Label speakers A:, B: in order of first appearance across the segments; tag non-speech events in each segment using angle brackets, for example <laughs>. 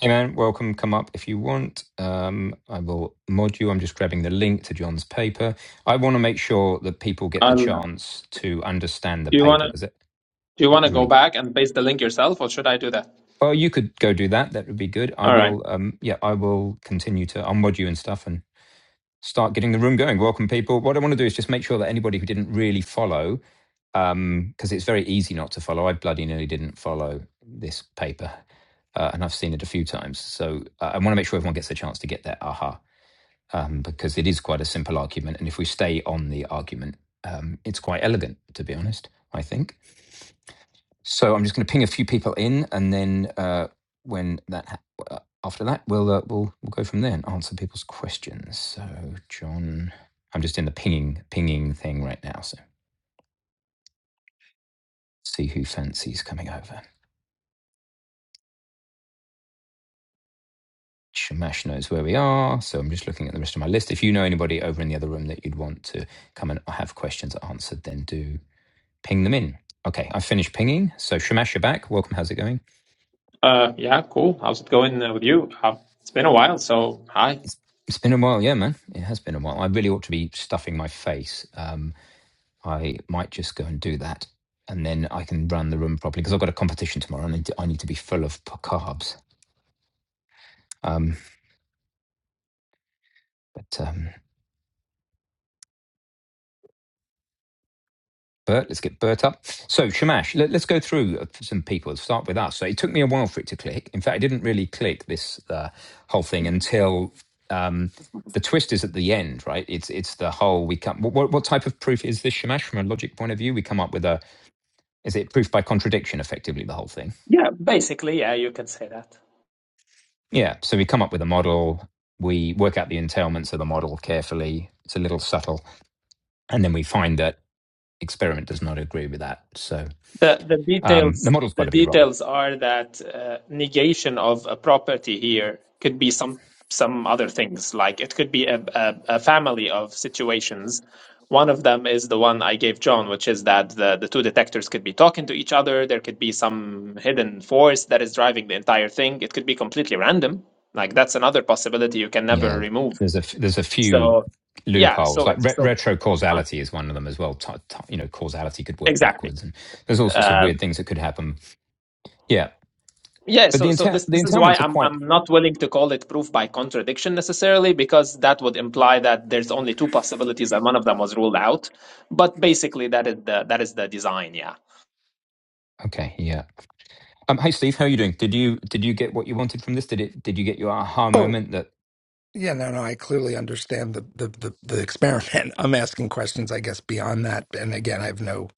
A: Hey man, welcome. Come up if you want. Um, I will mod you. I'm just grabbing the link to John's paper. I want to make sure that people get the
B: Um,
A: chance to understand the
B: do you
A: paper
B: wanna
A: because it,
B: do you
A: it
B: wanna
A: was
B: go
A: really. good.
B: back and paste the link yourself, or should I do that?
A: Well, you could go do that. That would be good. I
B: All right.
A: will. Um, yeah, I will continue to unmod you and stuff and start getting the room going. Welcome people. What I want to do is just make sure that anybody who didn't really follow, because it's very easy not to follow. I bloody nearly didn't follow this paper uh, and I've seen it a few times. So uh, I want to make sure everyone gets a chance to get that aha. um, because it is quite a simple argument. And if we stay on the argument, um, it's quite elegant, to be honest, I think. So I'm just going to ping a few people in, and then uh, when that ha- uh, after that, we'll uh, we'll we'll go from there and answer people's questions. So John, I'm just in the pinging pinging thing right now, so see who fancies coming over. Shamash knows where we are, so I'm just looking at the rest of my list. If you know anybody over in the other room that you'd want to come and have questions answered, then do Ping them in. Okay, I finished pinging. So Shamash, you're back. Welcome. How's it going?
B: Uh, yeah, cool. How's it going uh, with you? Uh, it's been a while, so hi.
A: It's, it's been a while, yeah, man. It has been a while. I really ought to be stuffing my face. Um, I might just go and do that, and then I can run the room properly because I've got a competition tomorrow, and I need to, I need to be full of p- carbs. Um, but um, Bert, let's get Bert up. So, Shamash, let, us go through uh, some people. Let's start with us. So, it took me a while for it to click. In fact, I didn't really click this uh, whole thing
C: Mm.
A: until um, the twist is at the end, right? It's it's the whole we come. What, what type of proof is this, Shamash? From a logic point of view, we come up with a is it proof by contradiction, effectively the whole thing.
B: Yeah, basically, yeah, you can say that.
A: Yeah. So we come up with a model. We work out the entailments of the model carefully. It's a little subtle, and then we find that experiment does not agree with that. So
B: The the
A: um, the
B: details
A: model's got
B: the
A: to be wrong
B: details are that uh, negation of a property here could be some some other things like it could be a, a, a family of situations. One of them is the one I gave John, which is that the, the two detectors could be talking to each other. There could be some hidden force that is driving the entire thing. It could be completely random. Like that's another possibility you can never
A: Yeah,
B: remove.
A: there's a f- there's a few
B: So yeah,
A: loopholes.
B: so
A: Like
B: it's
A: re-
B: so
A: retro
B: um,
A: causality is one of them as well. Ti- ti- you know, causality could work
B: exactly.
A: backwards, and there's all sorts of
B: Uh,
A: weird things that could happen. Yeah,
B: Yeah,
A: but the
B: so so
A: entail
B: this
A: the
B: this is why
A: entailments are
B: I'm
A: quite
B: I'm not willing to call it proof by contradiction necessarily because that would imply that there's only two possibilities and one of them was ruled out. But basically, that is the that is the design. Yeah,
A: okay. Yeah. Um, hey Steve, how are you doing? Did you did you get what you wanted from this? Did it did you get your aha
D: Oh,
A: moment that
D: yeah, no, no, I clearly understand the the the, the experiment. <laughs> I'm asking questions, I guess, beyond that. And again, I have no,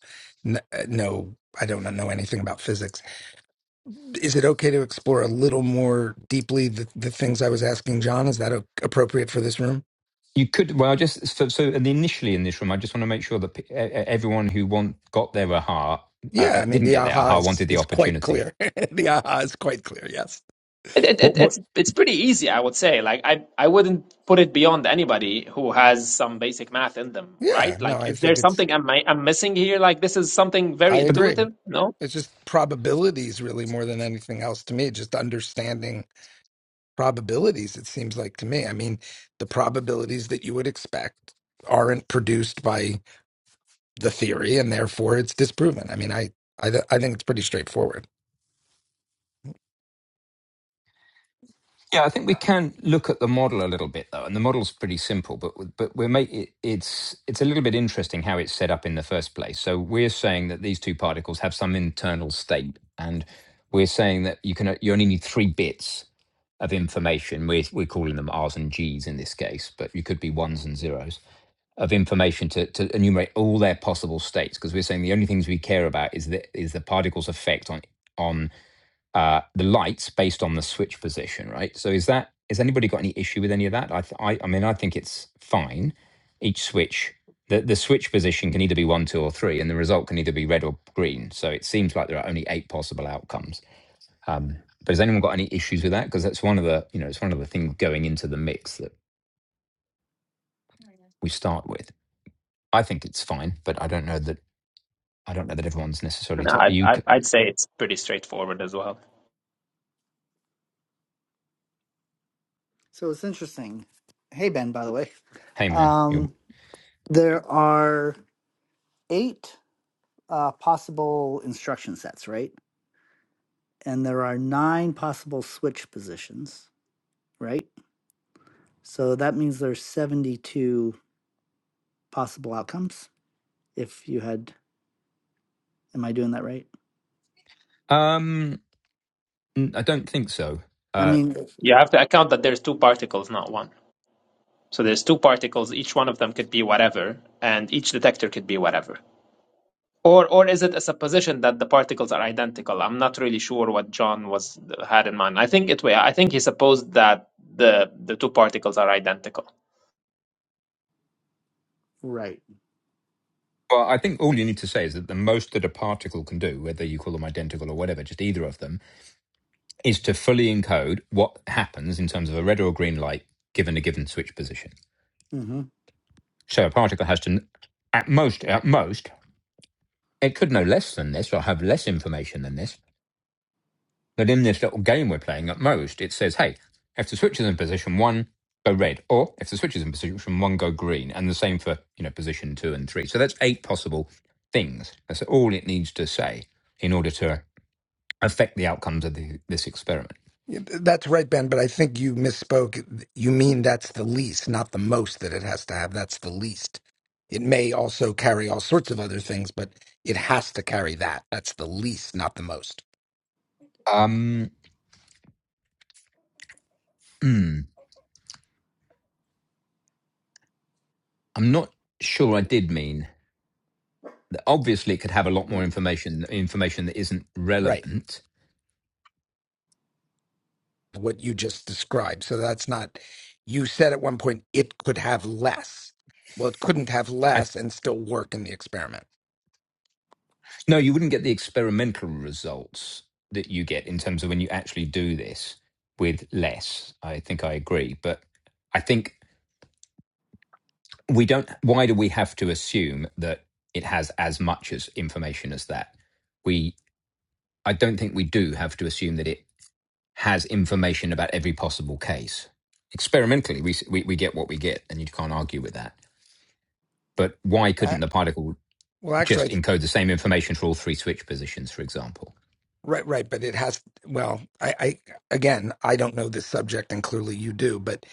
D: n- uh, no, I don't know anything about physics. Is it okay to explore a little more deeply the, the things I was asking John? Is that o- appropriate for this room?
A: you could? Well, I just so, so in the- initially in this room, I just want to make sure that pe- e- e- everyone who want got their aha uh,
D: Yeah,
A: uh,
D: I mean,
A: didn't
D: the
A: get their
D: aha
A: aha
D: is
A: wanted the
D: is quite
A: opportunity.
D: clear. <laughs> the aha is quite clear. Yes.
B: it, it,
A: What
B: it
A: what?
B: it's it's pretty easy, I would say. Like I I wouldn't put it beyond anybody who has some basic math in them,
D: Yeah.
B: right?
D: No,
B: Like,
D: I
B: is there
D: think it's.
B: something I'm I'm missing here? Like, this is something very
D: I
A: But.
D: agree.
B: intuitive. No,
D: It's just probabilities, really, more than anything else to me. Just understanding probabilities, it seems like to me. I mean, the probabilities that you would expect aren't produced by the theory, and therefore it's disproven. I mean, I, I, th- I think it's pretty straightforward.
A: Yeah, I think we can look at the model a little bit though, and the model's pretty simple, but but we're make, it, it's it's a little bit interesting how it's set up in the first place. So we're saying that these two particles have some internal state, and we're saying that you can you only need three bits of information. We're we're calling them R's and G's in this case, but you could be ones and zeros of information to, to enumerate all their possible states because we're saying the only things we care about is the is the particle's effect on on uh, the lights based on the switch position, right? So is that has anybody got any issue with any of that? I th- I, I mean, I think it's fine. Each switch, the the switch position can either be one, two, or three, and the result can either be red or green. So it seems like there are only eight possible outcomes. Um, but has anyone got any issues with that? Because that's one of the you know it's one of the things going into the mix that we start with. I think it's fine, but I don't know that I don't know that everyone's necessarily.
B: no,
A: To-
B: I'd
A: you,
B: I'd
A: c-
B: I'd say it's pretty straightforward as well.
C: So it's interesting. Hey Ben, by the way,
A: hey man, you.
C: um, there are eight uh, possible instruction sets, right? And there are nine possible switch positions, right? So that means there's 72 possible outcomes. If you had, am I doing that right?
A: Um, n- I don't think so
C: I
A: Uh,
C: mean, Yes.
B: You have to account that there's two particles, not one. So there's two particles, each one of them could be whatever, and each detector could be whatever. Or or is it a supposition that the particles are identical? I'm not really sure what John was had in mind. I think it I think he supposed that the the two particles are identical.
C: right.
A: Well, I think all you need to say is that the most that a particle can do, whether you call them identical or whatever, just either of them, is to fully encode what happens in terms of a red or a green light given a given switch position.
C: Mm-hmm.
A: So a particle has to, at most, at most, it could know less than this or have less information than this. But in this little game we're playing, at most, it says, hey, if the switch is in position one, go red, or if the switch is in position one, go green, and the same for you know position two and three. So that's eight possible things. That's all it needs to say in order to affect the outcomes of the, this experiment.
D: Yeah, th- That's right, Ben, but I think you misspoke. You mean that's the least, not the most that it has to have. That's the least. It may also carry all sorts of other things, but it has to carry that. That's the least, not the most.
A: Um, hmm, I'm not sure I did mean. that- Obviously, it could have a lot more
C: Mm.
A: information information that isn't
D: Right.
A: relevant.
D: What you just described. So that's not, you said at one point it could have less. Well, it couldn't have
A: I
D: less and still work in the experiment.
A: no, you wouldn't get the experimental results that you get in terms of when you actually do this with less. I think I agree, but I think we don't. Why do we have to assume that it has as much as information as that? We I don't think we do have to assume that it has information about every possible case. Experimentally, we, we, we get what we get, and you can't argue with that. But why
D: I,
A: couldn't the particle
D: well,
A: just
D: actually, I-
A: encode the same information for all three switch positions, for example?
D: right, right. But it has, well, I, I, again, I don't know this subject and clearly you do, but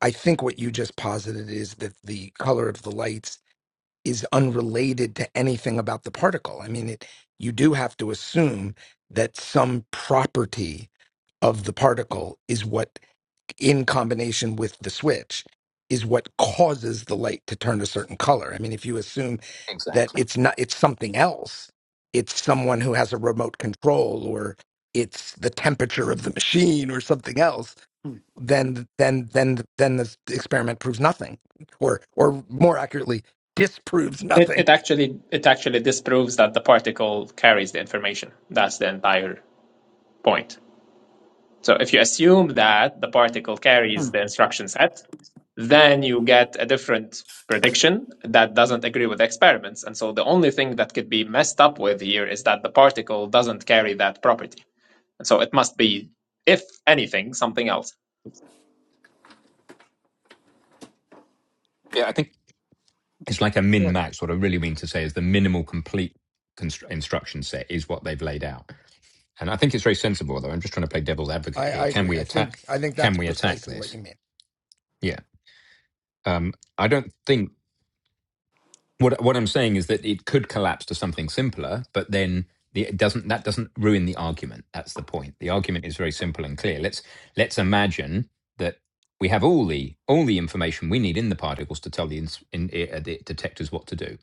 D: I think what you just posited is that the color of the lights is unrelated to anything about the particle. I mean, it, you do have to assume that some property of the particle is what, in combination with the switch, is what causes the light to turn a certain color. I mean, if you assume that
A: Exactly.
D: it's not, it's something else, it's someone who has a remote control or it's the temperature of the machine or something else
C: Mm.
D: then then then then the experiment proves nothing or or more accurately disproves
B: It
D: nothing
B: it actually it actually disproves that the particle carries the information. That's the entire point. So if you assume that the particle carries
C: Mm.
B: the instruction set, then you get a different prediction that doesn't agree with experiments. And so the only thing that could be messed up with here is that the particle doesn't carry that property. And so it must be, if anything, something else.
A: Yeah, I think it's like a min
C: Yeah.
A: max. What I really mean to say is the minimal complete constr- instruction set is what they've laid out. And I think it's very sensible, though. I'm just trying to play devil's advocate
D: i
A: here.
D: i
A: Can
D: agree
A: we
D: i
A: attack?
D: think i think
A: Can
D: that's
A: we attack
D: precisely what
A: this?
D: you mean
A: Yeah. Um, I don't think. What what I'm saying is that it could collapse to something simpler, but then the, it doesn't that doesn't ruin the argument. That's the point. The argument is very simple and clear. Let's let's imagine that we have all the all the information we need in the particles to tell the ins, in, uh, the detectors what to do,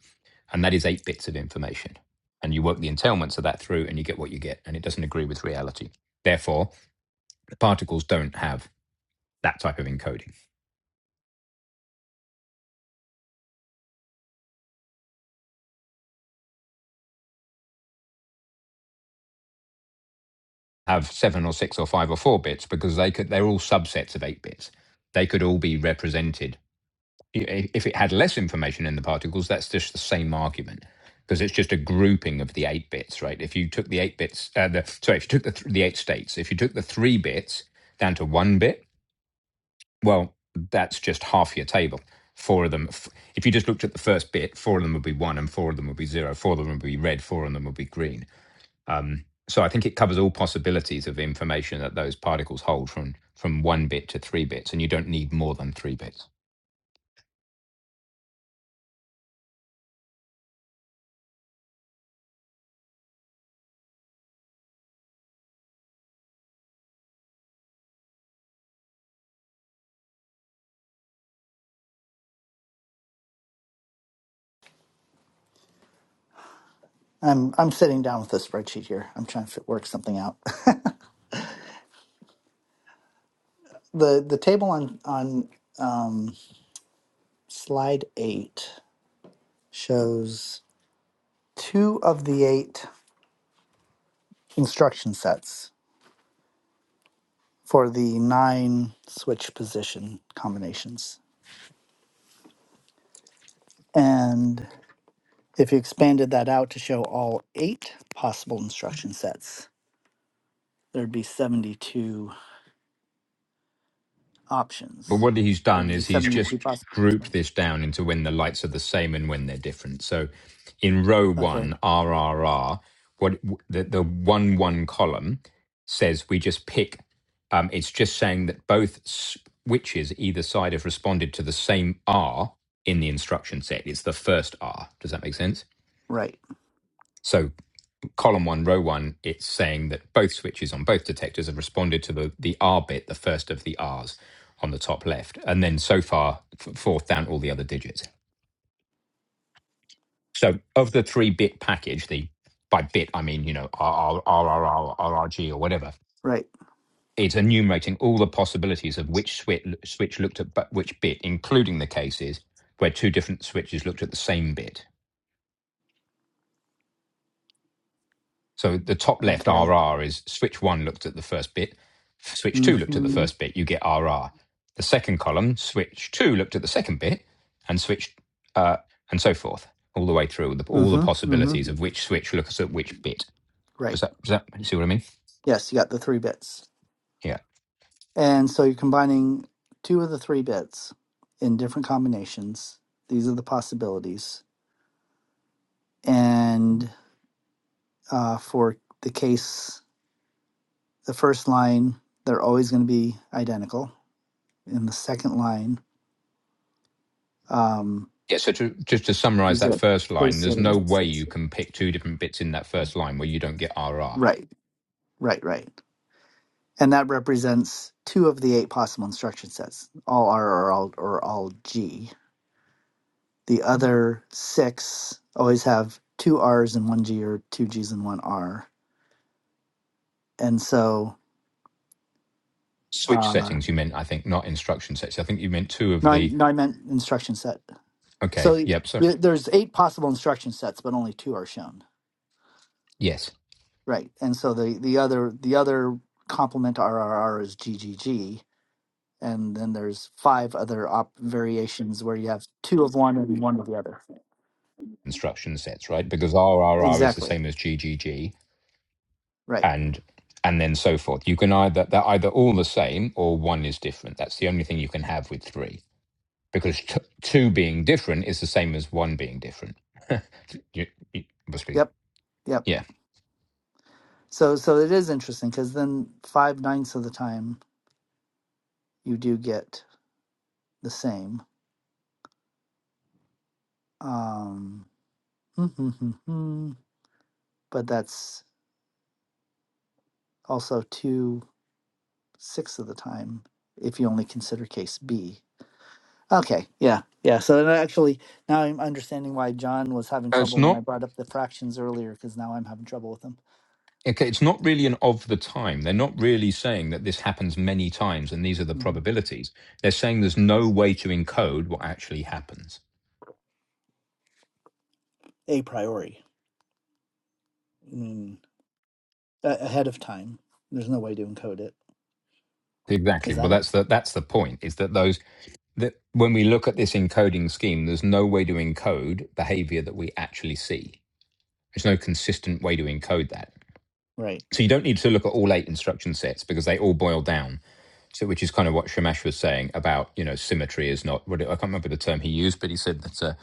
A: and that is eight bits of information. And you work the entailments of that through, and you get what you get, and it doesn't agree with reality. Therefore, the particles don't have that type of encoding. have seven or six or five or four bits because they could they're all subsets of eight bits. They could all be represented. I- If it had less information in the particles, that's just the same argument because it's just a grouping of the eight bits, right? If you took the eight bits, uh, the, sorry, if you took the th- the eight states, if you took the three bits down to one bit, well, that's just half your table. Four of them. f- If you just looked at the first bit, four of them would be one, and four of them would be zero. Four of them would be red. Four of them would be green so I think it covers all possibilities of information that those particles hold from from one bit to three bits, and you don't need more than three bits.
C: I'm I'm sitting down with a spreadsheet here. I'm trying to work something out. <laughs> the The table on on um, slide eight shows two of the eight instruction sets for the nine switch position combinations. And if you expanded that out to show all eight possible instruction sets, there'd be 72
A: But
C: options.
A: what he's done
C: There'd be
A: is he's
C: 72
A: just
C: possible.
A: grouped this down into when the lights are the same and when they're different. So in row
C: Okay.
A: one, R R R, what the, the one one column says we just pick. Um, it's just saying that both switches either side have responded to the same R in the instruction set. It's the first R. Does that make sense?
C: Right.
A: So column one, row one, it's saying that both switches on both detectors have responded to the, the R bit, the first of the R's on the top left. And then so far, f- fourth down all the other digits. So of the three bit package, the by bit, I mean, you know, R, R, R R R, R R G or whatever,
C: Right.
A: it's enumerating all the possibilities of which switch, switch looked at but which bit, including the cases where two different switches looked at the same bit. So the top left
C: Okay.
A: RR is switch one looked at the first bit, switch two looked at the
C: Mm-hmm.
A: first bit, you get RR. The second column, switch two looked at the second bit, and switch uh, and so forth, all the way through the, all the
C: Mm-hmm.
A: possibilities
C: Mm-hmm.
A: of which switch looks at which bit. Does
C: Right.
A: that, does that see what I mean?
C: Yes, you got the three bits.
A: Yeah.
C: And so you're combining two of the three bits in different combinations. These are the possibilities. And uh, for the case, the first line, they're always going to be identical. In the second line, um,
A: Yeah, so to, just to summarize
C: you've
A: that
C: got
A: first
C: case
A: line, there's no
C: studies.
A: way you can pick two different bits in that first line where you don't get RR.
C: Right, right, right. And that represents two of the eight possible instruction sets, all R or all, or all G. The other six always have two R's and one G or two G's and one R and so
A: Switch
C: uh,
A: settings, you meant, I think, not instruction sets. I think you meant two
C: no,
A: of
C: I,
A: the.
C: no, I meant instruction set. So
A: Okay,
C: y-
A: yep, sorry.
C: there's eight possible instruction sets, but only two are shown,
A: Yes.
C: right? And so the the other the other complement to RRR is GGG, and then there's five other op variations where you have two of one and one of the other.
A: instruction sets, right? Because RRR is the
C: Exactly,
A: same as GGG
C: right?
A: and and then so forth. You can either they're either all the same or one is different. That's the only thing you can have with three because t- two being different is the same as one being different. <laughs> you, you, basically,
C: Yep, yep.
A: yeah.
C: So so it is interesting because then five ninths of the time you do get the same. Um, <laughs> but that's also two sixths of the time if you only consider case B. Okay, yeah, yeah. So then actually, now I'm understanding why John was having
A: Uh, It's
C: trouble when I
A: not
C: brought up the fractions earlier, because now I'm having trouble with them.
A: okay. It's not really an of the time. They're not really saying that this happens many times and these are the
C: hmm
A: probabilities. They're saying there's no way to encode what actually happens.
C: A priori, mm, a- ahead of time. There's no way to encode it.
A: Exactly.
C: Is
A: Well,
C: that it?
A: that's the that's the point. Is that those that when we look at this encoding scheme, there's no way to encode behavior that we actually see. There's no consistent way to encode that.
C: Right.
A: So you don't need to look at all eight instruction sets because they all boil down. So which is kind of what Shamash was saying about you know symmetry is not what I can't remember the term he used, but he said that uh,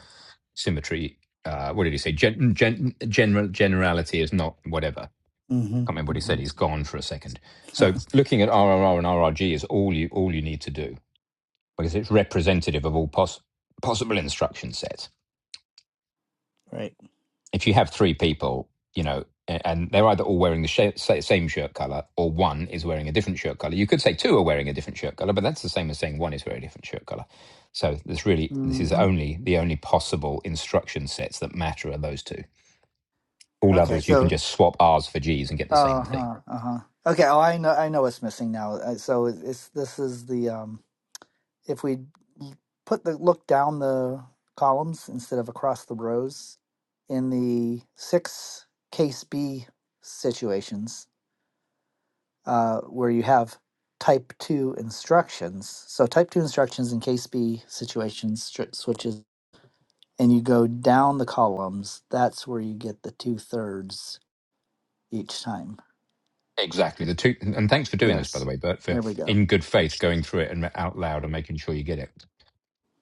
A: symmetry. Uh, what did he say? Gen, gen, general generality is not whatever. I
C: Mm-hmm.
A: can't remember what he said. He's
C: mm-hmm.
A: gone for a second. So looking at RRR and RRG is all you all you need to do because it's representative of all poss- possible instruction sets.
C: <laughs> right.
A: If you have three people, you know, and they're either all wearing the sh- same shirt color or one is wearing a different shirt color. You could say two are wearing a different shirt color, but that's the same as saying one is wearing a different shirt color. So this really, this is
C: Mm-hmm.
A: only the only possible instruction sets that matter are those two. All
C: Okay.
A: others, you can
C: So.
A: just swap R's for G's and get the
C: Uh
A: same thing.
C: huh. Uh huh. Okay. Oh, I know. I know what's missing now. Uh, So it's, it's this is the um if we put the look down the columns instead of across the rows in the six case B situations uh, where you have type 2 instructions. So, type 2 instructions in case B situations stri- switches, and you go down the columns, that's where you get the two thirds each time.
A: Exactly. The two, and thanks for doing this, by the
C: Yes.
A: way, Bert, for
C: There we go.
A: in good faith going through it and out loud and making sure you get it.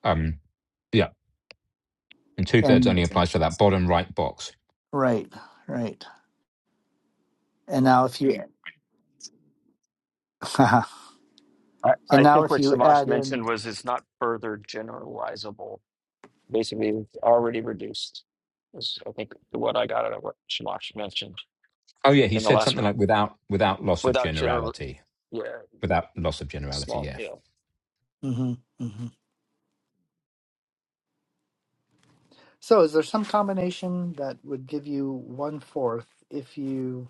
A: Um, yeah. and two thirds
C: And
A: only applies to that bottom right box.
C: right, right. And now if you, <laughs> and
E: I, I
C: now
E: think
C: if
E: what
C: you
E: Samash
C: add in
E: mentioned was it's not further generalizable. Basically, it's already reduced. Is I think what I got out of what Shamash mentioned
A: Oh yeah, he
E: in the
A: said
E: last
A: something
E: one.
A: like without without loss of
E: Without general,
A: generality,
E: yeah,
A: without loss of generality.
E: small,
A: Yeah.
E: you know.
C: hmm hmm So, is there some combination that would give you one fourth if you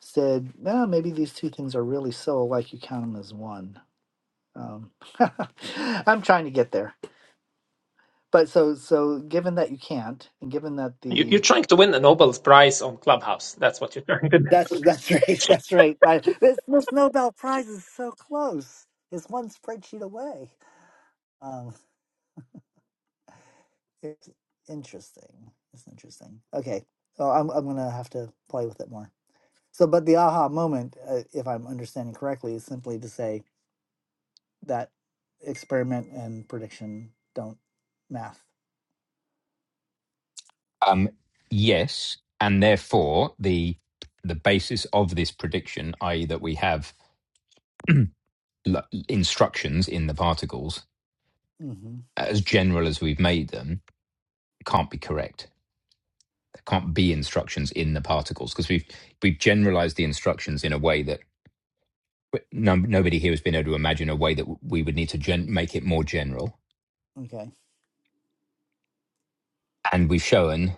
C: said, no, maybe these two things are really so alike you count them as one? Um, <laughs> I'm trying to get there, but so so given that you can't, and given that
B: You, you're
C: the
B: trying to win a Nobel Prize on Clubhouse. That's what you're trying to do.
C: that's that's <laughs> right, that's right. I, this this Nobel Prize is so close. It's one spreadsheet away. Um, it's interesting. It's interesting. Okay. Well, I'm I'm gonna have to play with it more. So, but the aha moment, uh, if I'm understanding correctly, is simply to say that experiment and prediction don't math.
A: Um, yes, and therefore the the basis of this prediction, i.e., that we have l- instructions in the particles
C: hmm
A: as general as we've made them, can't be correct. There can't be instructions in the particles because we've we've generalized the instructions in a way that no, nobody here has been able to imagine a way that we would need to gen- make it more general
C: Okay.
A: and we've shown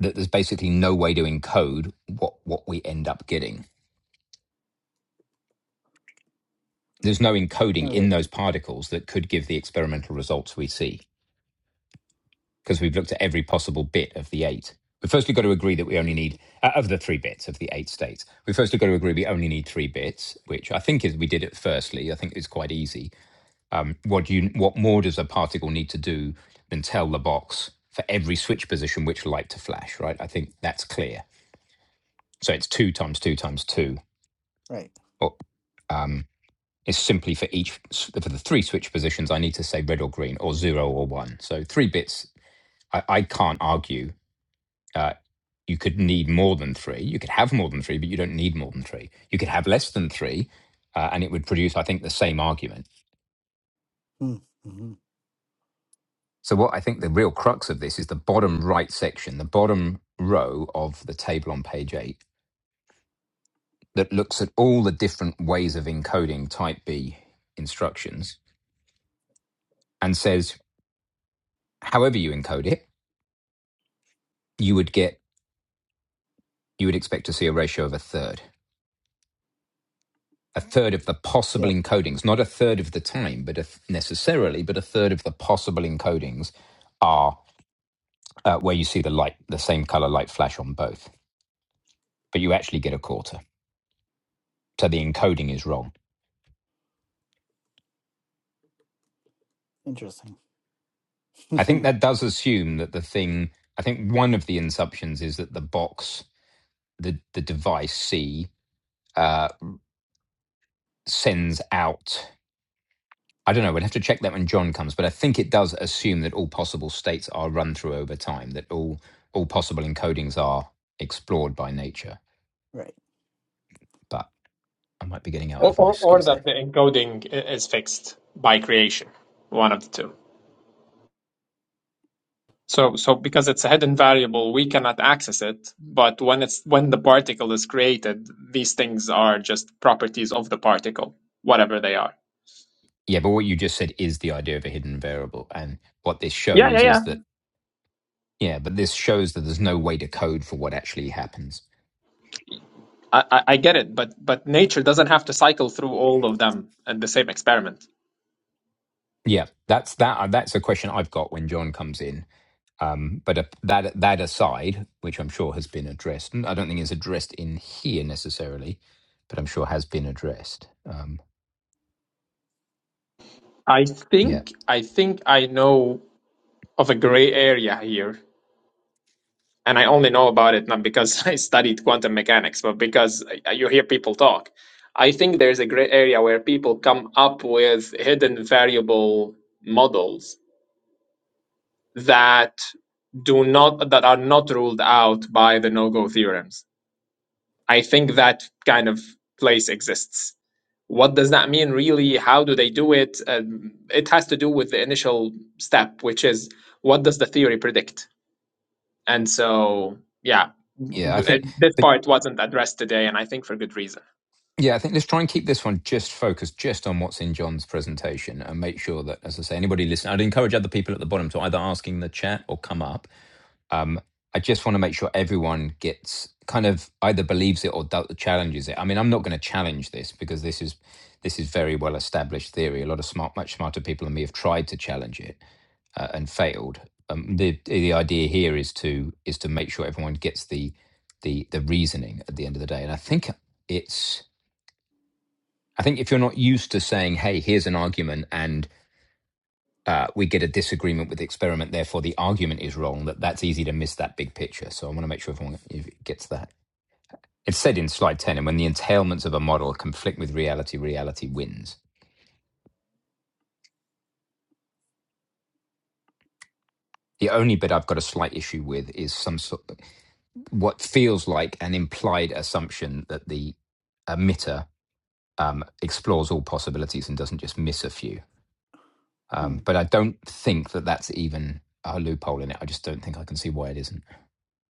A: that there's basically no way to encode what what we end up getting. There's no
C: All
A: encoding in
C: right.
A: those particles that could give the experimental results we see because we've looked at every possible bit of the eight. We firstly got to agree that we only need uh, of the three bits of the eight states. We firstly got to agree we only need three bits, which I think is we did it firstly. I think it's quite easy. Um, what you what more does a particle need to do than tell the box for every switch position which light to flash? Right. I think that's clear. So it's two times two times two
C: Right.
A: or, um, is simply for each for the three switch positions. I need to say red or green or zero or one. So three bits. I, I can't argue. Uh, you could need more than three. You could have more than three, but you don't need more than three. You could have less than three, uh, and it would produce, I think, the same argument.
C: Mm-hmm.
A: So what I think the real crux of this is the bottom right section, the bottom row of the table on page eight that looks at all the different ways of encoding type B instructions and says, however you encode it, you would get you would expect to see a ratio of a third. A third of the possible
C: Yep.
A: encodings, not a third of the time, but a th- necessarily, but a third of the possible encodings are uh, where you see the light, the same color light flash on both, but you actually get a quarter. So the encoding is wrong.
C: Interesting.
A: I think
C: <laughs>
A: that does assume that the thing, I think one of the assumptions is that the box, the, the device C, uh, sends out. I don't know. We'd have to check that when John comes, but I think it does assume that all possible states are run through over time, that all all possible encodings are explored by nature.
C: right.
A: But I might be getting out
B: Or,
A: over my
B: or, or
A: skis there.
B: that the encoding is fixed by creation. One of the two. So, so because it's a hidden variable, we cannot access it. But when it's when the particle is created, these things are just properties of the particle, whatever they are.
A: Yeah, but what you just said is the idea of a hidden variable, and what this
B: Yeah, yeah,
A: shows
B: yeah.
A: is that yeah, but this shows that there's no way to code for what actually happens.
B: I, I, I get it, but but nature doesn't have to cycle through all of them in the same experiment.
A: Yeah, that's that. That's a question I've got when John comes in Um, but uh, that that aside, which I'm sure has been addressed, and I don't think it's addressed in here necessarily, but I'm sure has been addressed. Um,
B: I
A: yeah,
B: think I think I know of a gray area here and I only know about it not because <laughs> I studied quantum mechanics, but because uh, you hear people talk. I think there's a great area where people come up with hidden variable models that do not that are not ruled out by the no-go theorems. I think that kind of place exists. What does that mean really? How do they do it? Um, it has to do with the initial step, which is what does the theory predict? And so, yeah,
A: yeah, I
B: th-
A: think,
B: this
A: but
B: part wasn't addressed today, and I think for good reason.
A: yeah, I think let's try and keep this one just focused just on what's in John's presentation and make sure that, as I say, anybody listening, I'd encourage other people at the bottom to either ask in the chat or come up Um, I just want to make sure everyone gets kind of either believes it or doubt, challenges it. I mean, I'm not going to challenge this because this is this is very well established theory. A lot of smart, much smarter people than me have tried to challenge it uh, and failed. Um, the the idea here is to is to make sure everyone gets the the the reasoning at the end of the day. And I think it's I think if you're not used to saying, "Hey, here's an argument," and uh, we get a disagreement with the experiment. Therefore, the argument is wrong. That that's easy to miss that big picture. So I want to make sure everyone gets that. It's said in slide ten, and when the entailments of a model conflict with reality, reality wins. The only bit I've got a slight issue with is some sort of what feels like an implied assumption that the emitter um, explores all possibilities and doesn't just miss a few. Um,
C: Mm.
A: but I don't think that that's even a loophole in it. I just don't think I can see why it isn't.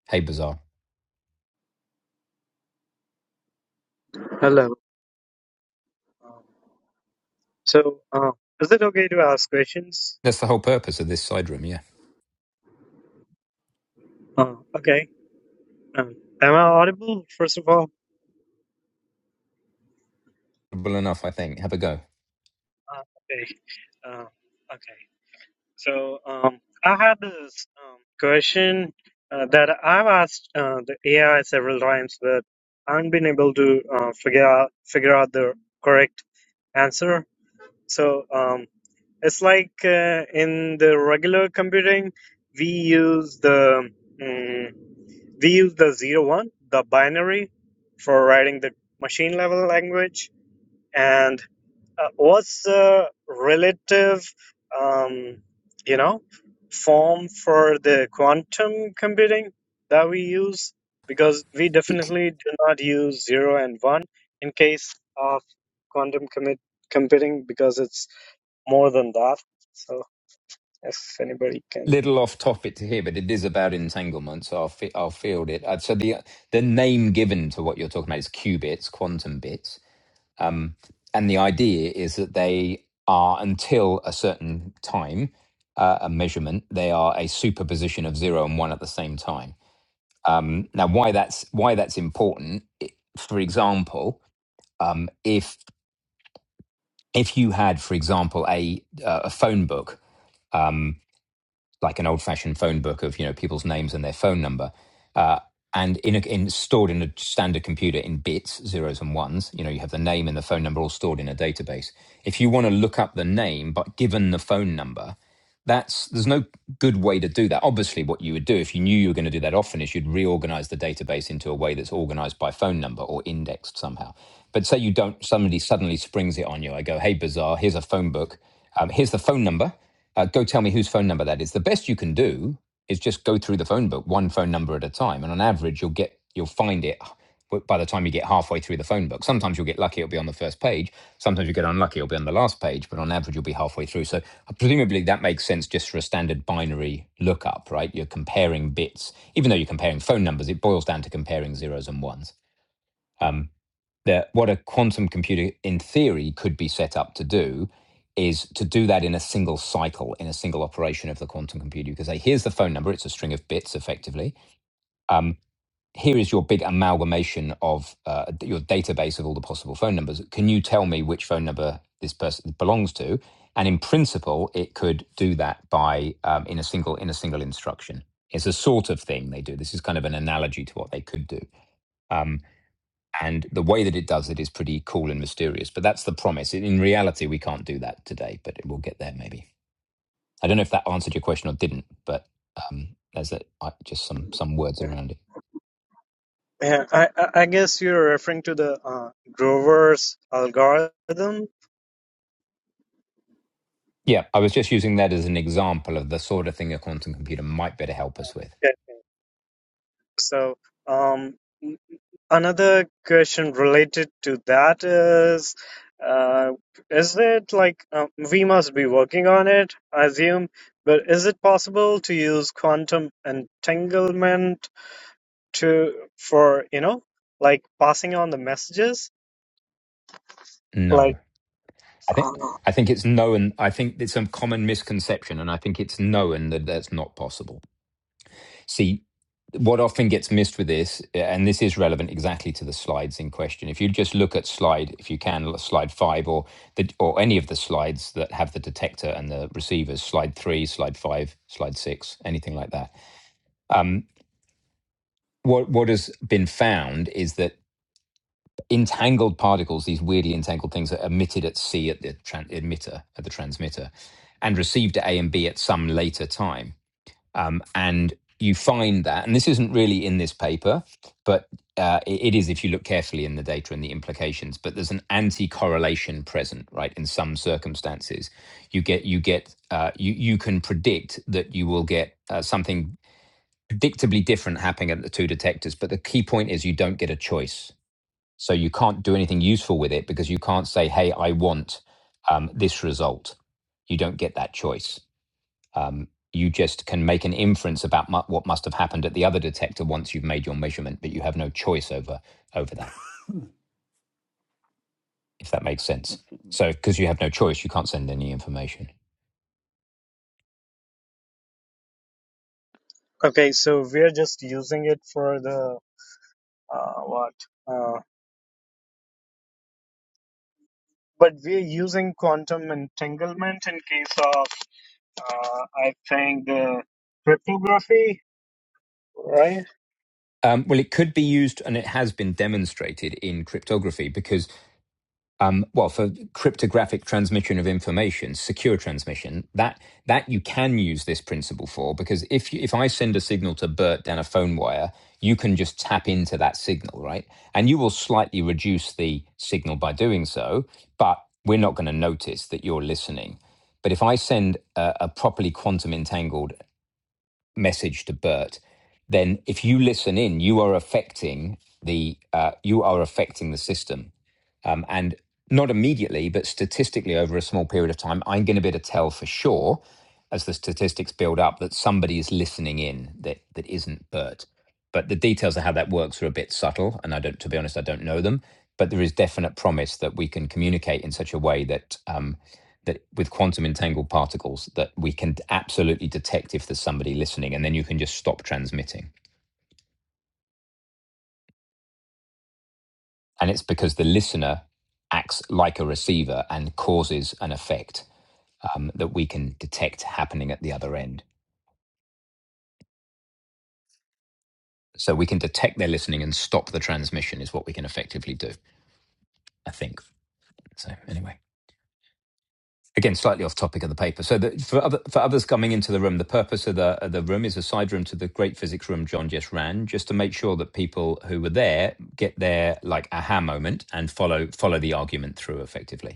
A: Hey, bizarre.
F: Hello. Um, so, uh, is it okay to ask questions?
A: That's the whole purpose of this side room, yeah.
F: Uh, okay. Um, am I audible? First of all,
A: Well enough, I think. Have a go.
F: uh, okay. Uh, okay. So, um, I had this um, question uh, that I've asked uh, the AI several times, but I haven't been able to uh, figure out figure out the correct answer. So, um, it's like uh, in the regular computing, we use the mm, We use the zero one, the binary, for writing the machine level language. And uh, what's the relative, um, you know, form for the quantum computing that we use? Because we definitely do not use zero and one in case of quantum commit computing because it's more than that. So if anybody can.
A: Little off topic to here, but it is about entanglement, so I'll fi- I'll field it. Uh, So the the name given to what you're talking about is qubits, quantum bits, um, and the idea is that they are until a certain time, uh, a measurement, they are a superposition of zero and one at the same time. Now, why that's why that's important? i- For example, um, if if you had, for example, a uh, a phone book like an old-fashioned phone book of you know people's names and their phone number, uh, and in, a, in stored in a standard computer in bits, zeros and ones. You know, you have the name and the phone number all stored in a database. If you want to look up the name, but given the phone number, that's there's no good way to do that obviously what you would do if you knew you were going to do that often is you'd reorganize the database into a way that's organized by phone number or indexed somehow but say you don't somebody suddenly springs it on you i go hey bazaar here's a phone book um, here's the phone number uh, go tell me whose phone number that is the best you can do is just go through the phone book one phone number at a time and on average you'll get you'll find it by the time you get halfway through the phone book. Sometimes you'll get lucky, it'll be on the first page. Sometimes you get unlucky, it'll be on the last page, but on average, you'll be halfway through. So, uh, presumably, that makes sense just for a standard binary lookup, right? You're comparing bits. Even though you're comparing phone numbers, it boils down to comparing zeros and ones. That what a quantum computer, in theory, could be set up to do is to do that in a single cycle, in a single operation of the quantum computer. You could say, here's the phone number, it's a string of bits effectively here is your big amalgamation of uh, your database of all the possible phone numbers. Can you tell me which phone number this person belongs to? And in principle, it could do that by um, in a single in a single instruction. It's a sort of thing they do. This is kind of an analogy to what they could do. Um, and the way that it does it is pretty cool and mysterious. But that's the promise. In reality, we can't do that today, but we'll get there maybe. I don't know if that answered your question or didn't, but um, there's a, I- just some some words around it.
F: Yeah, I, I I guess you're referring to the uh, Grover's algorithm.
A: Yeah, I was just using that as an example of the sort of thing a quantum computer might better help us with.
F: Yeah. So, um, another question related to that is, uh, is it like um, we must be working on it, I assume, but is it possible to use quantum entanglement to for, you know, like passing on the messages?
A: No.
F: Like,
A: I think
F: uh,
A: I think it's known. I think it's a common misconception, and I think it's known that that's not possible. See, what often gets missed with this, and this is relevant exactly to the slides in question. If you just look at slide, if you can, slide five, or the or any of the slides that have the detector and the receivers, slide three, slide five, slide six, anything like that. What what has been found is that entangled particles, these weirdly entangled things that are emitted at C at the tran- emitter, at the transmitter, and received at A and B at some later time. Um, and you find that, and this isn't really in this paper, but uh, it it is if you look carefully in the data and the implications. But there's an anti-correlation present, right? In some circumstances, you get you get uh, you you can predict that you will get uh, something predictably different happening at the two detectors. But the key point is you don't get a choice so you can't do anything useful with it because you can't say, hey, I want um, this result. You don't get that choice. Um, you just can make an inference about mu- what must have happened at the other detector once you've made your measurement, but you have no choice over over that,
C: Hmm.
A: if that makes sense.
C: Let's see.
A: So because you have no choice, you can't send any information.
F: okay, so we're just using it for the uh, what? uh, but we're using quantum entanglement in case of, uh, I think, uh, cryptography, right?
A: Um, well, it could be used, and it has been demonstrated in cryptography because um, well, for cryptographic transmission of information, secure transmission, that that you can use this principle for because if you, if I send a signal to Bert down a phone wire, you can just tap into that signal, right? And you will slightly reduce the signal by doing so, but we're not going to notice that you're listening. But if I send a, a properly quantum entangled message to Bert, then if you listen in, you are affecting the uh, you are affecting the system um, and not immediately, but statistically over a small period of time, I'm going to be able to tell for sure as the statistics build up that somebody is listening in that, that isn't Bert. But the details of how that works are a bit subtle. And I don't, to be honest, I don't know them. But there is definite promise that we can communicate in such a way that, um, that with quantum entangled particles, that we can absolutely detect if there's somebody listening. And then you can just stop transmitting. And it's because the listener acts like a receiver and causes an effect um, that we can detect happening at the other end. So we can detect they're listening and stop the transmission is what we can effectively do. I think so. Anyway, again, slightly off topic of the paper. So the, for other, for others coming into the room, the purpose of the of the room is a side room to the great physics room John just ran, just to make sure that people who were there get their like aha moment and follow follow the argument through effectively.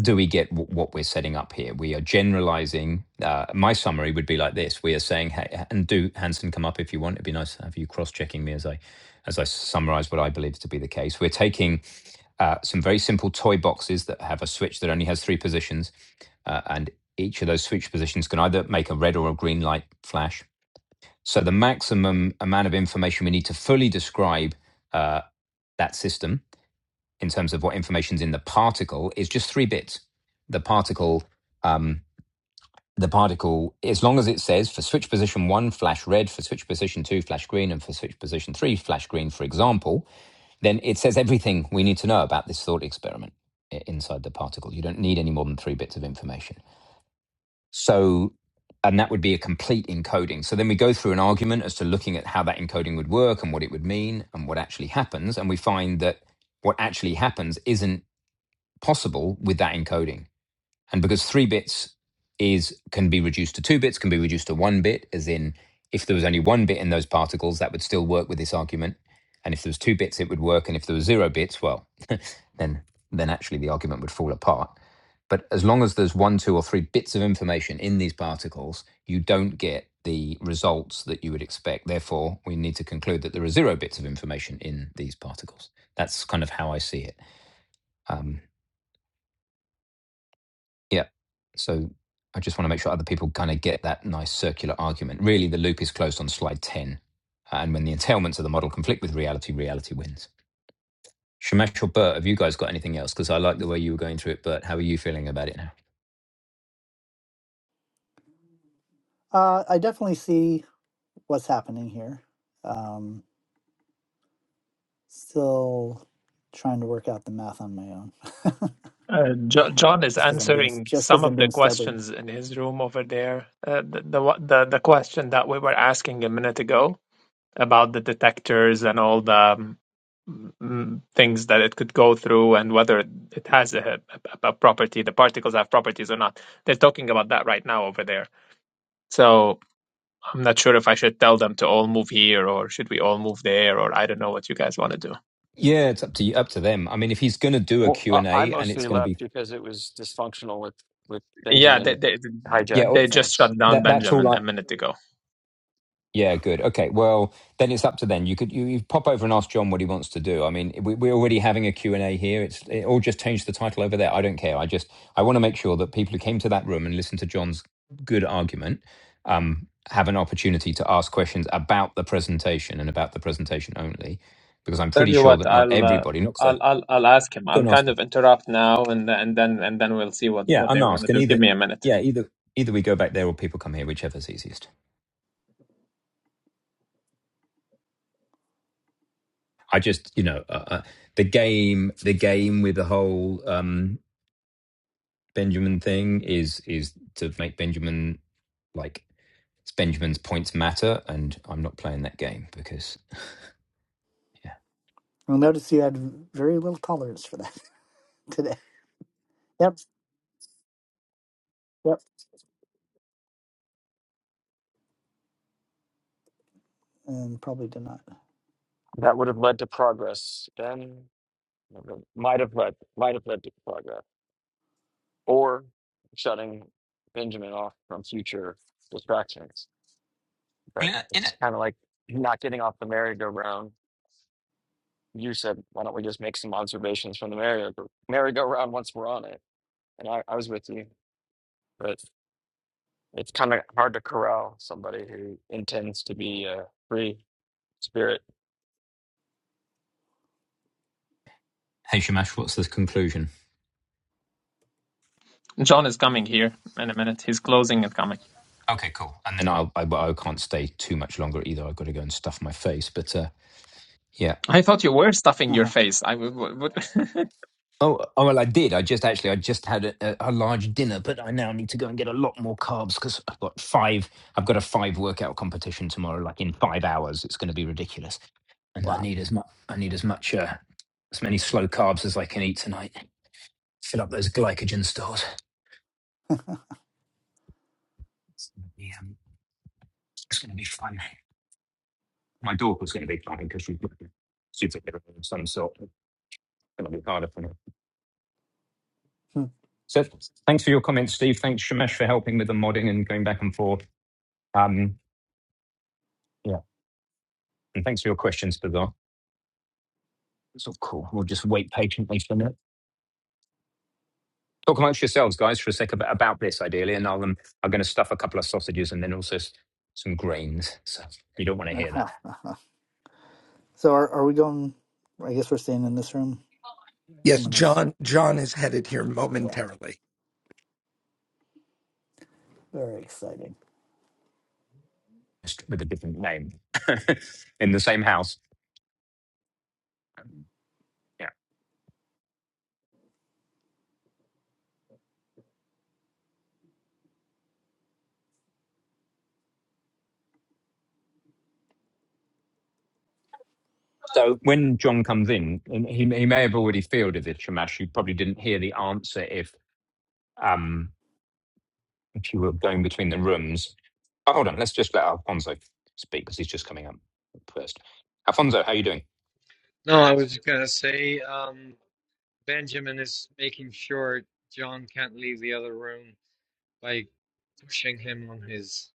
A: do we get w- what we're setting up here? We are generalizing. Uh, my summary would be like this: We are saying, "Hey, and do Hanson come up if you want? It'd be nice to have you cross-checking me as I, as I summarize what I believe to be the case." We're taking uh, some very simple toy boxes that have a switch that only has three positions, uh, and each of those switch positions can either make a red or a green light flash. So the maximum amount of information we need to fully describe uh, that system in terms of what information's in the particle is just three bits. The particle, um, the particle, as long as it says for switch position one, flash red, for switch position two, flash green, and for switch position three, flash green, for example, then it says everything we need to know about this thought experiment inside the particle. You don't need any more than three bits of information. So, and that would be a complete encoding. So then we go through an argument as to looking at how that encoding would work and what it would mean and what actually happens. And we find that what actually happens isn't possible with that encoding. And because three bits is can be reduced to two bits, can be reduced to one bit, as in if there was only one bit in those particles, that would still work with this argument. And if there was two bits, it would work. And if there was zero bits, well, <laughs> then then actually the argument would fall apart. But as long as there's one, two, or three bits of information in these particles, you don't get the results that you would expect. Therefore, we need to conclude that there are zero bits of information in these particles. That's kind of how I see it. Um, Yeah. So I just want to make sure other people kind of get that nice circular argument. Really, the loop is closed on slide 10. And when the entailments of the model conflict with reality, reality wins. Shamesh or Bert, have you guys got anything else? Because I like the way you were going through it, Bert. How are you feeling about it now?
C: Uh, I definitely see what's happening here. Um, still trying to work out the math on my own,
B: Uh, jo- John is
C: just because I'm being
B: answering
C: just because
B: some
C: I'm
B: of the
C: being stubborn.
B: questions in his room over there. Uh, the, the one- the the question that we were asking a minute ago about the detectors and all the um, mm, things that it could go through and whether it has a, a, a property, the particles have properties or not. They're talking about that right now over there. So I'm not sure if I should tell them to all move here or should we all move there or I don't know what you guys want to do.
A: Yeah, it's up to you, up to them. I mean, if he's going to do a
E: Well,
A: Q and
E: I, I
A: a and it's
E: mostly
A: going to
E: left
A: be,
E: because it was dysfunctional with with
B: Yeah, they
E: Benjamin
B: they,
A: yeah,
E: hijacking
B: they just
E: things.
B: shut down
A: that, that's all
B: Benjamin
A: I,
B: a minute ago.
A: Yeah, good. Okay, well, then it's up to then. You could you, you pop over and ask John what he wants to do. I mean, we, we're already having a Q and a here. It's it all just change the title over there. I don't care. I just I want to make sure that people who came to that room and listened to John's good argument um, have an opportunity to ask questions about the presentation and about the presentation only, because I'm
B: Tell
A: pretty
B: you
A: sure
B: what,
A: that not
B: I'll uh,
A: everybody, not because I
B: I'll I'll I'll ask him.
A: go
B: I'll
A: and ask
B: kind
A: him.
B: of interrupt now and and then and then we'll see what
A: Yeah,
B: what they
A: and
B: want to
A: ask and
B: do. Give
A: either
B: me a minute.
A: yeah either either we go back there or people come here, whichever's easiest. I just, you know, uh, uh, the game, the game with the whole um, Benjamin thing is is to make Benjamin like it's Benjamin's points matter, and I'm not playing that game because yeah.
C: You'll notice you had very little tolerance for that <laughs> today. Yep. Yep. and probably did not.
E: That would have led to progress. Then might have led might have led to progress or shutting Benjamin off from future distractions
A: Well,
E: but
A: in it, in
E: it's
A: it.
E: kind of like not getting off the merry-go-round. You said, why don't we just make some observations from the merry- merry-go-round once we're on it? And I, I was with you, but it's kind of hard to corral somebody who intends to be a free spirit.
A: Hey Shamash, what's the conclusion?
B: John is coming here in a minute. He's closing and coming.
A: Okay, cool. And then I'll, I, I can't stay too much longer either. I've got to go and stuff my face. But uh, yeah,
B: I thought you were
C: <laughs>
B: stuffing your
C: Haha.
B: face. I w- w- w-
A: Oh, oh well, I did. I just actually, I just had a, a, a large dinner, but I now need to go and get a lot more carbs because I've got five. I've got a five workout competition tomorrow, like in five hours. It's going to be ridiculous, and I
C: wow.
A: need as much. I need as much, uh, as many slow carbs as I can eat tonight. Fill up those glycogen stores. It's going to be, um, it's going to be fun. My daughter's going to be fine because she's like a superhero of some sort. It's going to be harder for me.
C: Hmm.
A: So, thanks for your comments, Steve. Thanks, Shamesh, for helping with the modding and going back and forth. Um, yeah, Thanks for your questions, Bagar. That's all cool. We'll just wait patiently for a minute. Talk amongst yourselves, guys, for a sec about, about this, ideally, and I'll, um, I'm going to stuff a couple of sausages and then also s- some grains. So you don't want to hear that
C: Aha. Aha. so are are we going? I guess we're staying in this room.
D: yes
C: Someone else.
D: john john is headed here
C: Yeah.
D: momentarily
C: Very exciting.
A: Just with a different name <laughs> in the same house. Yeah. So when John comes in, and he, he may have already fielded this, Shamash. You probably didn't hear the answer if um, if you were going between the rooms. Oh, hold on. Let's just let Alfonso speak because he's just coming up first. Alfonso, how are you doing?
G: No, I was gonna say, um, Benjamin is making sure John can't leave the other room by pushing him on his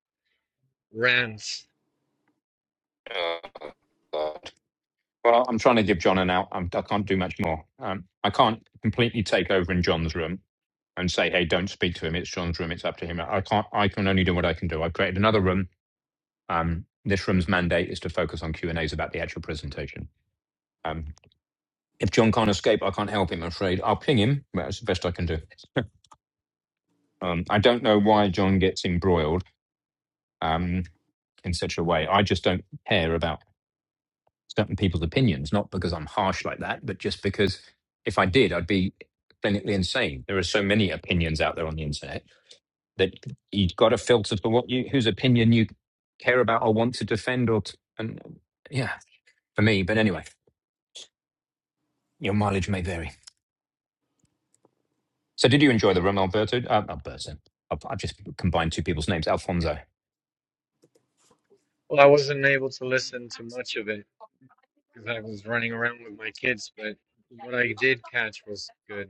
G: rants.
A: Uh, well, I'm trying to give John an out. I'm, I can't do much more. Um, I can't completely take over in John's room and say, "Hey, don't speak to him. It's John's room. It's up to him." I can't. I can only do what I can do. I've created another room. Um, this room's mandate is to focus on Q and A's about the actual presentation. Um, if John can't escape, I can't help him. I'm afraid I'll ping him. But that's the best I can do. <laughs> um, I don't know why John gets embroiled um, in such a way. I just don't care about. certain people's opinions, not because I'm harsh like that, but just because if I did, I'd be clinically insane. There are so many opinions out there on the internet that you've got to filter for what you whose opinion you care about or want to defend or t- and yeah, for me. But anyway, your mileage may vary. So did you enjoy the room, Alberto? Uh, Alberto. I've, I've just combined two people's names. Alfonso.
G: Well, I wasn't able to listen to much of it because I was running around with my kids, but what I did catch was good.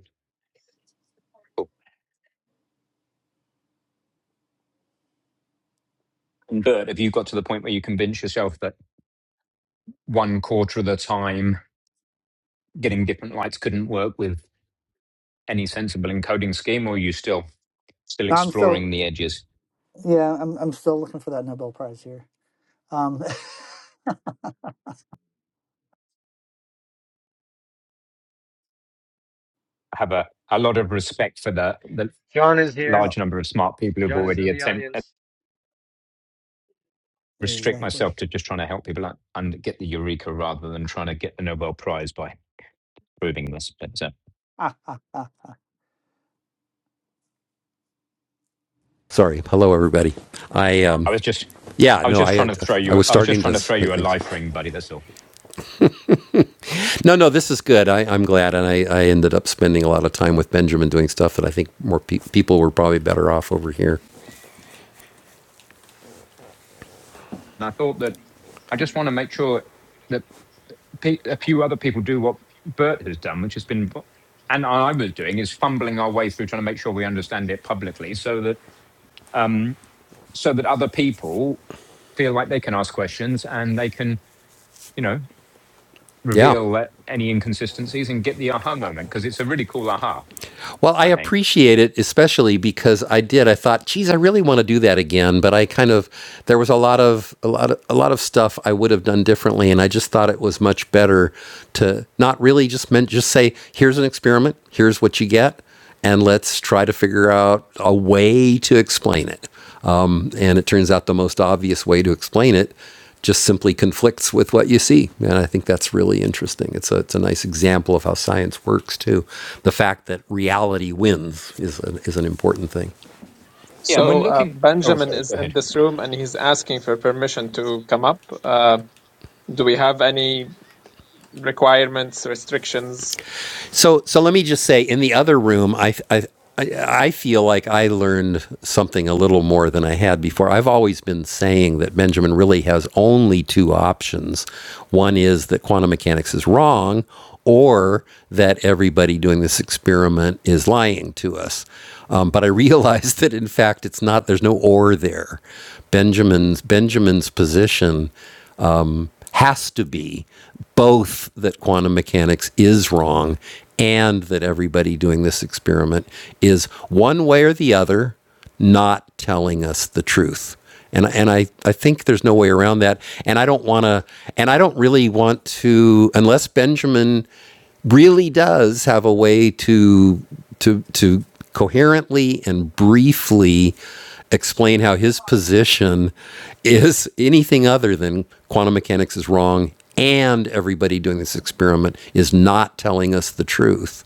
A: And Bert, have you got to the point where you convince yourself that one quarter of the time getting different lights couldn't work with any sensible encoding scheme, or are you still still
C: No, I'm still.
A: exploring the edges.
C: Yeah, I'm. I'm still looking for that Nobel Prize here. Um. <laughs>
A: I have a, a lot of respect for the, the
G: John is here.
C: Well,
A: large number of smart people who've
G: John is
A: already
G: in the
A: attempted
G: audience.
A: restrict
C: exactly.
A: myself to just trying to help people out and get the eureka rather than trying to get the Nobel Prize by proving this. But uh,
C: Ah, ah, ah.
H: Sorry. Hello, everybody. I
A: I
H: um,
A: was just
H: yeah,
A: I was
H: no,
A: just
H: I
A: trying to throw
H: I
A: you
H: was
A: I was
H: starting
A: just trying
H: to
A: to throw
H: say
A: you a
H: things.
A: life ring, buddy, that's all.
H: No, no, this is good. I, I'm glad, and I, I ended up spending a lot of time with Benjamin doing stuff that I think more pe- people were probably better off over here.
A: And I thought that I just want to make sure that pe- a few other people do what Bert has done, which has been, and I was doing, is fumbling our way through trying to make sure we understand it publicly, so that um, so that other people feel like they can ask questions and they can, you know,
H: Yeah.
A: reveal that- any inconsistencies and get the aha moment because it's a really cool aha,
H: Well, I
A: I think.
H: appreciate it, especially because I did. I thought, geez, I really want to do that again, but I kind of there was a lot of a lot of a lot of stuff I would have done differently, and I just thought it was much better to not really just meant just say, here's an experiment, here's what you get, and let's try to figure out a way to explain it. Um, and it turns out the most obvious way to explain it just simply conflicts with what you see. And I think that's really interesting. It's a, it's a nice example of how science works, too. The fact that reality wins is an, is an important thing.
B: <laughs>
A: Yeah, and when
B: so uh,
A: looking, oh,
B: Benjamin
A: sorry, go
B: is
A: ahead.
B: in this room and he's asking for permission to come up. Uh, do we have any requirements, restrictions?
H: So so let me just say, in the other room, I I I feel like I learned something a little more than I had before. I've always been saying that Benjamin really has only two options. One is that quantum mechanics is wrong, or that everybody doing this experiment is lying to us. Um, but I realized <laughs> that in fact it's not. There's no or there. Benjamin's Benjamin's position has to be both that quantum mechanics is wrong and that everybody doing this experiment is one way or the other not telling us the truth. And, and I, I think there's no way around that. And I don't want to, and I don't really want to, unless Benjamin really does have a way to to to coherently and briefly explain how his position is anything other than quantum mechanics is wrong and everybody doing this experiment is not telling us the truth.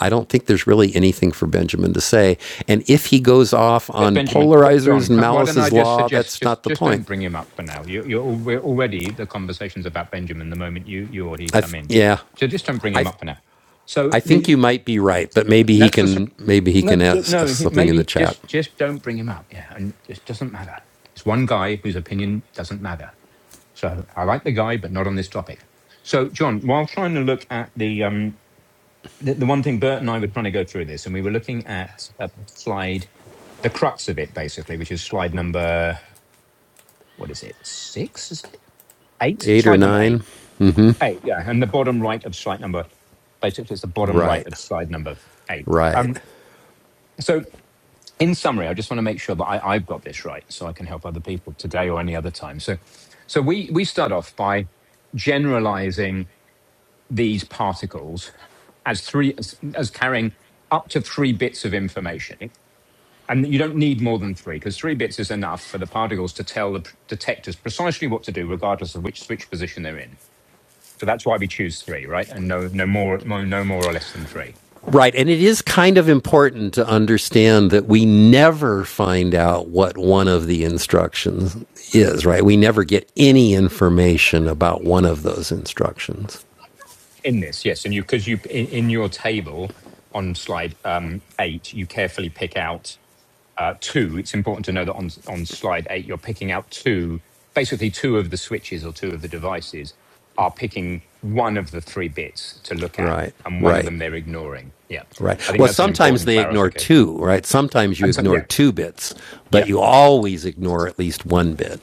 H: I don't think there's really anything for Benjamin to say. And if he goes off
A: Uh,
H: on
A: Benjamin,
H: polarizers
A: John,
H: and
A: can, why don't I
H: Malice's
A: just
H: law,
A: suggest
H: that's not
A: just
H: the
A: just don't
H: point.
A: bring him up for now. You, you're al- we're already the conversation's about Benjamin the moment you you or he
H: I
A: come
H: th-
A: in,
H: yeah,
A: so just don't bring him
H: I
A: up for now. So
H: I think
A: the
H: you might be right, but maybe he
A: that's the sup-
H: can maybe he
A: no
H: can
A: j-
H: ask,
A: no
H: ask
A: he-
H: something in the
A: maybe
H: chat.
A: just just don't bring him up. Yeah, and it doesn't matter. It's one guy whose opinion doesn't matter. So I like the guy, but not on this topic. So John, while trying to look at the um the, the one thing Bert and I were trying to go through this, and we were looking at a slide the crux of it basically, which is slide number what is it? Six? Is it eight?
H: Eight or
A: Slide number
H: nine?
A: eight. Eight, yeah. And the bottom right of slide number, basically, it's the bottom right
H: Right,
A: of slide number eight.
H: right,
A: Um, so, in summary, I just want to make sure that I, I've got this right so I can help other people today or any other time. So, so we, we start off by generalizing these particles as three as, as carrying up to three bits of information and you don't need more than three because three bits is enough for the particles to tell the detectors precisely what to do regardless of which switch position they're in So that's why we choose three, right? And no, no more, no, no more or less than three
H: right. And it is kind of important to understand that we never find out what one of the instructions is. Right? We never get any information about one of those instructions.
A: in this. Yes, and you because you in, in your table on slide um, eight, you carefully pick out uh, two. It's important to know that on on slide eight, you're picking out two, basically two of the switches or two of the devices are picking one of the three bits to look at,
H: Right,
A: and one of
H: right,
A: them they're ignoring. Yeah, I
H: right.
A: think
H: Well,
A: that's an
H: sometimes
A: important
H: they ignore
A: clarification.
H: two. Right? Sometimes you
A: And so,
H: ignore
A: yeah,
H: two bits, but
A: yeah.
H: you always ignore at least one bit.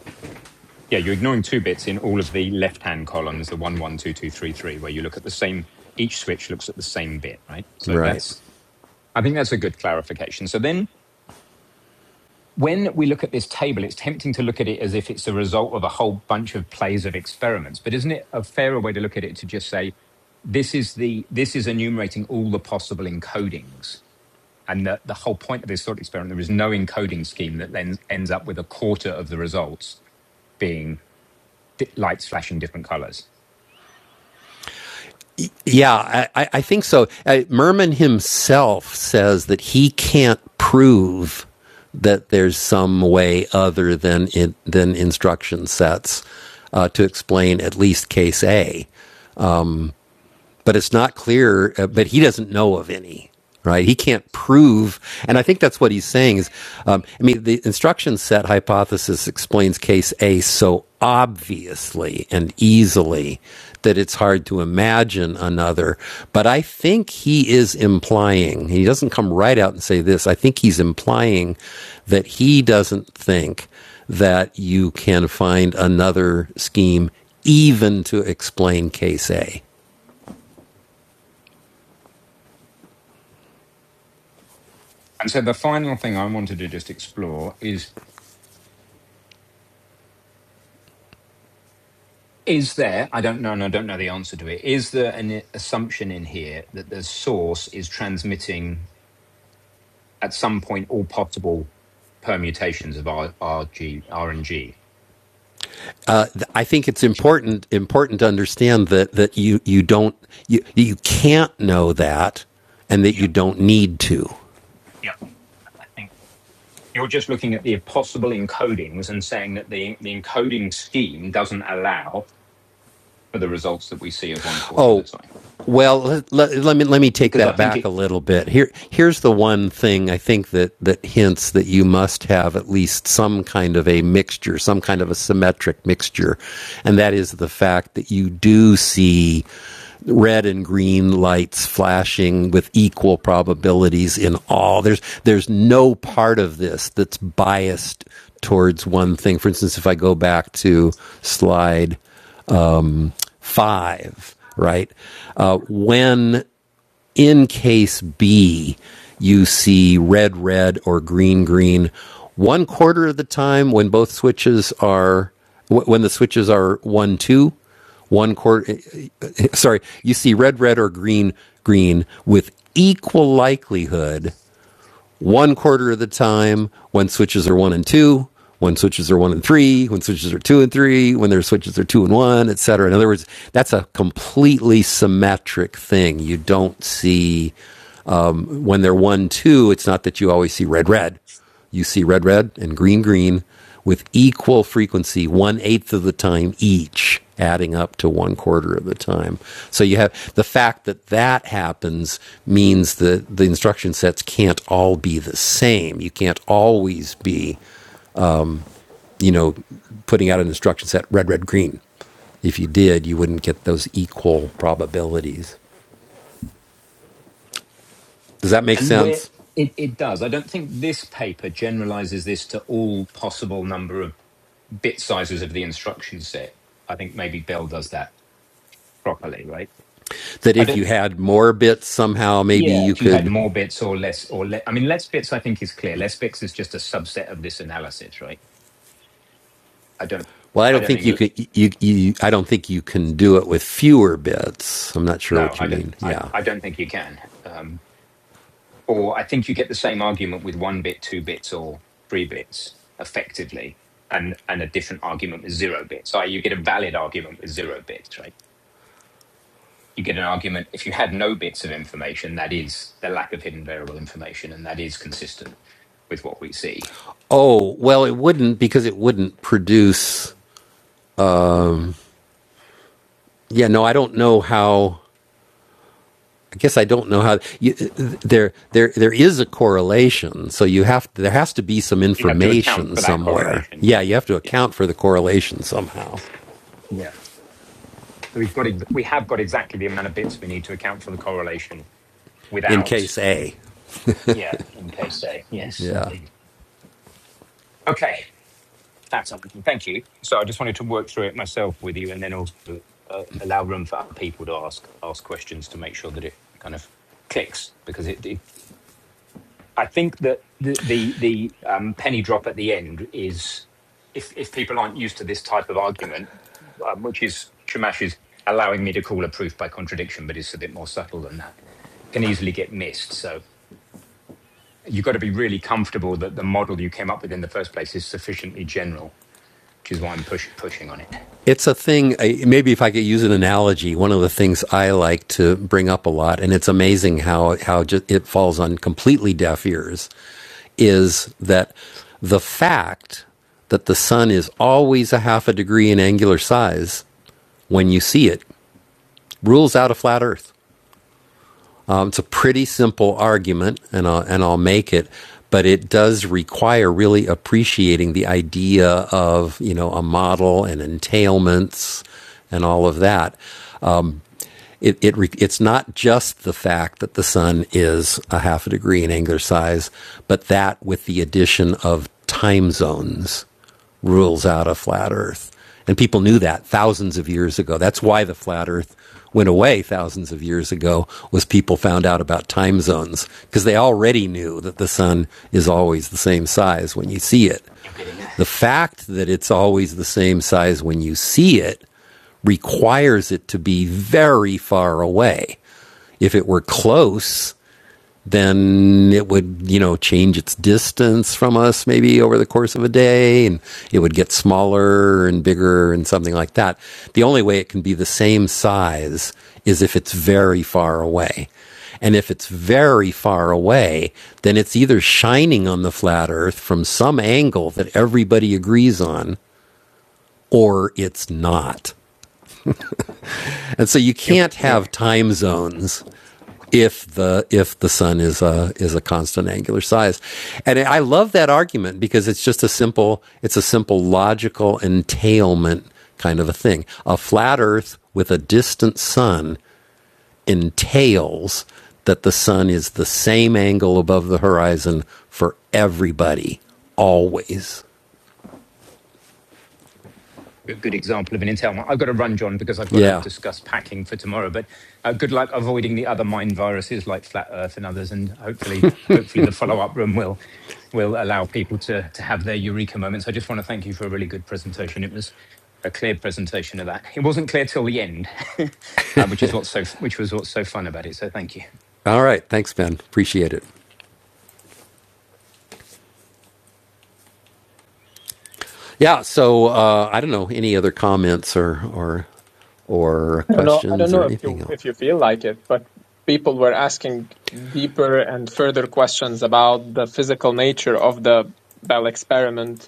A: Yeah, you're ignoring two bits in all of the left-hand columns, the one, one, two, two, three, three, where you look at the same. Each switch looks at the same bit, right? So
H: Right.
A: that's. I think that's a good clarification. So then, when we look at this table, it's tempting to look at it as if it's the result of a whole bunch of plays of experiments. But isn't it a fairer way to look at it to just say this is the this is enumerating all the possible encodings, and the the whole point of this sort of experiment there is no encoding scheme that then ends up with a quarter of the results being di- lights flashing different colors
H: Yeah, I, I think so. Uh, Merman himself says that he can't prove that there's some way other than in, than instruction sets uh, to explain at least case A but it's not clear. Uh, but he doesn't know of any, right? He can't prove, and I think that's what he's saying. Is um, I mean, the instruction set hypothesis explains case A so obviously and easily that it's hard to imagine another. But I think he is implying. He doesn't come right out and say this. I think he's implying that he doesn't think that you can find another scheme even to explain case A.
A: And so the final thing I wanted to just explore is is there, I don't know, and I don't know the answer to it, is there an assumption in here that the source is transmitting at some point all possible permutations of R, RG, RNG?
H: I think it's important important to understand that that you you don't you you can't know that, and that you
A: Yeah,
H: don't need to.
A: yeah, I think. You're just looking at the possible encodings and saying that the, the encoding scheme doesn't allow for the results that we see of one quarter of the
H: Oh,
A: time.
H: well, let, let, let me let me take
A: Because I
H: that
A: think
H: back a
A: it
H: little bit. Here, here's the one thing I think that that hints that you must have at least some kind of a mixture, some kind of a symmetric mixture, and that is the fact that you do see red and green lights flashing with equal probabilities in all. There's there's no part of this that's biased towards one thing. For instance, if I go back to slide five, right? Uh, when in case B, you see red, red or green, green, one quarter of the time when both switches are, when the switches are one, two, one quarter, sorry, you see red, red or green, green with equal likelihood one quarter of the time when switches are one and two, when switches are one and three, when switches are two and three, when their switches are two and one, et cetera. In other words, that's a completely symmetric thing. You don't see when they're one two, it's not that you always see red red. You see red red and green green with equal frequency, one eighth of the time each, adding up to one quarter of the time. So you have the fact that that happens means that the instruction sets can't all be the same. You can't always be, you know, putting out an instruction set red red green. If you did, you wouldn't get those equal probabilities. Does that make
A: And where
H: sense?
A: it, it does, I don't think this paper generalizes this to all possible number of bit sizes of the instruction set. I think maybe Bell does that properly, right?
H: that
A: I
H: if
A: don't.
H: you had more bits somehow maybe
A: Yeah,
H: you
A: if you had
H: could
A: more bits or less, or le- I mean, less bits, I think is clear. Less bits is just a subset of this analysis, right? I don't.
H: well i
A: I
H: don't
A: don't
H: think you
A: think.
H: could you, you i don't think you can do it with fewer bits i'm not sure
A: No,
H: what you
A: I don't.
H: mean
A: I,
H: yeah
A: I don't think you can. Um, or I think you get the same argument with one bit, two bits, or three bits effectively, and and a different argument with zero bits. I you get a valid argument with zero bits, right? You get an argument if you had no bits of information, that is the lack of hidden variable information, and that is consistent with what we see.
H: oh well it wouldn't because it wouldn't produce yeah no i don't know how i guess i don't know how you, there there there is a correlation so you have there has to be some
A: You have to
H: information
A: account for that
H: somewhere
A: correlation.
H: yeah
A: Yes.
H: you have to
A: Yeah.
H: account for the correlation somehow
A: Yeah. So we've got ex- we have got exactly the amount of bits we need to account for the correlation
H: in
A: without.
H: case a
A: Yeah, in case say Yes,
H: yeah
A: indeed. Okay, that's something. Thank you. So I just wanted to work through it myself with you, and then also uh, allow room for other people to ask ask questions to make sure that it kind of clicks. Because it, it I think that the the the um, penny drop at the end is if if people aren't used to this type of argument, um, which is Shamash is allowing me to call a proof by contradiction, but it's a bit more subtle than that, can easily get missed. So You've got to be really comfortable that the model you came up with in the first place is sufficiently general, which is why I'm push, pushing on it.
H: it's a thing. maybe if I could use an analogy, one of the things I like to bring up a lot, and it's amazing how how just, it falls on completely deaf ears, is that the fact that the sun is always a half a degree in angular size when you see it rules out a flat Earth. Um, it's a pretty simple argument, and I'll, and I'll make it, but it does require really appreciating the idea of you know a model and entailments and all of that it, it it's not just the fact that the sun is a half a degree in angular size, but that with the addition of time zones rules out a flat Earth. And people knew that thousands of years ago. That's why the flat Earth went away thousands of years ago was people found out about time zones because they already knew that the sun is always the same size when you see it.
A: You're getting a
H: The fact that it's always the same size when you see it requires it to be very far away. If it were close, then it would, you know, change its distance from us maybe over the course of a day and it would get smaller and bigger and something like that. The only way it can be the same size is if it's very far away. And if it's very far away, then it's either shining on the flat earth from some angle that everybody agrees on or it's not. And so you
A: you're,
H: can't
A: yeah,
H: have time zones if the if the sun is a is a constant angular size. And I love that argument because it's just a simple it's a simple logical entailment kind of a thing. A flat earth with a distant sun entails that the sun is the same angle above the horizon for everybody always.
A: a good example of an intel. mine. I've got to run, John, because I've got to
H: Yeah.
A: discuss packing for tomorrow. But uh, good luck avoiding the other mind viruses like flat Earth and others, and hopefully, hopefully the follow up room will. will allow people to to have their eureka moments. I just want to thank you for a really good presentation. It was a clear presentation of that. It wasn't clear till the end, <laughs> uh, which is what's so which was what's so fun about it. So thank you.
H: All right, thanks Ben. Appreciate it. Yeah. So uh, I don't know any other comments or or or
B: I don't know. I don't
H: questions or
B: know if
H: anything
B: you
H: else.
B: if you feel like it, but people were asking deeper and further questions about the physical nature of the Bell experiment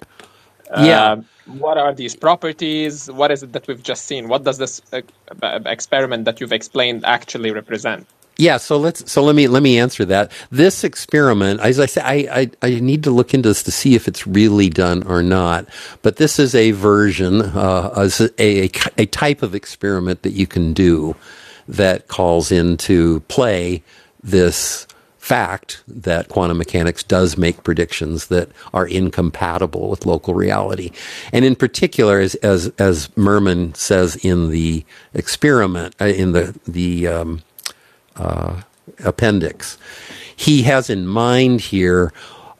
H: Yeah.
B: Um, what are these properties? What is it that we've just seen? What does this uh, experiment that you've explained actually represent?
H: Yeah, so let's so let me let me answer that. This experiment, as I say, I, I I need to look into this to see if it's really done or not. But this is a version, uh, a, a a type of experiment that you can do that calls into play this fact that quantum mechanics does make predictions that are incompatible with local reality. And in particular, as, as, as Merman says in the experiment, uh, in the, the um, appendix. He has in mind here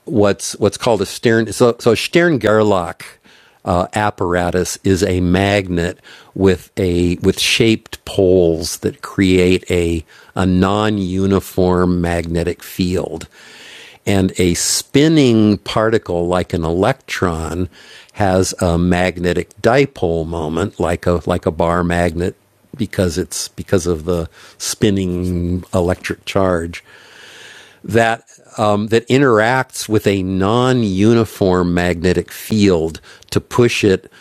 H: what's what's called a Stern so so Stern Gerlach uh, apparatus is a magnet with a with shaped poles that create a a non-uniform magnetic field and a spinning particle like an electron has a magnetic dipole moment like a like a bar magnet because it's because of the spinning electric charge that um, that interacts with a non-uniform magnetic field to push it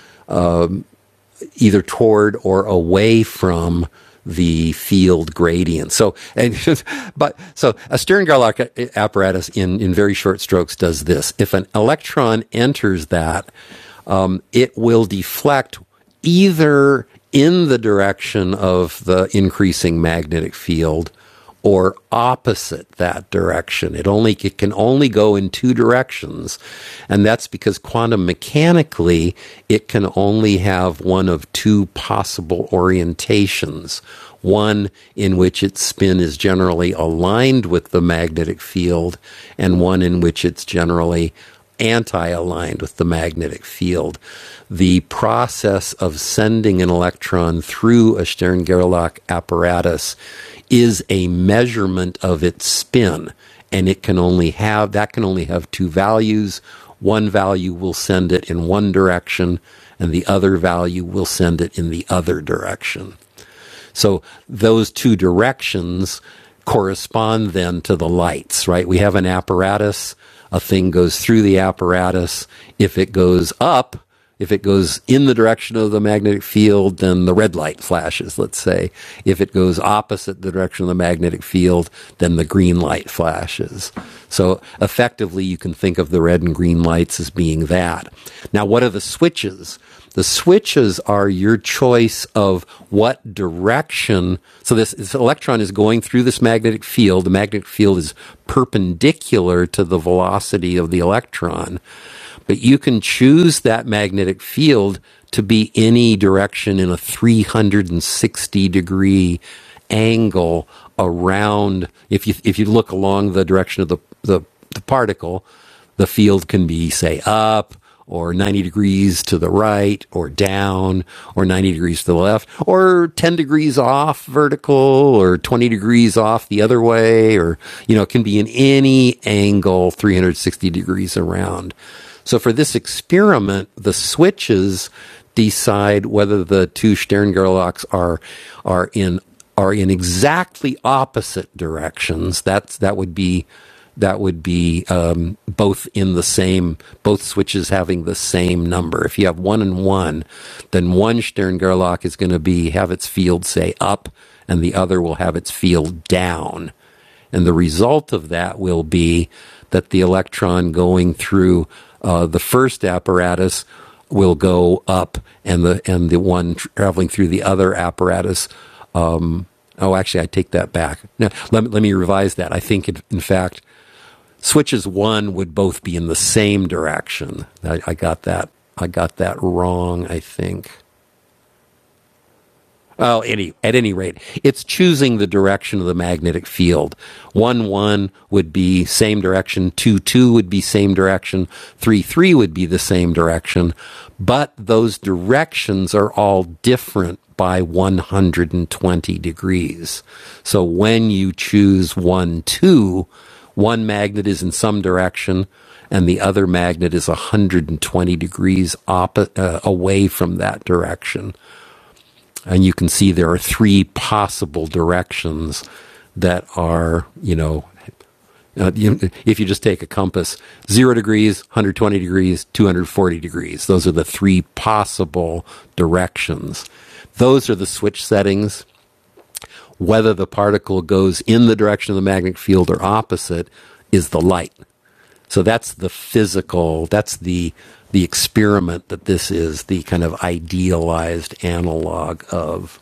H: either toward or away from the field gradient. So, and <laughs> but so a Stern-Gerlach apparatus in in very short strokes does this. If an electron enters that, um, it will deflect either in the direction of the increasing magnetic field or opposite that direction. It only it can only go in two directions, and that's because quantum mechanically it can only have one of two possible orientations. One in which its spin is generally aligned with the magnetic field, and one in which it's generally anti aligned with the magnetic field. The process of sending an electron through a Stern Gerlach apparatus is a measurement of its spin, and it can only have that can only have two values. One value will send it in one direction, and the other value will send it in the other direction. So those two directions correspond then to the lights, right? We have an apparatus, a thing goes through the apparatus. If it goes up, if it goes in the direction of the magnetic field, then the red light flashes, let's say. If it goes opposite the direction of the magnetic field, then the green light flashes. So effectively, you can think of the red and green lights as being that. Now, what are the switches? The switches are your choice of what direction. So this, this electron is going through this magnetic field. The magnetic field is perpendicular to the velocity of the electron. But you can choose that magnetic field to be any direction in a 360 degree angle around if you if you look along the direction of the the, the particle the field can be, say, up or 90 degrees to the right or down or 90 degrees to the left or 10 degrees off vertical or 20 degrees off the other way or, you know, it can be in any angle 360 degrees around. So for this experiment, the switches decide whether the two Sterngerlocks are, are in, are in exactly opposite directions. That's, that would be that would be um, both in the same, both switches having the same number. If you have one and one, then one Stern Gerlach is going to be have its field say up, and the other will have its field down. And the result of that will be that the electron going through uh, the first apparatus will go up, and the and the one traveling through the other apparatus. Oh, actually, I take that back. Now let, let me revise that. I think, it, in fact, switches one would both be in the same direction. I, I got that. I got that wrong. I think. Well, any at any rate, it's choosing the direction of the magnetic field. One one would be same direction. Two two would be same direction. Three three would be the same direction, but those directions are all different by 120 degrees. So when you choose one two, one magnet is in some direction, and the other magnet is 120 degrees oppo- uh, away from that direction and you can see there are three possible directions that are you know uh, you- if you just take a compass 0 degrees 120 degrees 240 degrees those are the three possible directions those are the switch settings whether the particle goes in the direction of the magnetic field or opposite is the light so that's the physical that's the the experiment that this is the kind of idealized analog of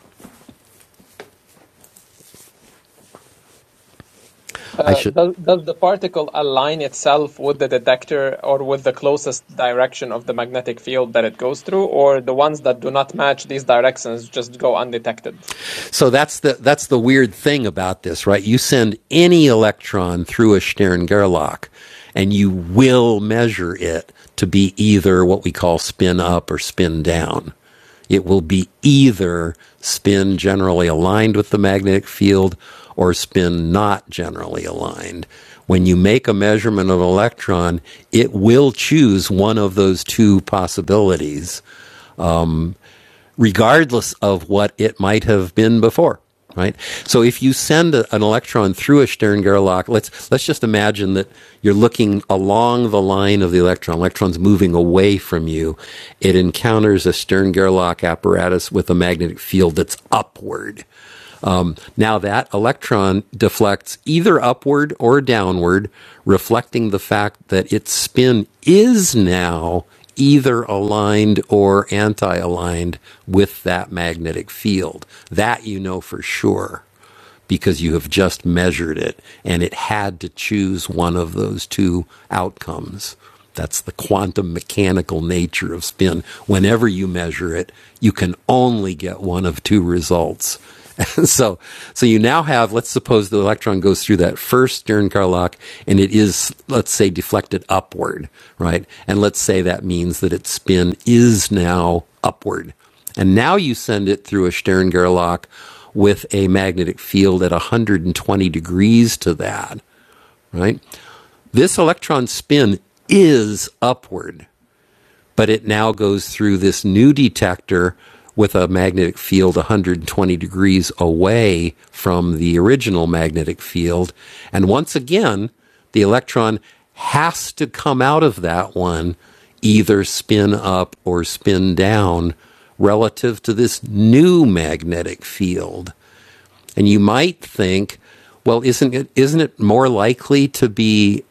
H: i
B: Uh,
H: should
B: does, does the particle align itself with the detector or with the closest direction of the magnetic field that it goes through, or the ones that do not match these directions just go undetected?
H: So that's the that's the weird thing about this, right? You send any electron through a Stern Gerlach, and you will measure it to be either what we call spin up or spin down. It will be either spin generally aligned with the magnetic field or spin not generally aligned. When you make a measurement of an electron, it will choose one of those two possibilities regardless of what it might have been before. Right. So if you send a, an electron through a Stern Gerlach, let's let's just imagine that you're looking along the line of the electron. Electrons moving away from you. It encounters a Stern Gerlach apparatus with a magnetic field that's upward now that electron deflects either upward or downward, reflecting the fact that its spin is now either aligned or anti aligned with that magnetic field. That you know for sure because you have just measured it and it had to choose one of those two outcomes. That's the quantum mechanical nature of spin. Whenever you measure it, you can only get one of two results. <laughs> And so, so you now have, let's suppose the electron goes through that first Stern Karlock and it is, let's say, deflected upward, right? And let's say that means that its spin is now upward. And now you send it through a Stern Gerlach with a magnetic field at 120 degrees to that, right? This electron spin is upward but it now goes through this new detector with a magnetic field 120 degrees away from the original magnetic field. And once again, the electron has to come out of that one either spin up or spin down relative to this new magnetic field. And you might think, well, isn't it isn't it more likely to be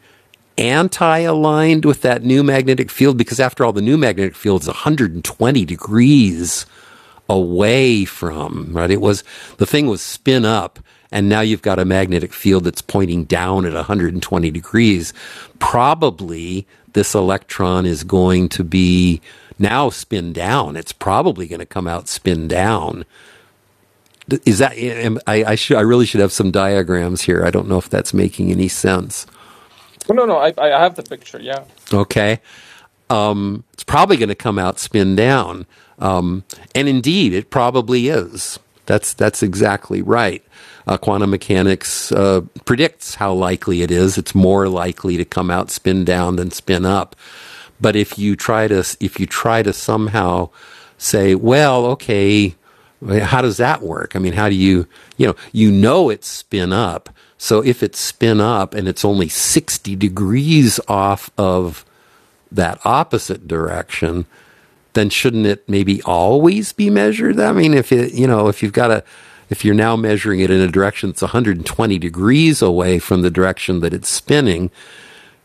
H: anti-aligned with that new magnetic field because after all the new magnetic field is 120 degrees away from, right? It was the thing was spin up and now you've got a magnetic field that's pointing down at 120 degrees. Probably this electron is going to be now spin down. It's probably going to come out spin down is that eh, eh, I I should I really should have some diagrams here. I don't know if that's making any sense.
B: No, no, no, I, I have the picture, yeah.
H: Okay. It's probably going to come out spin down, um, and indeed, it probably is. That's that's exactly right. Uh, quantum mechanics uh, predicts how likely it is. It's more likely to come out spin down than spin up. But if you try to if you try to somehow say, well, okay, how does that work? I mean, how do you you know you know it's spin up. So if it's spin up and it's only sixty degrees off of that opposite direction, then shouldn't it maybe always be measured? I mean, if it, you know, if you've got a, if you're now measuring it in a direction that's 120 degrees away from the direction that it's spinning,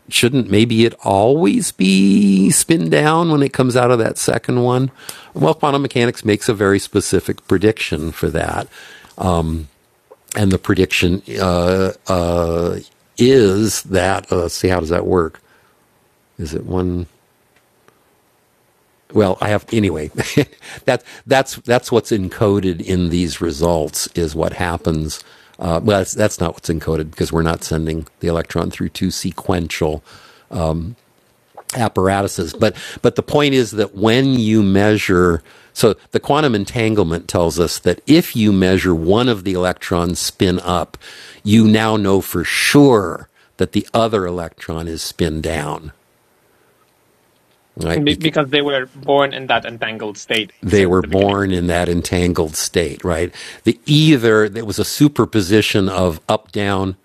H: shouldn't maybe it always be spin down when it comes out of that second one? Well, quantum mechanics makes a very specific prediction for that. And the prediction uh, is that, uh, let's see, how does that work? Is it one? well, I have anyway. <laughs> that that's that's what's encoded in these results is what happens. Uh, well, that's, that's not what's encoded because we're not sending the electron through two sequential apparatuses. But but the point is that when you measure, so the quantum entanglement tells us that if you measure one of the electrons spin up, you now know for sure that the other electron is spin down, right?
B: Be
H: Bec-
B: because they were born in that entangled state
H: they
B: since
H: were
B: the beginning.
H: born in that entangled state, right? The either, there was a superposition of up down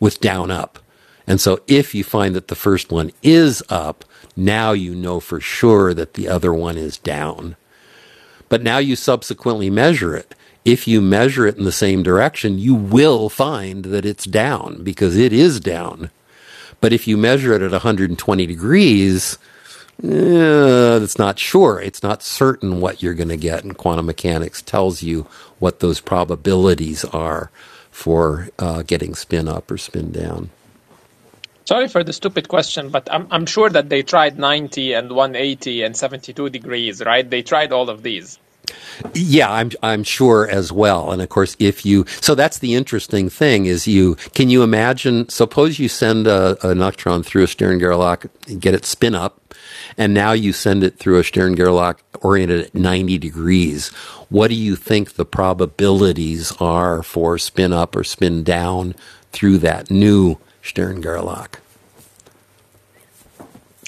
H: with down up. And so if you find that the first one is up, now you know for sure that the other one is down. But now you subsequently measure it. If you measure it in the same direction, you will find that it's down because it is down. But if you measure it at 120 degrees, uh, it's not sure. It's not certain what you're going to get. And quantum mechanics tells you what those probabilities are for uh, getting spin up or spin down.
B: Sorry for the stupid question, but I'm, I'm sure that they tried 90 and 180 and 72 degrees, right? They tried all of these.
H: Yeah, I'm I'm sure as well. And of course, if you so that's the interesting thing is you can you imagine? Suppose you send a, an electron through a Stern Gerlach, and get it spin up, and now you send it through a Stern Gerlach oriented at 90 degrees. What do you think the probabilities are for spin up or spin down through that new Stern Gerlach?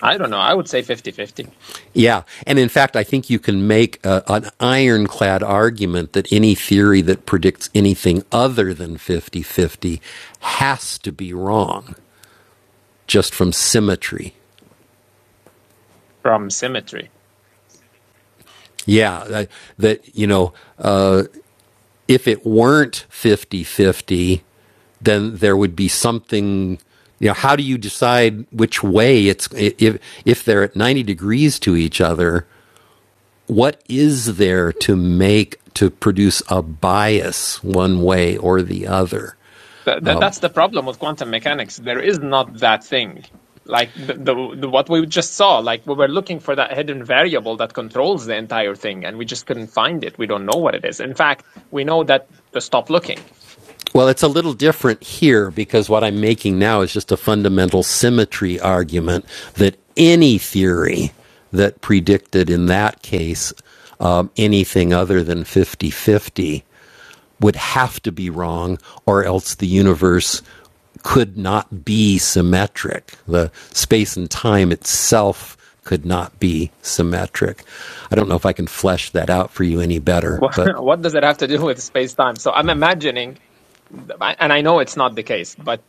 B: I don't know. I would say fifty-fifty
H: Yeah. And in fact, I think you can make a, an ironclad argument that any theory that predicts anything other than fifty-fifty has to be wrong just from symmetry.
B: from symmetry.
H: Yeah. That, that, you know, if it weren't fifty-fifty, then there would be something. You know, how do you decide which way it's if if they're at ninety degrees to each other? what is there to make to produce a bias one way or the other?
B: Th- th- that's the problem with quantum mechanics. There is not that thing. Like the, the, the what we just saw, like we were looking for that hidden variable that controls the entire thing, and we just couldn't find it. We don't know what it is. In fact, we know that to stop looking.
H: Well, it's a little different here because what I'm making now is just a fundamental symmetry argument that any theory that predicted in that case um, anything other than fifty-fifty. would have to be wrong, or else the universe could not be symmetric. The space and time itself could not be symmetric. I don't know if I can flesh that out for you any
B: <laughs>
H: better, but
B: what does it have to do with space time? So I'm imagining, and I know it's not the case, but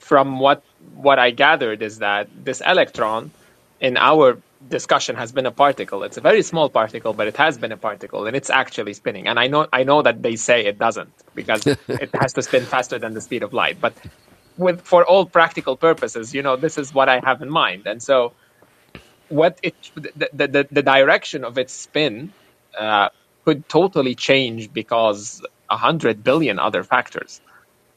B: from what what I gathered is that this electron in our discussion has been a particle. It's a very small particle, but it has been a particle and it's actually spinning. And I know I know that they say it doesn't because it has to spin faster than the speed of light. But with for all practical purposes, you know, this is what I have in mind. And so what it the the, the the direction of its spin uh, could totally change because a hundred billion other factors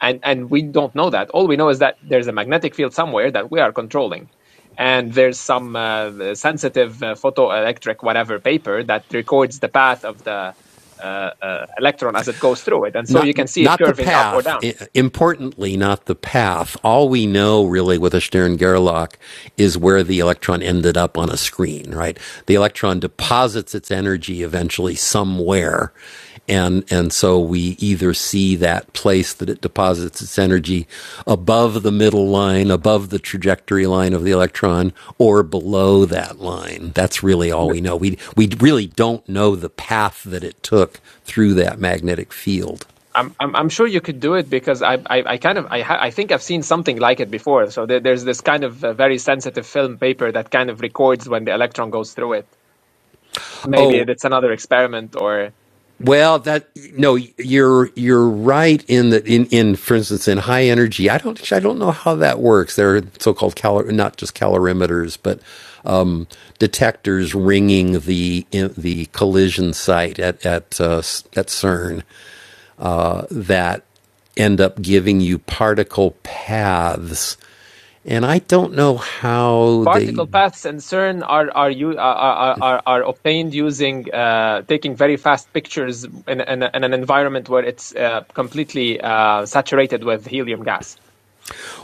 B: and and we don't know that all we know is that there's a magnetic field somewhere that we are controlling and there's some uh, sensitive uh, photoelectric whatever paper that records the path of the uh, uh, electron as it goes through it and so you
H: not
B: can see it
H: not the
B: curving up or
H: path.
B: down
H: Importantly, not the path. All we know really with a Stern Gerlach is where the electron ended up on a screen, right? The electron deposits its energy eventually somewhere, and and so we either see that place that it deposits its energy above the middle line, above the trajectory line of the electron, or below that line. That's really all we know. We we really don't know the path that it took through that magnetic field.
B: I'm, I'm I'm sure you could do it because I I, I kind of I ha- I think I've seen something like it before. So there, there's this kind of uh, very sensitive film paper that kind of records when the electron goes through it. Maybe
H: Oh,
B: it's another experiment or
H: well, that no, you're you're right in that in in for instance in high energy. I don't I don't know how that works. There are so-called calor not just calorimeters, but um, detectors ringing the in, the collision site at at uh, at CERN that end up giving you particle paths. And I don't know how they.
B: particle paths in CERN are are you are are, are are obtained using uh, taking very fast pictures in, in, in an environment where it's uh, completely uh, saturated with helium gas,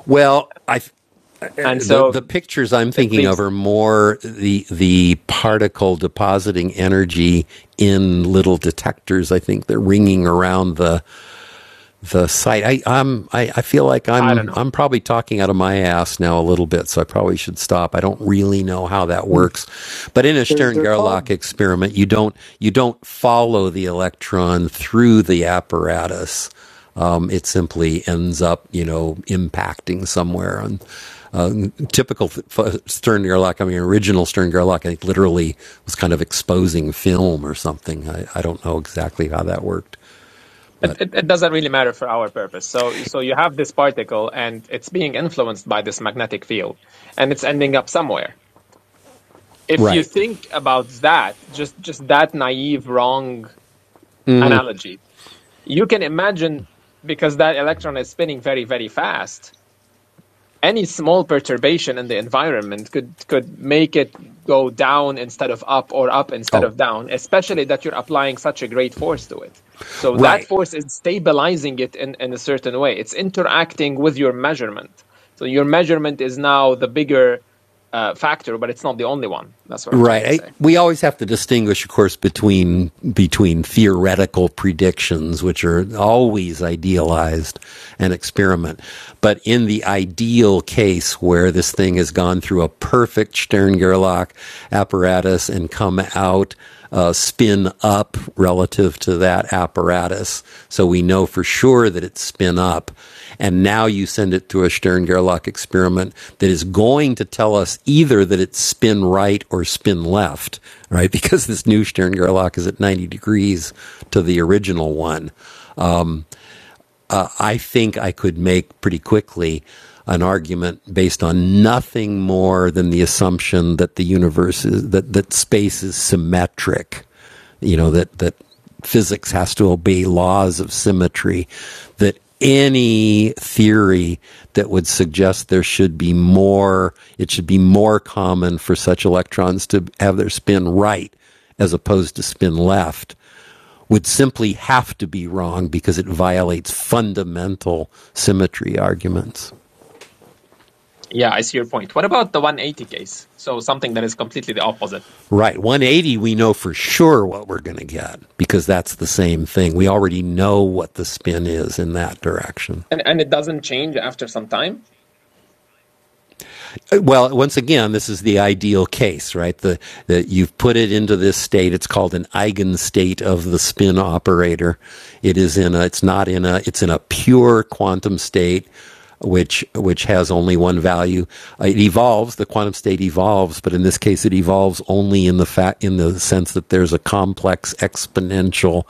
H: Well, I
B: and
H: the
B: so
H: the pictures I'm
B: it
H: thinking of
B: leaves
H: are more the the particle depositing energy in little detectors. I think they're ringing around the the site. I, I'm, I, I feel like
B: I don't
H: I'm,
B: know
H: I'm probably talking out of my ass now a little bit, so I probably should stop. I don't really know how that
C: Hmm.
H: works, but in a
C: They're
H: Stern
C: they're
H: Gerlach
C: called.
H: experiment, you don't, you don't follow the electron through the apparatus. Um, it simply ends up, you know, impacting somewhere. And uh, typical Stern Gerlach, I mean, original Stern Gerlach, I think literally was kind of exposing film or something. I, I don't know exactly how that worked.
B: It, it, it doesn't really matter for our purpose. So, so you have this particle and it's being influenced by this magnetic field and it's ending up somewhere. If you
H: Right.
B: think about that, just, just that naive, wrong analogy, you can imagine because that electron is spinning very, very fast. any small perturbation in the environment could could make it go down instead of up or up instead of
H: Oh.
B: down especially that you're applying such a great force to it so that
H: Right.
B: force is stabilizing it in, in a certain way it's interacting with your measurement so your measurement is now the bigger uh, factor but it's not the only one that's what i'm trying
H: Right.
B: to say
H: I, we always have to distinguish, of course, between between theoretical predictions, which are always idealized and experiment, but in the ideal case where this thing has gone through a perfect Stern Gerlach apparatus and come out uh, spin up relative to that apparatus, so we know for sure that it's spin up. And now you send it through a Stern Gerlach experiment that is going to tell us either that it's spin right or spin left, right? <laughs> Because this new Stern Gerlach is at 90 degrees to the original one uh, I think I could make pretty quickly an argument based on nothing more than the assumption that the universe is that that space is symmetric. You know that that physics has to obey laws of symmetry. That any theory that would suggest there should be more, it should be more common for such electrons to have their spin right as opposed to spin left would simply have to be wrong because it violates fundamental symmetry arguments.
B: yeah i see your point what about the 180 case so something that is completely the opposite
H: Right. 180, we know for sure what we're going to get because that's the same thing. We already know what the spin is in that direction.
B: And and it doesn't change after some time?
H: well, once again, this is the ideal case, right? The, the you've put it into this state. It's called an eigenstate of the spin operator. It is in a. It's not in a. It's in a pure quantum state, which which has only one value. Uh, It evolves. The quantum state evolves, but in this case, it evolves only in the fact in the sense that there's a complex exponential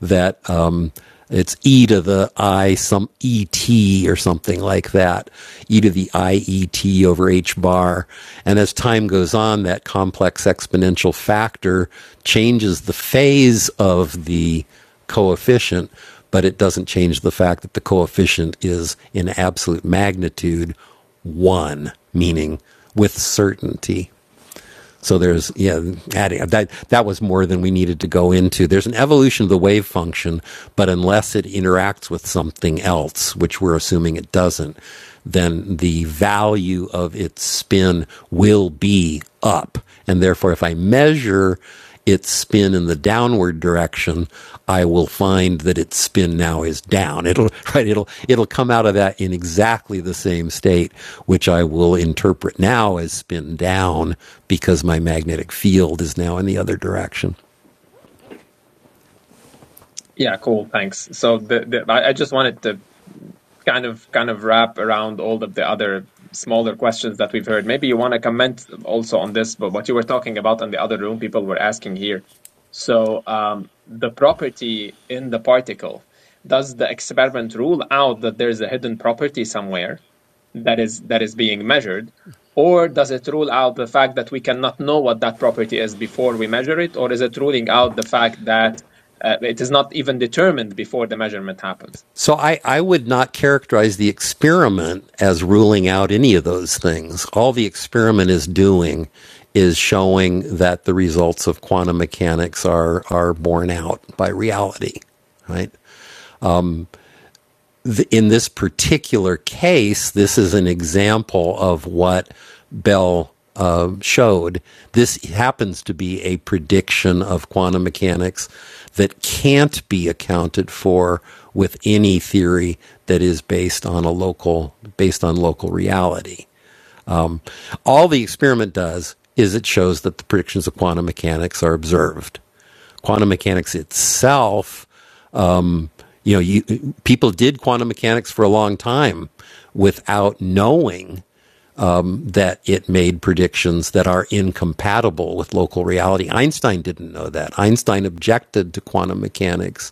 H: that. Um, it's e to the i some et or something like that. e to the i e t over h bar. And as time goes on, that complex exponential factor changes the phase of the coefficient, but it doesn't change the fact that the coefficient is in absolute magnitude one, meaning with certainty. So there's yeah, adding that that was more than we needed to go into. There's an evolution of the wave function, but unless it interacts with something else, which we're assuming it doesn't, then the value of its spin will be up. And therefore if I measure its spin in the downward direction, I will find that its spin now is down. It'll <laughs> right. It'll it'll come out of that in exactly the same state, which I will interpret now as spin down because my magnetic field is now in the other direction.
B: Yeah, cool. Thanks. So the, the I, I just wanted to kind of kind of wrap around all of the other smaller questions that we've heard. Maybe you want to comment also on this, but what you were talking about in the other room, people were asking here. So um, the property in the particle, does the experiment rule out that there's a hidden property somewhere that is that is being measured, or does it rule out the fact that we cannot know what that property is before we measure it, or is it ruling out the fact that uh, it is not even determined before the measurement happens.
H: So I, I would not characterize the experiment as ruling out any of those things. All the experiment is doing is showing that the results of quantum mechanics are are borne out by reality right? th- in this particular case, this is an example of what Bell uh, showed. This happens to be a prediction of quantum mechanics that can't be accounted for with any theory that is based on a local based on local reality. All the experiment does is it shows that the predictions of quantum mechanics are observed quantum mechanics itself you know you people did quantum mechanics for a long time without knowing that it made predictions that are incompatible with local reality einstein didn't know that einstein objected to quantum mechanics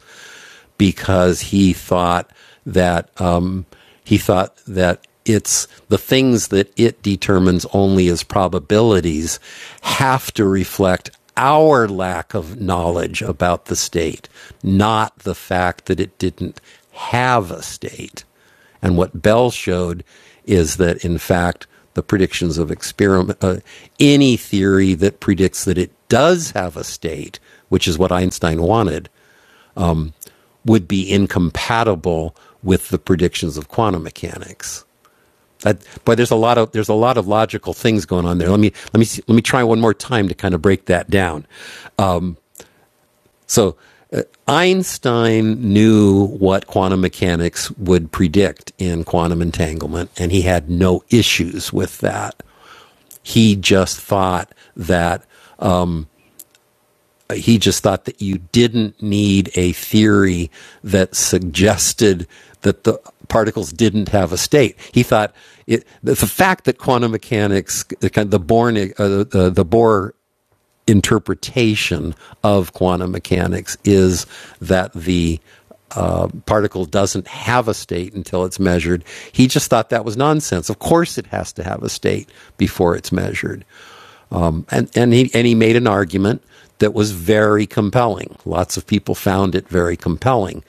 H: because he thought that um, he thought that it's the things that it determines only as probabilities have to reflect our lack of knowledge about the state, not the fact that it didn't have a state. And what Bell showed is that, in fact, the predictions of experiment, uh, any theory that predicts that it does have a state, which is what Einstein wanted, would be incompatible with the predictions of quantum mechanics. That, but there's a lot of there's a lot of logical things going on there. Let me let me see, let me try one more time to kind of break that down. So uh, Einstein knew what quantum mechanics would predict in quantum entanglement, and he had no issues with that. He just thought that he just thought that you didn't need a theory that suggested that the particles didn't have a state. He thought it, the, fact that quantum mechanics, the, kind- the Bohr, uh, uh, the, the Bohr interpretation of quantum mechanics is that the particle doesn't have a state until it's measured. He just thought that was nonsense. Of course it has to have a state before it's measured. Um, and, and, he, and he made an argument that was very compelling. Lots of people found it very compelling.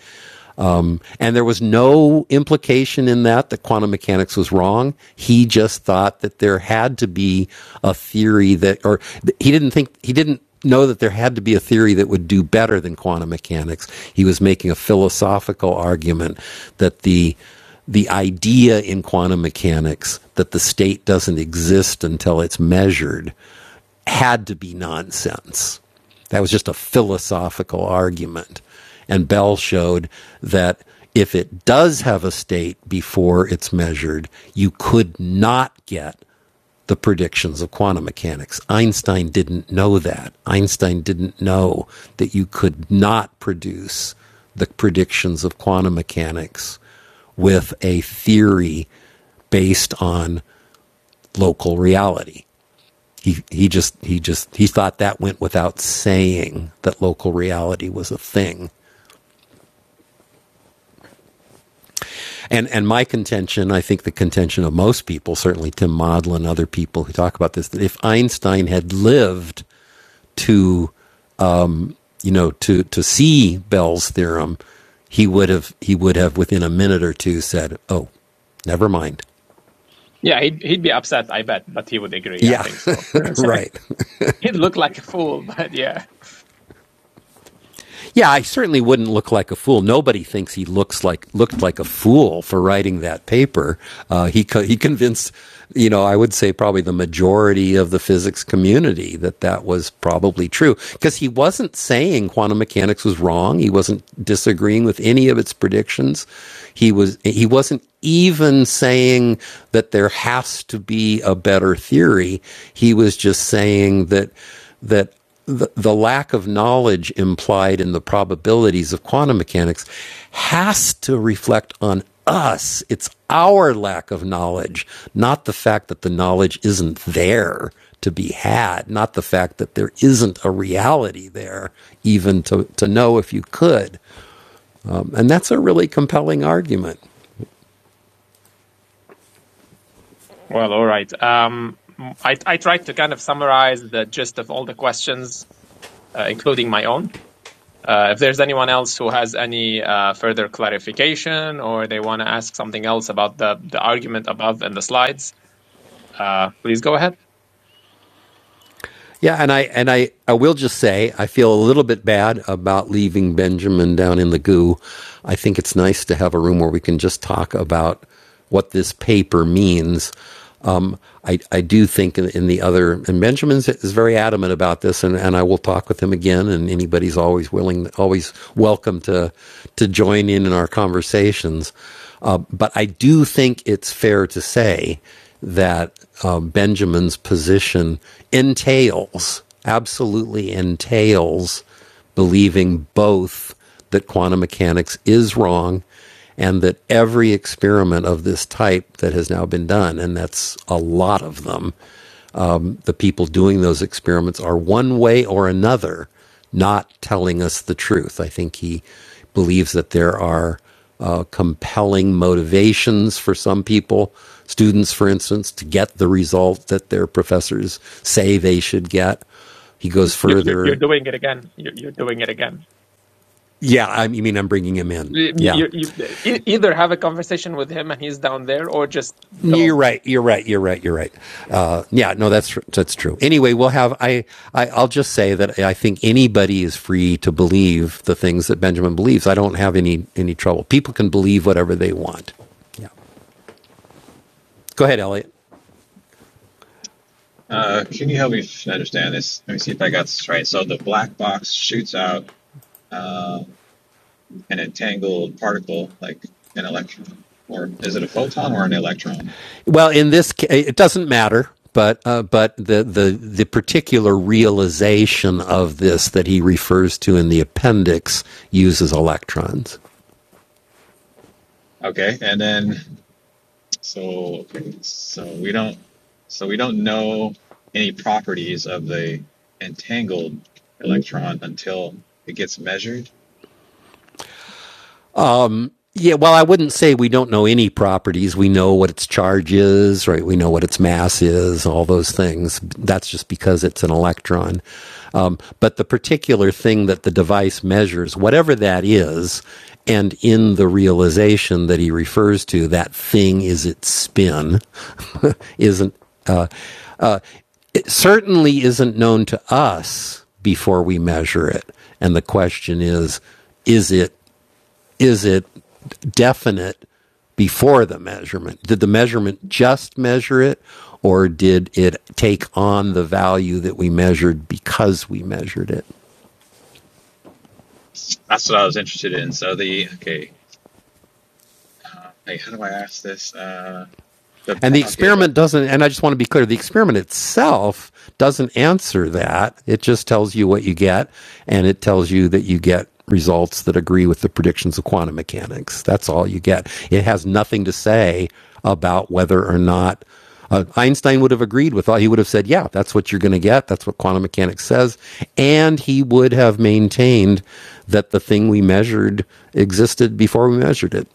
H: And there was no implication in that that quantum mechanics was wrong. He just thought that there had to be a theory that, or he didn't think, he didn't know that there had to be a theory that would do better than quantum mechanics. He was making a philosophical argument that the, the idea in quantum mechanics that the state doesn't exist until it's measured had to be nonsense. That was just a philosophical argument. And Bell showed that if it does have a state before it's measured, you could not get the predictions of quantum mechanics. Einstein didn't know that. Einstein didn't know that you could not produce the predictions of quantum mechanics with a theory based on local reality he he just he just he thought that went without saying that local reality was a thing. And and my contention, I think the contention of most people, certainly Tim Model and other people who talk about this, that if Einstein had lived to you know to to see Bell's theorem, he would have he would have within a minute or two said, "Oh, never mind."
B: Yeah, he'd he'd be upset, I bet, but he would agree. I
H: Yeah,
B: think so.
H: <laughs> right.
B: <laughs> he'd look like a fool, <laughs> but yeah.
H: Yeah, I certainly wouldn't look like a fool. Nobody thinks he looks like looked like a fool for writing that paper. Uh, he co- he convinced, you know, I would say probably the majority of the physics community that that was probably true because he wasn't saying quantum mechanics was wrong. He wasn't disagreeing with any of its predictions. He was he wasn't even saying that there has to be a better theory. He was just saying that that the, the lack of knowledge implied in the probabilities of quantum mechanics has to reflect on us. It's our lack of knowledge, not the fact that the knowledge isn't there to be had, not the fact that there isn't a reality there, even to, to know if you could. Um, and that's a really compelling argument.
B: Well, all right. Um, I I tried to kind of summarize the gist of all the questions, uh, including my own. Uh, if there's anyone else who has any uh, further clarification or they want to ask something else about the, the argument above and the slides, uh, please go ahead.
H: Yeah, and I and I, I will just say I feel a little bit bad about leaving Benjamin down in the goo. I think it's nice to have a room where we can just talk about what this paper means. Um, I, I do think in, in the other, and Benjamin is very adamant about this, and, and I will talk with him again. And anybody's always willing, always welcome to to join in in our conversations. Uh, but I do think it's fair to say that uh, Benjamin's position entails, absolutely entails, believing both that quantum mechanics is wrong and that every experiment of this type that has now been done, and that's a lot of them, the people doing those experiments are one way or another not telling us the truth. I think he believes that there are uh, compelling motivations for some people, students, for instance, to get the result that their professors say they should get. He goes
B: You're, you're, you're
H: further.
B: doing it again. You're, you're doing it again.
H: Yeah, I mean, I'm bringing him in.
B: You,
H: Yeah.
B: you, you, e- either have a conversation with him and he's down there, or just
H: Yeah, You're
B: don't.
H: right. You're right. You're right. You're right. Uh, yeah. No, that's that's true. Anyway, we'll have. I, I I'll just say that I think anybody is free to believe the things that Benjamin believes. I don't have any any trouble. People can believe whatever they want. Yeah. Go ahead, Elliot.
I: Uh, can you help me understand this? Let me see if I got this right. So the black box shoots out uh, an entangled particle, like an electron, or is it a photon or an electron?
H: Well, in this, ca- it doesn't matter. But uh, but the, the the particular realization of this that he refers to in the appendix uses electrons.
I: Okay, and then so okay, so we don't, so we don't know any properties of the entangled electron until it gets measured.
H: Yeah, well, I wouldn't say we don't know any properties. We know what its charge is, right? We know what its mass is, all those things. That's just because it's an electron. Um, but the particular thing that the device measures, whatever that is, and in the realization that he refers to, that thing is its spin, <laughs> isn't uh, it certainly isn't known to us before we measure it. And the question is, is it is it definite before the measurement? Did the measurement just measure it, or did it take on the value that we measured because we measured it?
I: That's what I was interested in. So the okay, uh, hey, how do I ask this? Uh, the
H: And the
I: pro- okay, the
H: experiment doesn't, and I just want to be clear the experiment itself doesn't answer that. It just tells you what you get, and it tells you that you get results that agree with the predictions of quantum mechanics. That's all you get. It has nothing to say about whether or not uh, Einstein would have agreed with all. He would have said, yeah, that's what you're going to get. That's what quantum mechanics says. And he would have maintained that the thing we measured existed before we measured it.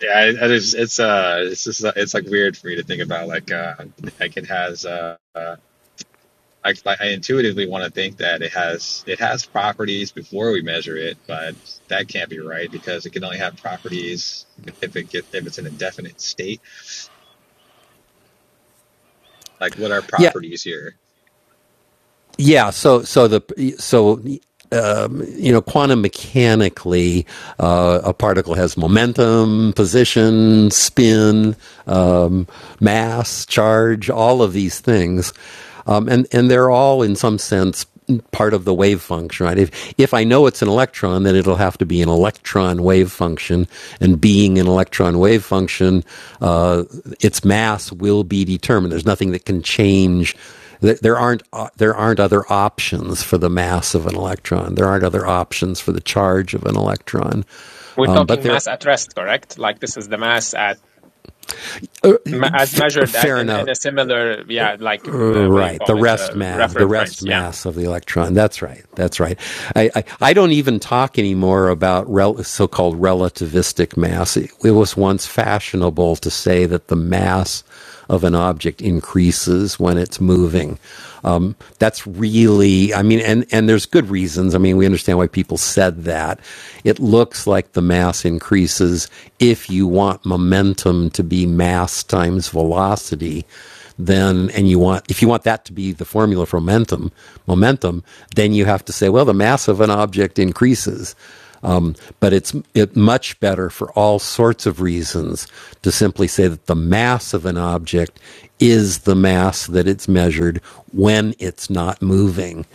I: Yeah, it, it is. It's uh, it's just uh, it's like weird for me to think about. Like, uh, like it has uh, uh, I I intuitively want to think that it has it has properties before we measure it, but that can't be right because it can only have properties if it gets if it's in a definite state. Like, what are
H: Yeah.
I: properties here?
H: Yeah, so so the so you know, quantum mechanically, uh, a particle has momentum, position, spin, um, mass, charge, all of these things. Um, and, and they're all, in some sense, part of the wave function, right? If, if I know it's an electron, then it'll have to be an electron wave function. And being an electron wave function, uh, its mass will be determined. There's nothing that can change there aren't o- there aren't other options for the mass of an electron. There aren't other options for the charge of an electron.
B: We're
H: Um, but
B: talking
H: there,
B: mass at rest, correct? Like this is the mass at ma- as
H: f-
B: measured and
H: fair
B: in,
H: enough.
B: in a similar, yeah, like uh, what do you
H: Right, the
B: call it,
H: rest
B: uh,
H: mass, the
B: reference
H: rest
B: frames. Yeah.
H: mass of the electron. That's right. That's right. I, I, I don't even talk anymore about rel- so-called relativistic mass. It, it was once fashionable to say that the mass of an object increases when it's moving. Um, that's really, I mean, and and there's good reasons. I mean, we understand why people said that. It looks like the mass increases if you want momentum to be mass times velocity then and you want if you want that to be the formula for momentum momentum then you have to say well the mass of an object increases but it's it much better for all sorts of reasons to simply say that the mass of an object is the mass that it's measured when it's not moving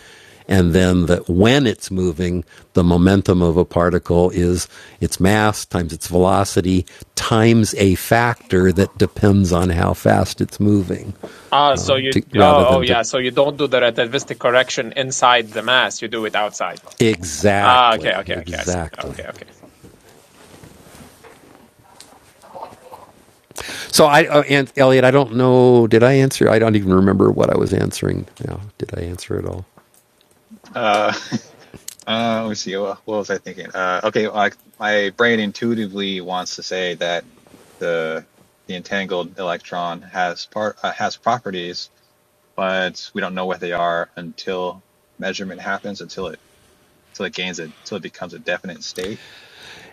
H: and then that when it's moving, the momentum of a particle is its mass times its velocity times a factor that depends on how fast it's moving
B: Ah, so you,
H: to, rather
B: oh, oh,
H: than to
B: yeah. So you don't do the relativistic correction inside the mass. You do it outside. Ah, okay,
H: exactly
B: okay, okay. I see.
H: exactly
B: Okay, okay.
H: so i uh, and elliot i don't know did i answer i don't even remember what i was answering now did i answer at all
I: Uh, <laughs> Uh, let me see. What, what was I thinking? Uh, okay, like my brain intuitively wants to say that the the entangled electron has part uh, has properties, but we don't know what they are until measurement happens, until it until it gains it, until it becomes a definite state.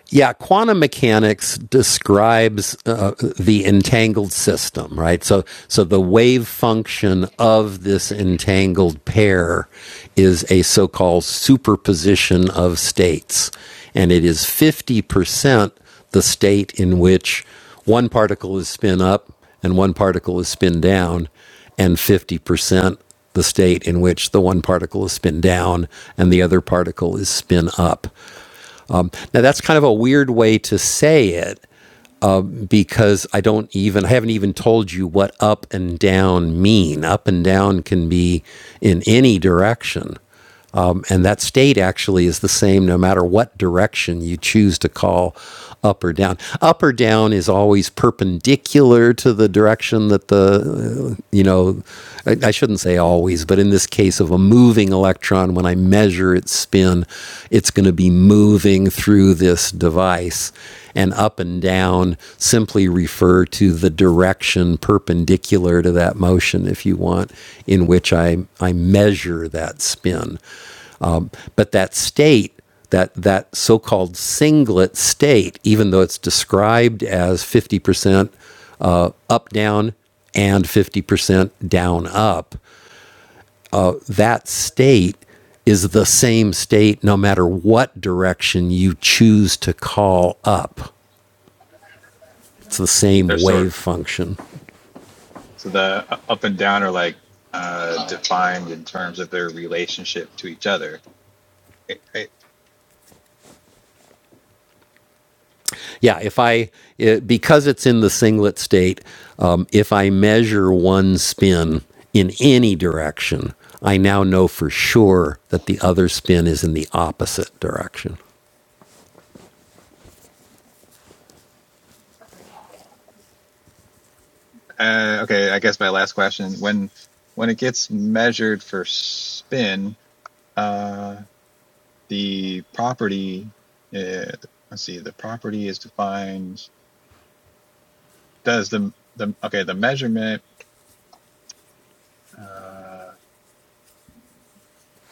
H: yeah, quantum mechanics describes uh, the entangled system, right? So, so the wave function of this entangled pair is a so-called superposition of states, and it is fifty percent the state in which one particle is spin up and one particle is spin down, and fifty percent the state in which the one particle is spin down and the other particle is spin up. Now that's kind of a weird way to say it because I don't even I haven't even told you what up and down mean. Up and down can be in any direction. Um, and that state actually is the same no matter what direction you choose to call up or down. Up or down is always perpendicular to the direction that the, uh, you know, I, I shouldn't say always, but in this case of a moving electron, when I measure its spin, it's going to be moving through this device. And up and down simply refer to the direction perpendicular to that motion, if you want, in which I, I measure that spin. But that state, that, that so called singlet state, even though it's described as 50% uh, up down and 50% down up, uh, that state is the same state no matter what direction you choose to call up. It's the same
I: They're sort
H: wave
I: of
H: function.
I: so the uh, up and down are like uh, defined in terms of their relationship to each other.
H: Yeah, if I it, because it's in the singlet state, um, if I measure one spin in any direction, I now know for sure that the other spin is in the opposite direction.
I: Uh, okay, I guess my last question: when when it gets measured for spin, uh, the property. Uh, let's see. The property is defined. Does the the okay the measurement? Uh,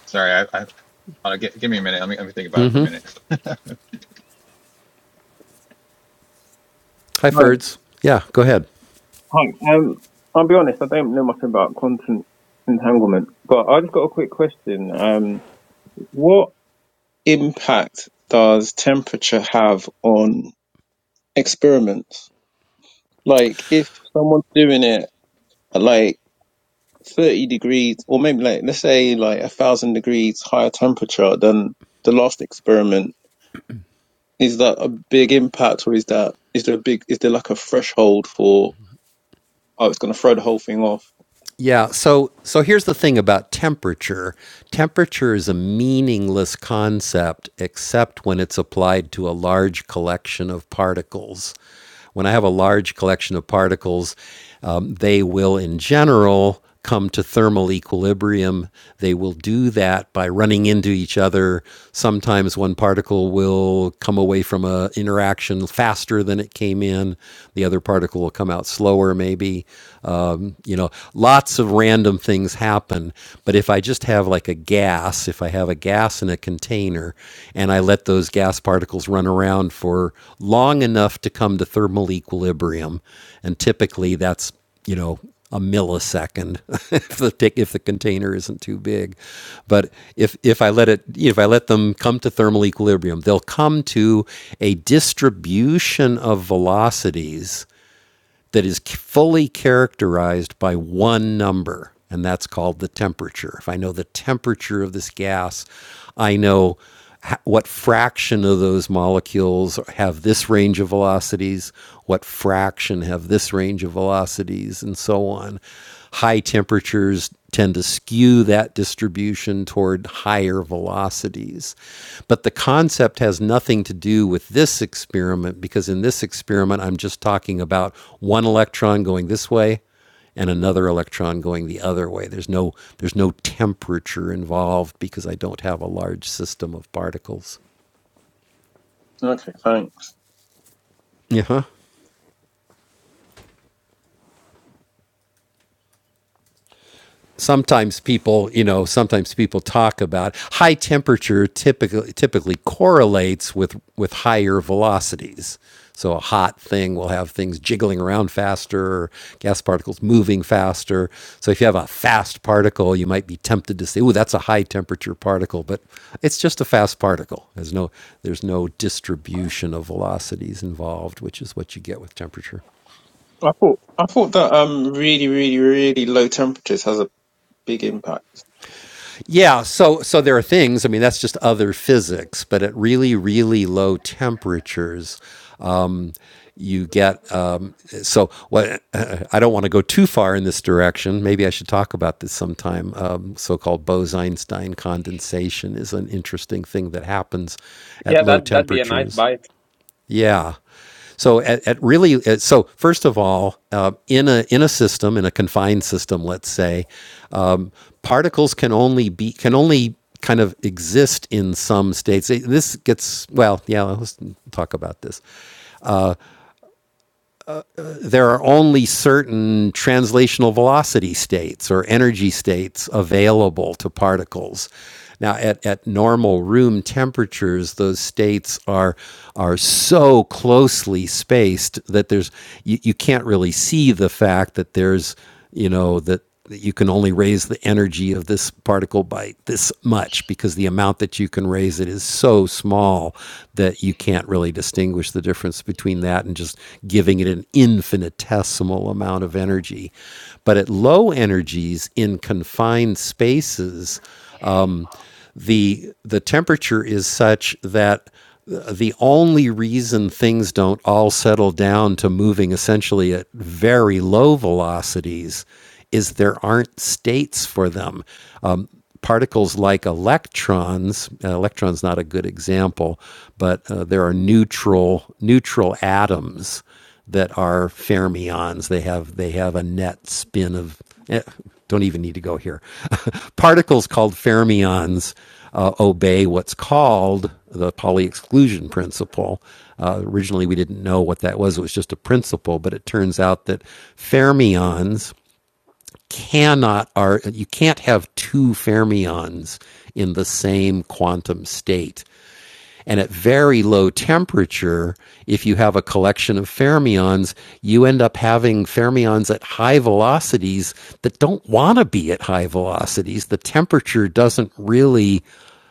I: sorry, I, I uh, gi- give me a minute. Let me let me think about it for a minute. <laughs>
H: Hi,
J: Right.
H: Ferds. Yeah, go ahead.
J: Hi. Um, I'll be honest, I don't know much about content entanglement, but I just got a quick question. Um, what impact does temperature have on experiments? Like, if someone's doing it at like 30 degrees, or maybe like, let's say like a thousand degrees higher temperature than the last experiment, is that a big impact or is that, is there a big, is there like a threshold for, oh, it's going to throw the whole thing off?
H: Yeah, so so here's the thing about temperature. Temperature is a meaningless concept except when it's applied to a large collection of particles. When I have a large collection of particles, um, they will, in general, come to thermal equilibrium. They will do that by running into each other. Sometimes one particle will come away from a interaction faster than it came in. The other particle will come out slower, maybe. Um, you know, lots of random things happen. But if I just have like a gas, if I have a gas in a container and I let those gas particles run around for long enough to come to thermal equilibrium, and typically that's you know a millisecond <laughs> if the tick, if the container isn't too big but if if I let it if I let them come to thermal equilibrium they'll come to a distribution of velocities that is fully characterized by one number, and that's called the temperature. If I know the temperature of this gas, I know what fraction of those molecules have this range of velocities, what fraction have this range of velocities, and so on. High temperatures tend to skew that distribution toward higher velocities. But the concept has nothing to do with this experiment because in this experiment, I'm just talking about one electron going this way and another electron going the other way. There's no, there's no temperature involved because I don't have a large system of particles.
J: Okay, thanks.
H: Yeah. huh? sometimes people, you know, sometimes people talk about high temperature typically typically correlates with with higher velocities. So a hot thing will have things jiggling around faster, or gas particles moving faster. So if you have a fast particle, you might be tempted to say, "Oh, that's a high temperature particle," but it's just a fast particle. There's no there's no distribution of velocities involved, which is what you get with temperature.
J: I thought I thought that um really really really low temperatures has a big impact.
H: Yeah, so so there are things. I mean, that's just other physics, but at really, really low temperatures, um, you get. Um, so what? I don't want to go too far in this direction. Maybe I should talk about this sometime. Um, so-called Bose-Einstein condensation is an interesting thing that happens at
B: Yeah,
H: low
B: that that'd be a nice
H: temperatures.
B: bite.
H: Yeah. So at, at really, uh, so first of all, uh, in a in a system, in a confined system, let's say, um, particles can only be can only kind of exist in some states. This gets well, yeah. Let's talk about this there are only certain translational velocity states or energy states available to particles. Now, at, at normal room temperatures, those states are, are so closely spaced that there's, you, you can't really see the fact that there's you know that, that you can only raise the energy of this particle by this much because the amount that you can raise it is so small that you can't really distinguish the difference between that and just giving it an infinitesimal amount of energy but at low energies in confined spaces the the temperature is such that the only reason things don't all settle down to moving essentially at very low velocities is there aren't states for them. Um, particles like electrons, uh, electrons not a good example, but uh, there are neutral neutral atoms that are fermions. They have they have a net spin of eh, don't even need to go here. <laughs> Particles called fermions uh, obey what's called the Pauli exclusion principle. Uh, originally, we didn't know what that was. It was just a principle, but it turns out that fermions cannot are you can't have two fermions in the same quantum state and at very low temperature, if you have a collection of fermions, you end up having fermions at high velocities that don't want to be at high velocities. The temperature doesn't really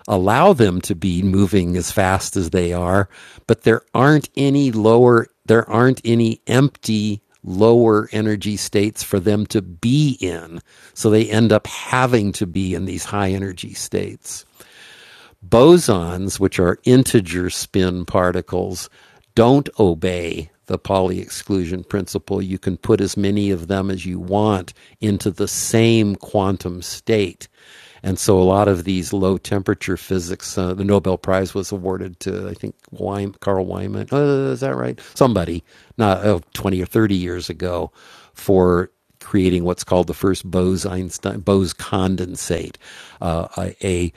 H: allow them to be moving as fast as they are, but there aren't any lower, there aren't any empty lower energy states for them to be in. So they end up having to be in these high energy states. Bosons, which are integer spin particles, don't obey the Pauli exclusion principle. You can put as many of them as you want into the same quantum state. And so a lot of these low temperature physics, uh, the Nobel Prize was awarded to, I think, Weim, Carl Wyman. Uh, is that right? Somebody, not oh, 20 or 30 years ago, for creating what's called the first Bose Einstein Bose condensate, uh, a, a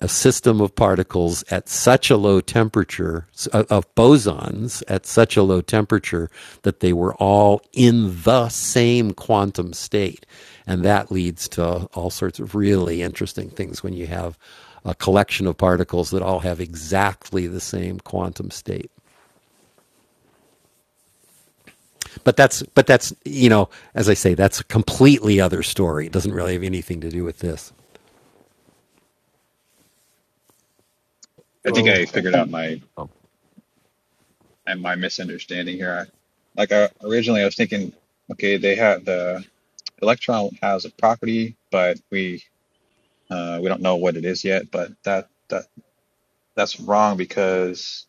H: a system of particles at such a low temperature uh, of bosons at such a low temperature that they were all in the same quantum state and that leads to all sorts of really interesting things when you have a collection of particles that all have exactly the same quantum state but that's but that's you know as i say that's a completely other story it doesn't really have anything to do with this
I: I think
K: Well,
I: I
J: Okay.
I: figured out my
K: I
I: and my misunderstanding here. I, like I, originally, I was thinking, okay, they had the electron has a property, but we uh, we don't know what it is yet. But that that that's wrong because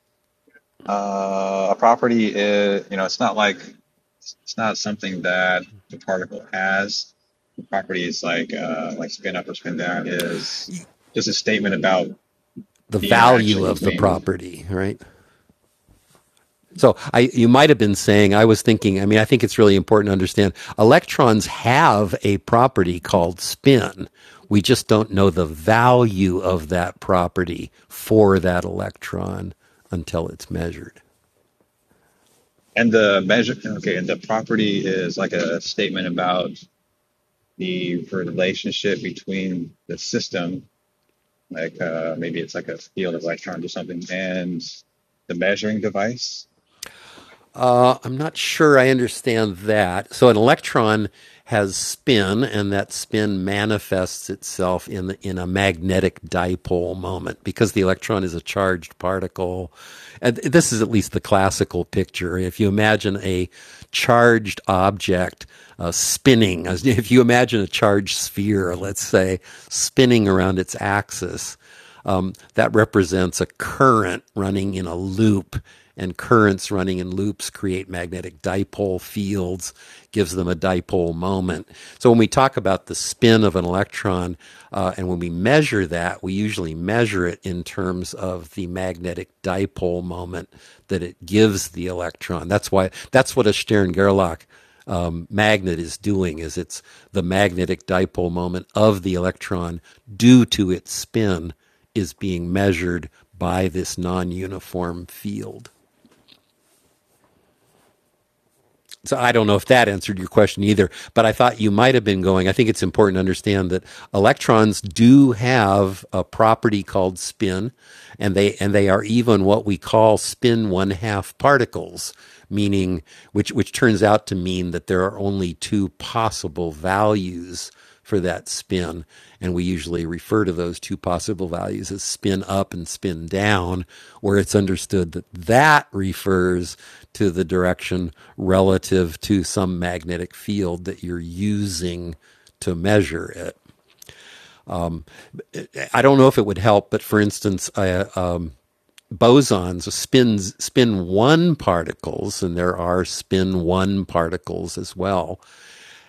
I: uh, a property is you know it's not like it's not something that the particle has. The property is like uh, like spin up or spin down is just a statement about
H: the
I: the
H: value
I: interaction
H: of the
I: between
H: property right So I, you might have been saying, I was thinking, I mean, I think it's really important to understand electrons have a property called spin. We just don't know the value of that property for that electron until it's measured.
I: and the measure. Okay, and the property is like a statement about. the relationship between the system, like uh, maybe it's like a field of electrons or something, and the measuring device,
H: Uh, I'm not sure I understand that. So an electron has spin, and that spin manifests itself in the, in a magnetic dipole moment because the electron is a charged particle. And this is at least the classical picture. If you imagine a charged object uh, spinning, if you imagine a charged sphere, let's say, spinning around its axis um, that represents a current running in a loop and currents running in loops create magnetic dipole fields gives them a dipole moment so when we talk about the spin of an electron uh, and when we measure that we usually measure it in terms of the magnetic dipole moment that it gives the electron that's why that's what a stern-gerlach um, magnet is doing is it's the magnetic dipole moment of the electron due to its spin is being measured by this non uniform field. So I don't know if that answered your question either, but I thought you might have been going. I think it's important to understand that electrons do have a property called spin, and they and they are even what we call spin one half particles, meaning which which turns out to mean that there are only two possible values for that spin. And we usually refer to those two possible values as spin up and spin down, where it's understood that that refers to the direction relative to some magnetic field that you're using to measure it. I don't know if it would help, but for instance, uh, uh, bosons, spins, spin one particles, and there are spin one particles as well.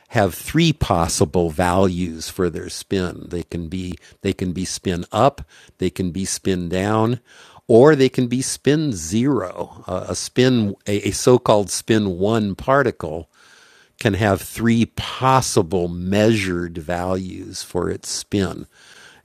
H: have three possible values for their spin. They can be they can be spin up, they can be spin down, or they can be spin zero, a, a spin a, a so-called spin one particle can have three possible measured values for its spin.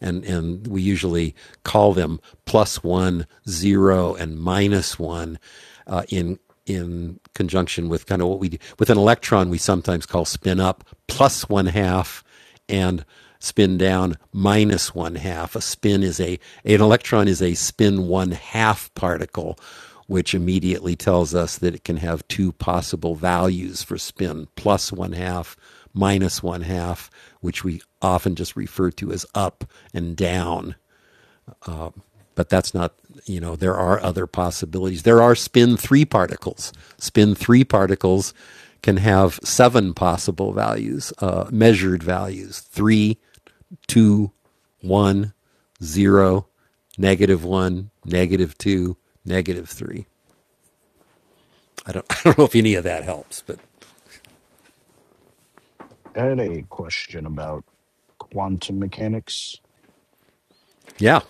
H: And, and we usually call them plus one, zero, and minus one uh, in, in conjunction with kind of what we do. With an electron, we sometimes call spin up plus one half and spin down minus one half. A spin is a an electron is a spin one half particle, which immediately tells us that it can have two possible values for spin: plus one half, minus one half, which we often just refer to as up and down but that's not you know there are other possibilities there are spin 3 particles spin 3 particles can have seven possible values uh, measured values three, two, one, zero, negative 1 negative 2 negative 3 i don't <laughs> i don't know if any of that helps but
K: had a question about quantum mechanics.
H: yeah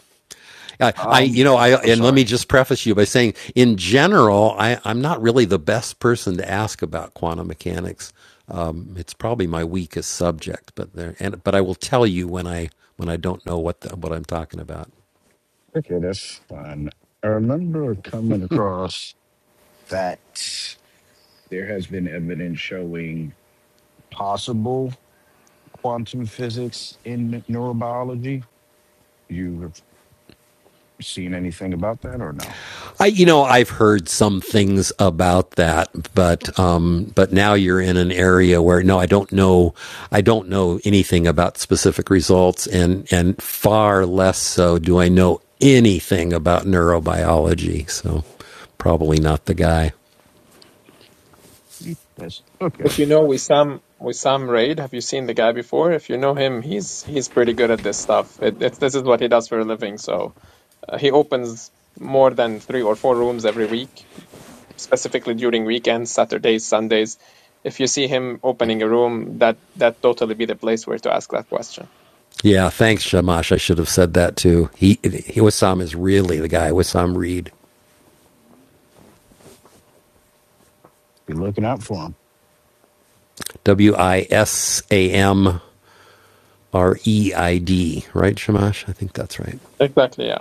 H: I, I, you
K: Um,
H: know, I,
K: oh,
H: and let me
K: sorry.
H: just preface you by saying, in general, I, I'm not really the best person to ask about quantum mechanics. Um, it's probably my weakest subject, but there, and but I will tell you when I when I don't know what the, what I'm talking about.
K: Okay, that's fine. I remember coming across that there has been evidence showing possible quantum physics in neurobiology. You have seen anything about that or no?
H: I, you know, I've heard some things about that, but um, but now you're in an area where no, I don't know, I don't know anything about specific results, and and far less so do I know anything about neurobiology. So probably not the guy.
K: Mm, That's okay.
B: If you know Wissam Wissam Raid, have you seen the guy before? If you know him, he's he's pretty good at this stuff. It, it's this is what he does for a living. So uh, he opens more than three or four rooms every week, specifically during weekends, Saturdays, Sundays. If you see him opening a room, that that totally be the place where to ask that question.
H: Yeah, thanks, Shamash. I should have said that too. He, he Wissam is really the guy. Wissam Reed,
K: Be looking out for 'em.
H: W I S A M R E I D. Right, Shamash? I think that's right.
B: Exactly. Yeah.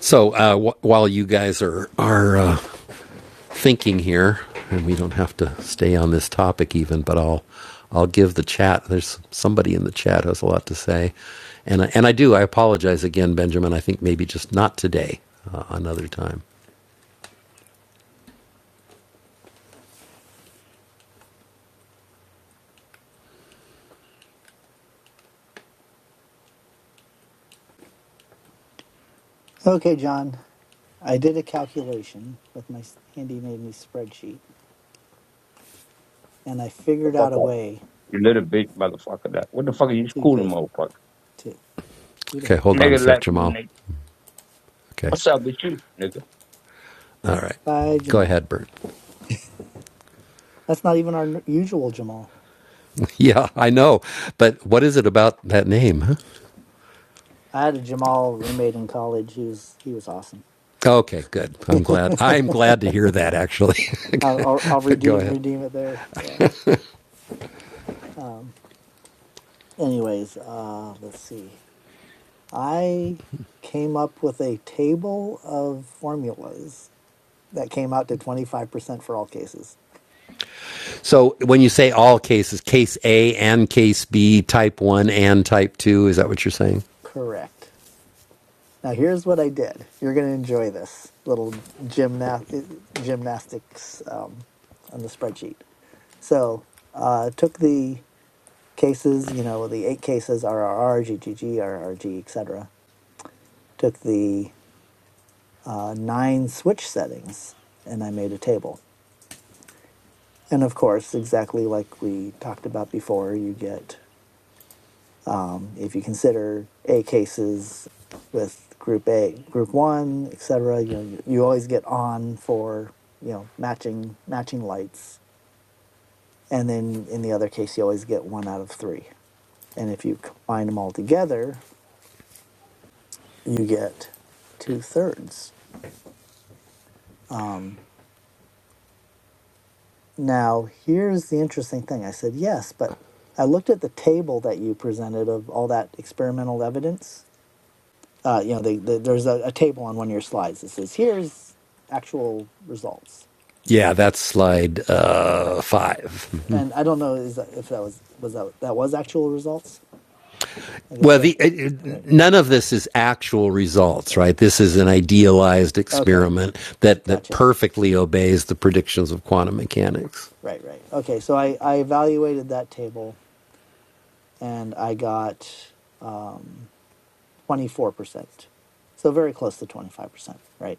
H: So uh, w- while you guys are are uh, thinking here, and we don't have to stay on this topic even, but I'll I'll give the chat. There's somebody in the chat who has a lot to say, and I, and I do. I apologize again, Benjamin. I think maybe just not today, uh, another time.
C: Okay, John. I did a calculation with my s- handy dandy spreadsheet, and I
L: the
C: figured
L: fuck
C: out a
L: up.
C: way
L: You little bitch motherfucker. That. What the fuck are you
C: to
L: schooling,
C: get
L: motherfucker?
C: to who the
H: Okay,
C: heck?
H: hold on a
L: Nigga
H: sec,
L: like me,
H: Jamal.
L: nigga.
H: Okay,
L: What's up with you, nigga?
H: all right.
C: Bye,
H: Go
C: Jamal.
H: ahead, Bert. <laughs>
C: That's not even our n- usual Jamal.
H: Yeah, I know, but what is it about that name? Huh?
C: I had a Jamal roommate in college. He was he was awesome.
H: Okay, good.
C: <laughs>
H: I'm glad. I'm glad to hear that actually.
C: I'll, I'll I'll
H: <laughs> but go
C: redeem
H: ahead.
C: redeem it there. Yeah. Um. Anyways, uh, let's see. I came up with a table of formulas that came out to twenty five percent for all cases.
H: So when you say all cases, case A and case B, type 1 and type 2, is that what you're saying?
C: Correct. Now here's what I did. You're gonna enjoy this little gymnast gymnastics um, on the spreadsheet. So uh, took the cases, you know, the eight cases, RRR, GGG, RRG, etc. Took the uh, nine switch settings and I made a table. And of course, exactly like we talked about before, you get, um, if you consider A cases with group A, group one, etc., you know, you, you always get on for, you know, matching, matching lights. And then in the other case, you always get one out of three. And if you combine them all together, you get two thirds Um, now, here's the interesting thing. I said, yes, but I looked at the table that you presented of all that experimental evidence. Uh, you know, they, the there's a, a table on one of your slides that says, here's actual results.
H: Yeah, that's slide uh,
C: Right.
H: 5.
C: And I don't know is that, if that was, was that, that was actual results? I guess
H: Well,
C: so.
H: the, it,
C: Right.
H: none of this is actual results,
C: Right.
H: right? This is an idealized
C: Okay.
H: experiment that, that
C: Gotcha.
H: perfectly obeys the predictions of quantum mechanics.
C: Right. Right. Okay. So I, I evaluated that table and I got um, 24%. So very close to 25%. Right.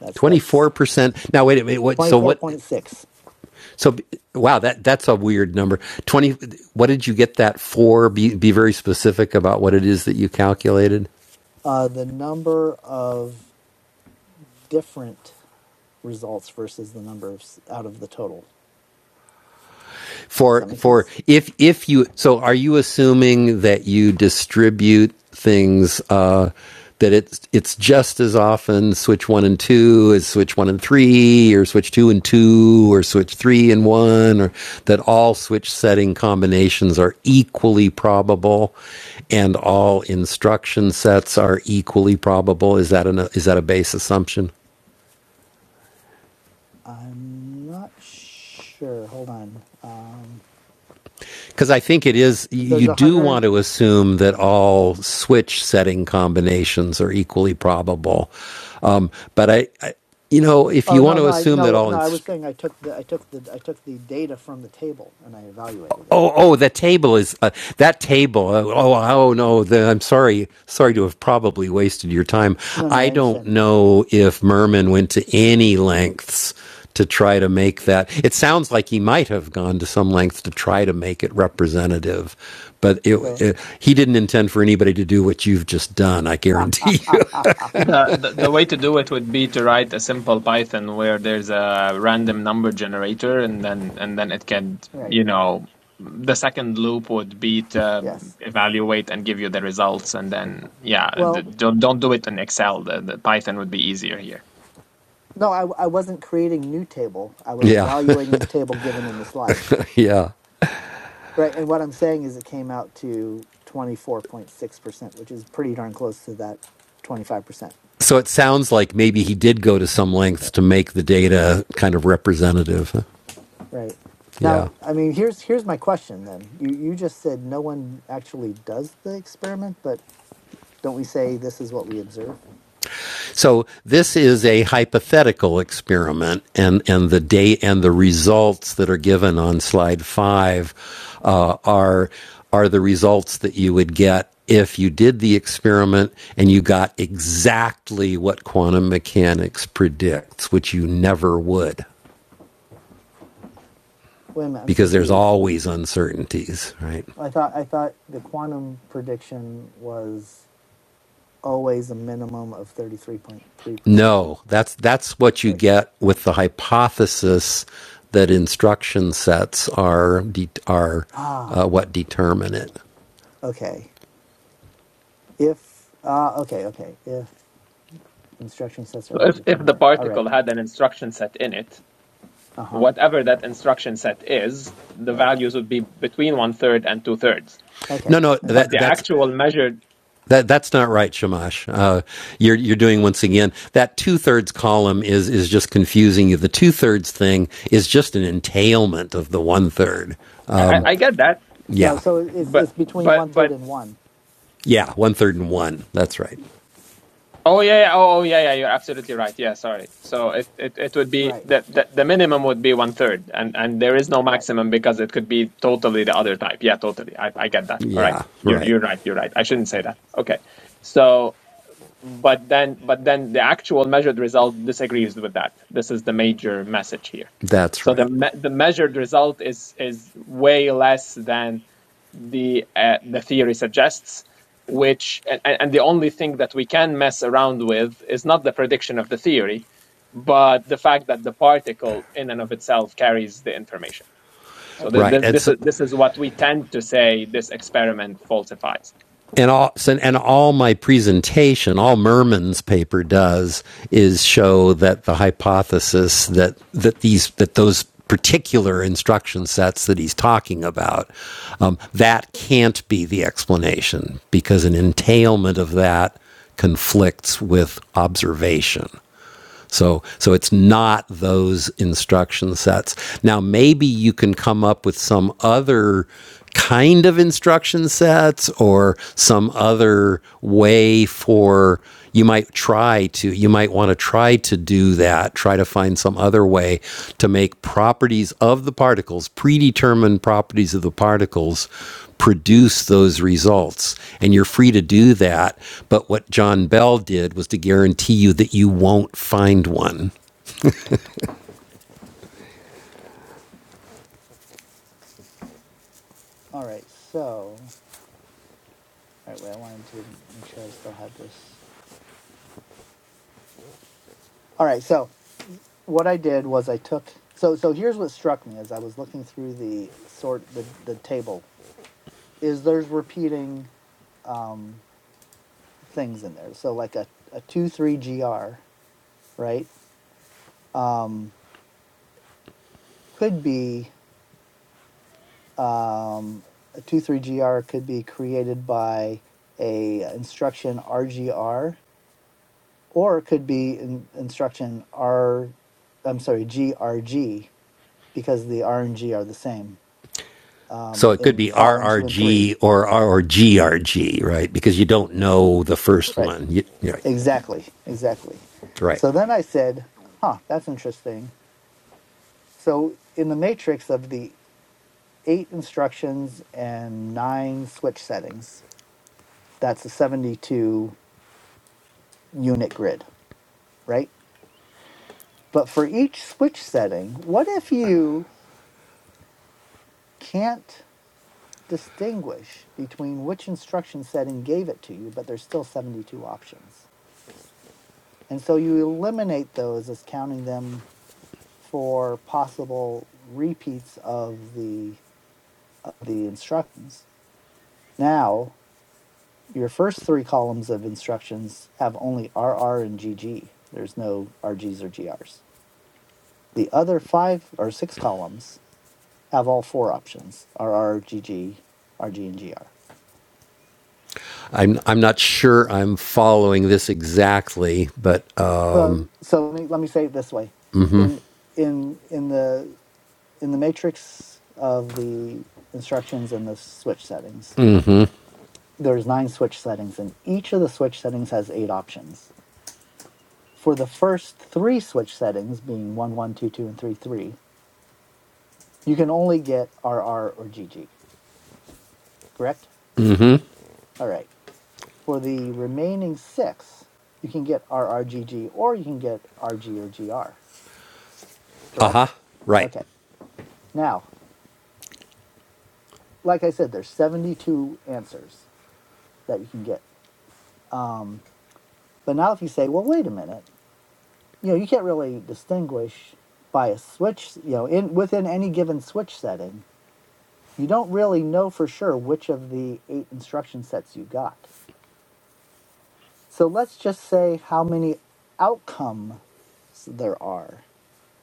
C: That's that's
H: 24%. Now, wait a minute. What, so what?
C: 24.6.
H: So, wow, that, that's a weird number. 20, what did you get that for? Be, be very specific about what it is that you calculated.
C: Uh, the number of different results versus the number of s- out of the total. Does
H: for
C: that make
H: for
C: sense?
H: if if you so are you assuming that you distribute things uh that it's it's just as often switch one and two as switch one and three or switch two and two or switch three and one or that all switch setting combinations are equally probable and all instruction sets are equally probable is that an is that a base assumption
C: I'm not sure. Hold on. Um,
H: because I think it is
C: there's
H: you
C: a
H: do want
C: hundred.
H: to assume that all switch setting combinations are equally probable. Um, but I, I, you know, if
C: Oh
H: you want
C: no,
H: to
C: no, I
H: assume that
C: no,
H: all
C: no. I
H: inst-
C: was saying I took the I took the I took the data from the table and I evaluated it.
H: Oh, oh, That table is uh, that table. uh, Oh, oh no, the, I'm sorry, sorry to have probably wasted your time.
C: No, no,
H: I
C: I
H: don't
C: understand.
H: know if Merman went to any lengths to try to make that. It sounds like he might have gone to some lengths to try to make it representative, but it,
C: So,
H: it, he didn't intend for anybody to do what you've just done. I
C: <laughs> right.
H: guarantee you.
B: The, the the way to do it would be to write a simple Python where there's a random number generator and then and then it can, you know, the second loop would be to
C: Yes.
B: evaluate and give you the results and then yeah, d-
C: Well,
B: don't don't do it in Excel. The, the Python would be easier here.
C: no, I I wasn't creating new table. I
H: <laughs>
C: was
H: yeah,
C: evaluating the table given in the slide.
H: <laughs> yeah.
C: Right. And what I'm saying is it came out to 24.6%, which is pretty darn close to that 25%.
H: So it sounds like maybe he did go to some lengths to make the data kind of representative. huh?
C: Right. Now,
H: Yeah.
C: I mean, here's here's my question then. You you just said no one actually does the experiment, but don't we say this is what we observe?
H: So this is a hypothetical experiment, and and the date and the results that are given on slide five uh, are are the results that you would get if you did the experiment and you got exactly what quantum mechanics predicts, which you never would
C: Wait a minute, I'm
H: because there's
C: confused.
H: always uncertainties, right?
C: I thought I thought the quantum prediction was always a minimum of 33.3%.
H: No, that's that's what you
C: Right.
H: get with the hypothesis that instruction sets are de- are
C: Ah,
H: uh, what determine it.
C: okay. If uh okay, okay. If instruction sets are
B: So
C: what
B: if if the
C: determine it. All
B: particle
C: right.
B: had an instruction set in it,
C: Uh huh.
B: whatever that instruction set is, the
C: Right.
B: values would be between one third and two thirds.
C: Okay.
H: No, no,
B: But
C: Okay.
H: that
B: the
H: that's
B: actual measured,
H: that that's not right, Shamash. Uh, you're you're doing once again that two thirds column is is just confusing you. The two thirds thing is just an entailment of the one third.
B: I, I I
C: Right.
B: get that,
C: No.
H: Yeah,
C: So it- it's
B: but
C: it's between one
B: but but
C: third and one.
H: yeah, one third and one. That's right.
B: Oh yeah, yeah. Oh, oh yeah, yeah. You're absolutely right. Yeah, sorry. So it it, it would be
C: Right.
B: the, the the minimum would be one third, and and there is no
C: Right.
B: maximum because it could be totally the other type. Yeah, totally. I I get that. All right.
H: Yeah,
B: You're
H: right.
B: you're right. You're right. I shouldn't say that. Okay. So but then but then the actual measured result disagrees with that this is the major message here
H: That's
B: so the
H: right.
B: me- the measured result is is way less than the uh, the theory suggests which and, and the only thing that we can mess around with is not the prediction of the theory but the fact that the particle in and of itself carries the information so th-
C: Okay.
H: Right.
B: th-
H: And
B: this
H: so,
B: is this is what we tend to say this experiment falsifies
H: and all so- and all my presentation, all Merman's paper does is show that the hypothesis that that these that those particular instruction sets that he's talking about um, that can't be the explanation because an entailment of that conflicts with observation so, so it's not those instruction sets. Now, maybe you can come up with some other kind of instruction sets or some other way for you might try to you might want to try to do that, try to find some other way to make properties of the particles, predetermined properties of the particles, produce those results. And you're free to do that. But what John Bell did was to guarantee you that you won't find one.
C: All right. So all right. Wait. I wanted to make sure I still had this. All right. So what I did was I took so so here's what struck me as I was looking through the sort the the table is there's repeating um things in there. So like a a two three gr right um, could be um, a two three G gr could be created by a instruction RGR or it could be in, instruction R I'm sorry GRG because the R and G are the same
H: So
C: um,
H: it could
C: in
H: be
C: column two and three.
H: RRG or or GRG, right? Because you don't know the first
C: Right.
H: one. You, right.
C: Exactly. Exactly.
H: right.
C: So then I said, huh, that's interesting. So in the matrix of the eight instructions and nine switch settings, That's a 72 unit grid, right? But for each switch setting, what if you can't distinguish between which instruction setting gave it to you, but there's still 72 options? And so you eliminate those as counting them for possible repeats of the of the instructions. Now, your first three columns of instructions have only RR and GG. There's no RGs or GRs. The other five or six columns have all four options RR, GG, and GR.
H: I'm, I'm not sure I'm following this exactly, but uh
C: So, so let me let me say it this way: in in in the in the matrix of the instructions in the switch settings, there's nine switch settings, and each of the switch settings has eight options. For the first three switch settings, being one, one, two, two, and three, three, you can only get R R or G G, Correct? All right. For the remaining six, you can get RRGG or you can get RG or GR.
H: huh.
C: correct?
H: Right.
C: Okay. Now, like I said, there's 72 answers that you can get. Um, but now if you say, well, wait a minute, you know, you can't really distinguish by a switch, you know, in within any given switch setting, you don't really know for sure which of the eight instruction sets you got. So let's just say how many outcomes there are.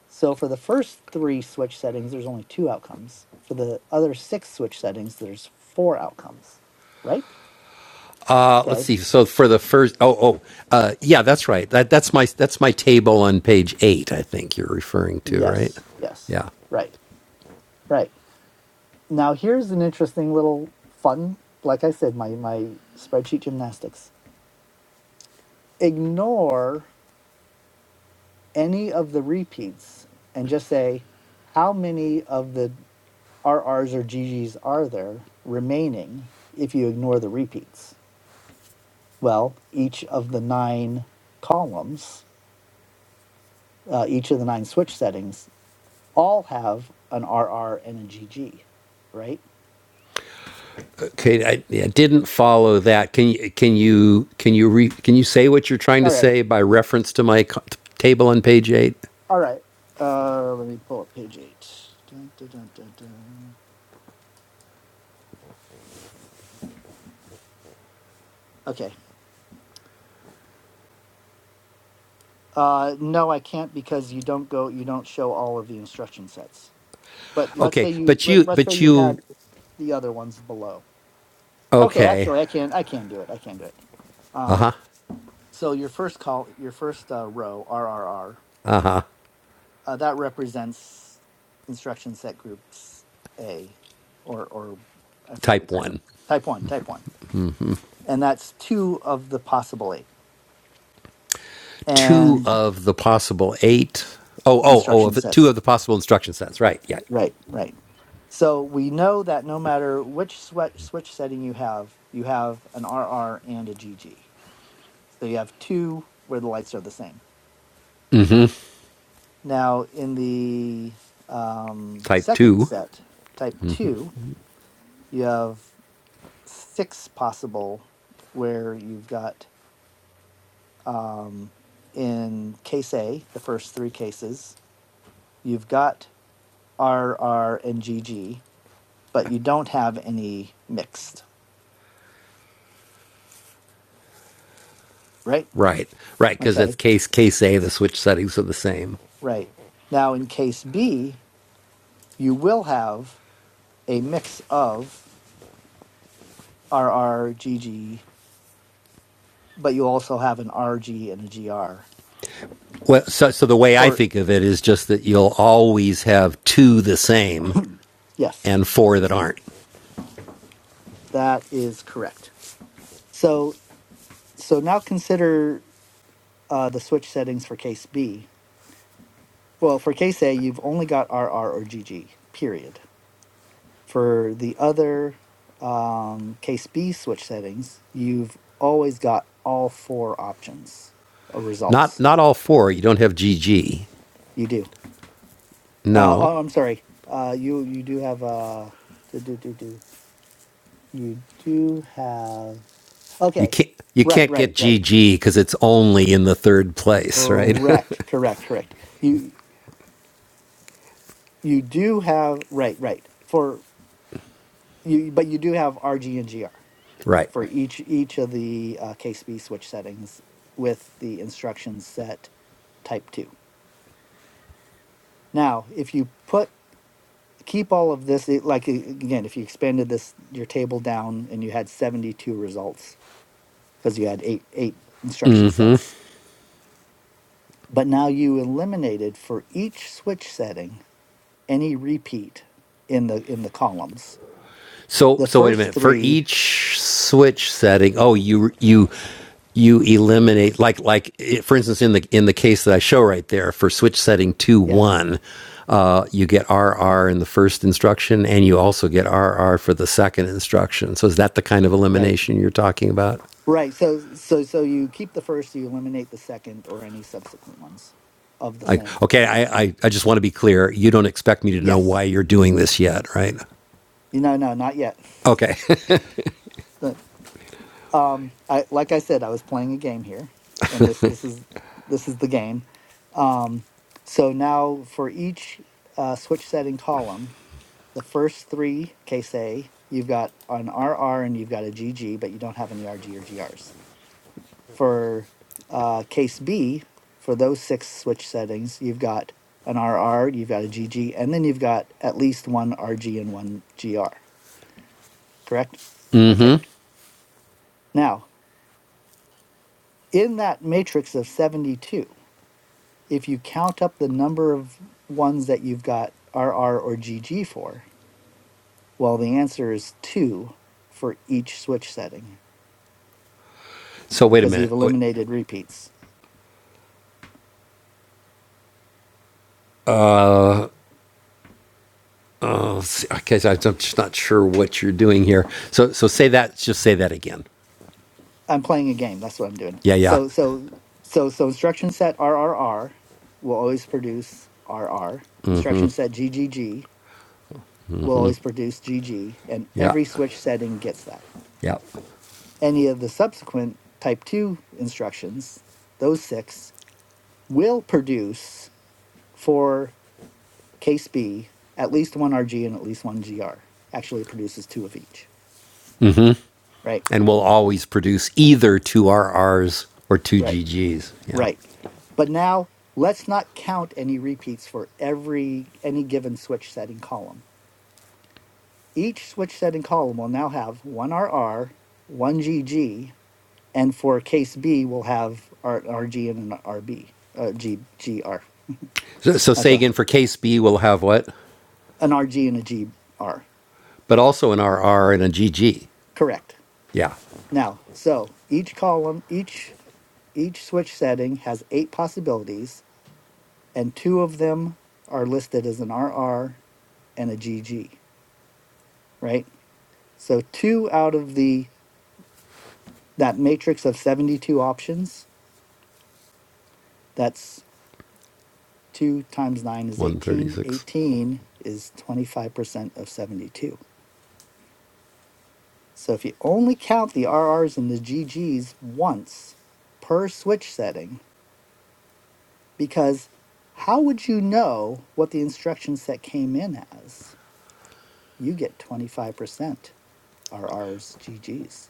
C: So for the first three switch settings, there's only two outcomes. For the other six switch settings, there's four outcomes, right?
H: Uh, let's
C: Okay.
H: see. So for the first, oh, oh, uh, yeah, that's right. That that's my that's my table on page eight. I think you're referring to, right?
C: Yes. Yes.
H: Yeah.
C: Right. Right. Now here's an interesting little fun, like I said, my my spreadsheet gymnastics. Ignore any of the repeats and just say how many of the RRs or GGs are there remaining if you ignore the repeats. Well, each of the nine columns, uh, each of the nine switch settings all have an RR and a GG, right?
H: Okay. I, I didn't follow that. Can you can you can you re, can you say what you're trying to
C: All right.
H: say by reference to my co- table on page eight?
C: All right. Uh, let me pull up page eight. Dun, dun, dun, dun, dun. Okay. Uh, no, I can't because you don't go. You don't show all of the instruction sets. But let's
H: Okay.
C: say you
H: But
C: let,
H: you
C: let's say
H: but
C: you
H: you
C: had the other ones below. Okay,
H: okay.
C: actually, I can I can do it. I can do it.
H: Uh huh.
C: Um, so your first call, your first uh, row, RRR, uh, that represents instruction set groups A, or or I forget what we
H: Type
C: call
H: one.
C: them. Type one, type one, and that's two of the possible eight.
H: Two
C: and
H: of the possible eight. Oh oh oh. Of
C: instruction
H: the, two
C: sets.
H: of the possible instruction sets. Right. Yeah.
C: Right, right. So we know that no matter which swe- switch setting you have, you have an RR and a GG. So you have two where the lights are the same. Now, in the um,
H: Type
C: second
H: two.
C: set, type two, you have six possible where you've got um, in case A, the first three cases, you've got RR and GG, but you don't have any mixed, right?
H: Right, right, because that's
C: Okay,
H: case case A. The switch settings are the same.
C: right. Now, in case B, you will have a mix of RR, GG, but you also have an RG and a GR.
H: Well, so so the way I
C: Or,
H: think of it is just that you'll always have two the same
C: <clears throat> yes,
H: and four that aren't.
C: that is correct. So, so now consider uh, the switch settings for case B. Well, for case A, you've only got RR or GG, period For the other um, case B switch settings, you've always got all four options of
H: Not
C: results.
H: not all four. You don't have GG.
C: You do. Uh,
H: No,
C: oh, I'm sorry. Uh, you you do have uh do do do do. You do have.
H: you
C: Okay.
H: can't. You
C: Right.
H: can't
C: Right.
H: get
C: Right.
H: GG because it's only in the third place, right?
C: Correct. Correct. Correct. You you do have right. Right. For you, but you do have RG and GR
H: <laughs> right.
C: for each each of the uh, case B switch settings with the instructions set type 2. Now, if you put keep all of this it- like again, if you expanded this your table down and you had 72 results because you had 8 8 instruction sets, but now you eliminated for each switch setting any repeat in the in the columns.
H: So
C: The
H: so wait a
C: first
H: minute. For
C: 3,
H: each switch setting, oh you you you eliminate like like eh, for instance in the in the case that I show right there for switch setting 2
C: yeah,
H: 1, uh you get RR in the first instruction and you also get RR for the second instruction. So is that the kind of
C: right.
H: elimination you're talking about?
C: Right. So so so you keep the first, so you eliminate the second or any subsequent ones of the
H: Like
C: same.
H: okay, I I, I just want to be clear. You don't expect me to know why
C: Yes.
H: you're doing this yet, right?
C: No, no, not yet. <laughs>
H: Okay.
C: The- um i like i said i was playing a game here and this this is this is the game um so now for each uh, switch setting column the first three case a you've got an rr and you've got a gg but you don't have any rg or grs for uh, case b for those six switch settings you've got an rr you've got a gg and then you've got at least one rg and one gr correct okay now in that matrix of 72 if you count up the number of ones that you've got R R or G G for, well, the answer is two for each switch setting
H: <laughs> so wait a
C: because you've
H: minute.
C: eliminated repeats.
H: Oh, okay. So I'm just not sure what you're doing here. So, so say that. Just say that again.
C: I'm playing a game. That's what I'm doing.
H: Yeah, yeah,
C: So, so, so, so instruction set R R R will always produce R R. Instruction set G G G will always produce G G, and
H: yeah,
C: every switch setting gets that.
H: yeah.
C: Any of the subsequent type two instructions, those six, will produce for Case B, at least one RG and at least one GR actually produces two of each.
H: Mm-hmm.
C: Right,
H: And we'll always produce either two R Rs or two
C: right,
H: G Gs. Yeah.
C: right. But now let's not count any repeats for every any given switch setting column. Each switch setting column will now have one RR, one GG, and for case B we will have an RG and an RB, uh, G, GR.
H: So, so say
C: Okay,
H: again for case B, we'll have what?
C: an RG and a GR.
H: But also an R R and a G G.
C: Correct.
H: Yeah.
C: Now, so each column, each each switch setting has eight possibilities and two of them are listed as an RR and a GG, right? So two out of the that matrix of 72 options, that's 2 times 9 is 18.
H: 136.
C: 18 is 25% of 72. So if you only count the RRs and the GGs once per switch setting, because how would you know what the instruction set came in as? You get 25% RRs, GGs.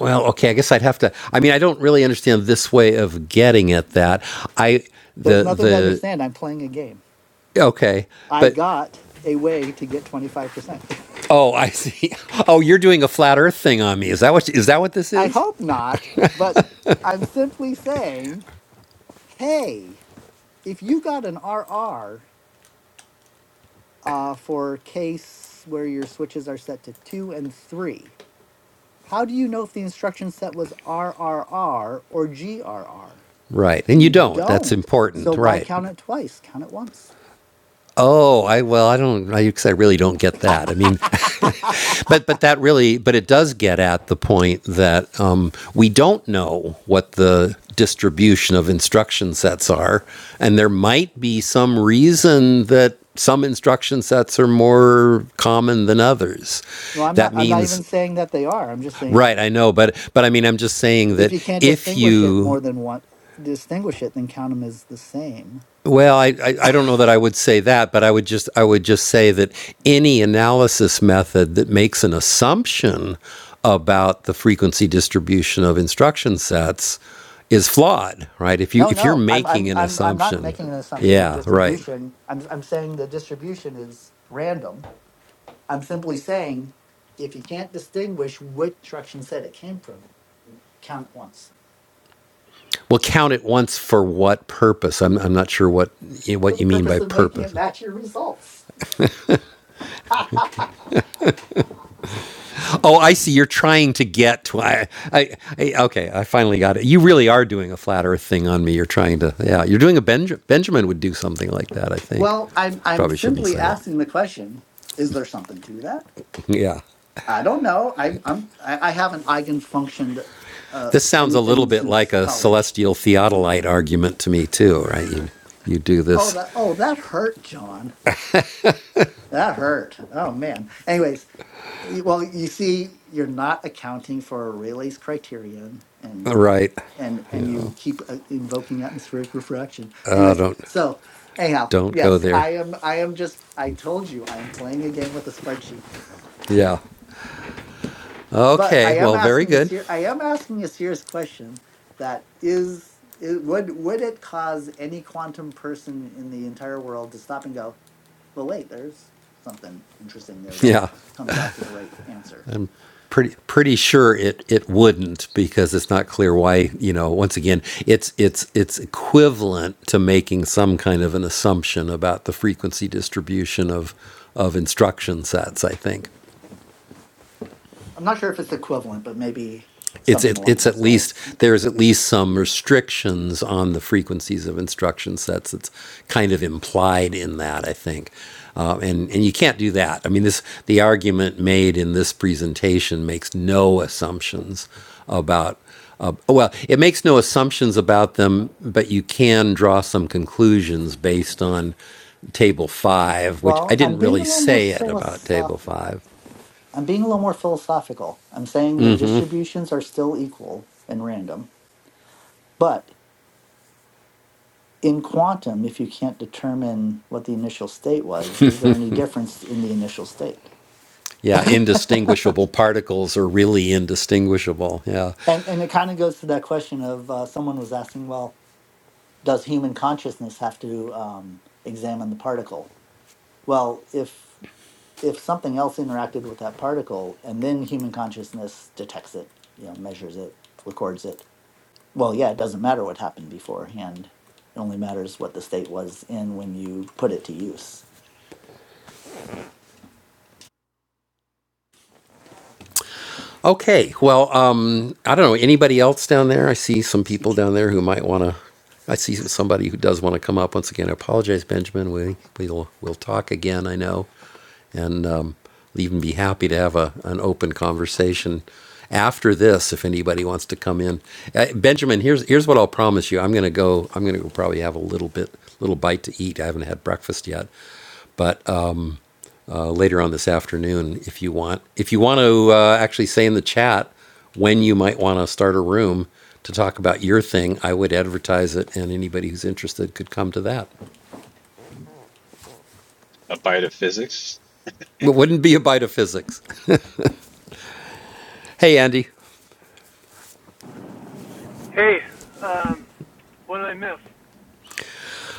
H: Well, okay, I guess I'd have to I mean, I don't really understand this way of getting at that. I
C: There's nothing to
H: the
C: understand. I'm playing a game.
H: the okay,
C: I
H: but
C: got a way to get 25%.
H: Oh, I see. <laughs> Oh, you're doing a flat Earth thing on me. Is that what is that what this
C: <laughs> I
H: is?
C: hope not, but I'm simply saying, hey, if you got an RR uh, for case where your switches are set to two and three, how do you know if the instruction set was RRR or GRR?
H: Right. And you
C: You
H: don't. That's
C: don't. So
H: important.
C: why
H: Right.
C: count it twice? Count it once.
H: Oh, I
C: <laughs>
H: well, I don't. I, 'cause I really don't get
C: no,
H: that. I mean, <laughs> but but that really, but it does get at the point that um, we don't know what the distribution of instruction sets are, and there might be some reason that some instruction sets are more common than others.
C: I'm not.
H: That
C: I'm not
H: means
C: even saying that they are. I'm just saying
H: Right, I know, but but I mean, I'm just saying
C: if
H: that
C: you can't
H: if
C: distinguish it
H: you,
C: more than one distinguish it then count them as the same
H: well, I, I I don't know that I would say that, but I would just I would just say that any analysis method that makes an assumption about the frequency distribution of instruction sets is flawed, right? If you
C: no
H: if you're
C: no i'm i'm
H: making an
C: i'm, I'm not
H: assumption,
C: making an assumption of
H: yeah, right.
C: distribution I'm, I'm saying the distribution is random i'm simply saying if you can't distinguish which instruction set it came from count it once
H: Well, count it once for what purpose? I'm I'm not sure what
C: for
H: what
C: the
H: you mean by
C: purpose of making it
H: purpose.
C: match your results <laughs>
H: Oh, I see. You're trying to get to I, I, I. Okay, I finally got it. You really are doing a flat Earth thing on me. You're trying to. Yeah, you're doing a Benj- Benjamin would do something like that. I think.
C: well i'm i'm
H: Probably shouldn't
C: simply
H: say it. <laughs>
C: asking the question is there something to that
H: Yeah,
C: i don't know I, i'm i, I haven't eigenfunctioned uh,
H: this sounds a little
C: anything
H: bit like
C: since
H: a
C: college
H: celestial theodolite argument to me too. Right? You, you do
C: Oh,
H: this.
C: that oh that hurt, John. That hurt. Oh man. Anyways, y- well, you see, you're not accounting for Rayleigh's criterion, and
H: Right.
C: and
H: You
C: and
H: know.
C: you keep uh, invoking atmospheric refraction.
H: Uh,
C: Anyways,
H: don't
C: so anyhow,
H: don't go
C: yes,
H: there.
C: I am. I am just. I told you, I am playing a game with a spreadsheet.
H: Yeah.
C: but I
H: Okay.
C: am
H: Well, very
C: asking a
H: good.
C: ser- I
H: <laughs>
C: am asking a serious question that is, it, would would it cause any quantum person in the entire world to stop and go, well, wait, there's something interesting there that it
H: Yeah.
C: comes out to the right answer.
H: I'm pretty pretty sure it it wouldn't because it's not clear why you know once again it's it's it's equivalent to making some kind of an assumption about the frequency distribution of of instruction sets I think
C: I'm not sure if it's equivalent, but maybe
H: it's
C: something
H: it,
C: along
H: it's at
C: those
H: least
C: lines.
H: there's at least some restrictions on the frequencies of instruction sets. It's kind of implied in that, I think, uh, and and you can't do that. I mean, this the argument made in this presentation makes no assumptions about. Uh, well, it makes no assumptions about them, but you can draw some conclusions based on table five, which I
C: Well,
H: didn't
C: I'm being
H: really
C: a little more
H: say it about table
C: philosophic.
H: five,
C: I'm being a little more philosophical. I'm saying the distributions are still equal and random, but in quantum, if you can't determine what the initial state was, is there any difference in the initial state? <laughs>
H: Yeah,
C: and
H: indistinguishable particles are really indistinguishable. Yeah.
C: and it kind of goes to that question of uh, someone was asking, well, does human consciousness have to um, examine the particle? Well, if if something else interacted with that particle, and then human consciousness detects it, you know, measures it, records it. Well, yeah, it doesn't matter what happened beforehand. It only matters what the state was in when you put it to use.
H: Okay. Well, um, I don't know. Anybody else down there? I see some people down there who might want to. I see somebody who does want to come up once again. I apologize, Benjamin. We we'll we'll talk again. I know, and um, I'll even be happy to have a an open conversation after this if anybody wants to come in. Uh, Benjamin, here's here's what I'll promise you. I'm gonna go. I'm gonna go probably have a little bit little bite to eat. I haven't had breakfast yet, but uh, later on this afternoon if you want. If you want to uh, actually say in the chat when you might want to start a room to talk about your thing, I would advertise it, and anybody who's interested could come to that.
I: a bite of physics.
H: It wouldn't be a bite of physics. Hey, Andy.
M: Hey, um, what did I miss?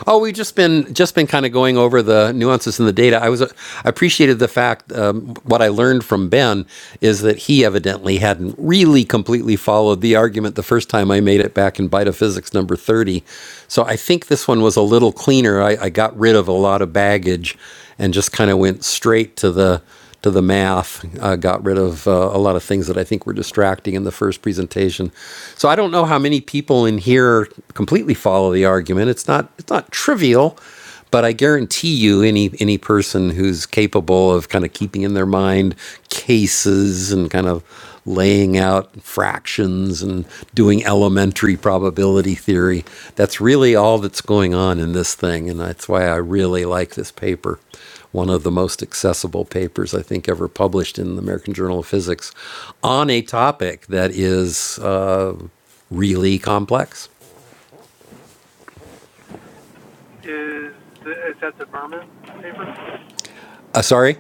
H: Oh, we've just been just been kind of going over the nuances in the data. I was uh, I appreciated the fact um, what I learned from Ben is that he evidently hadn't really completely followed the argument the first time I made it back in Bita Physics number thirty. So I think this one was a little cleaner. I, I got rid of a lot of baggage and just kind of went straight to the to the math, uh, got rid of uh, a lot of things that I think were distracting in the first presentation. So I don't know how many people in here completely follow the argument. It's not it's not trivial, but I guarantee you, any any person who's capable of kind of keeping in their mind cases and kind of laying out fractions and doing elementary probability theory. That's really all that's going on in this thing, and that's why I really like this paper. One of the most accessible papers I think ever published in the American Journal of Physics on a topic that is uh, really complex.
M: Is the, is that the Merman paper?
H: Uh, sorry?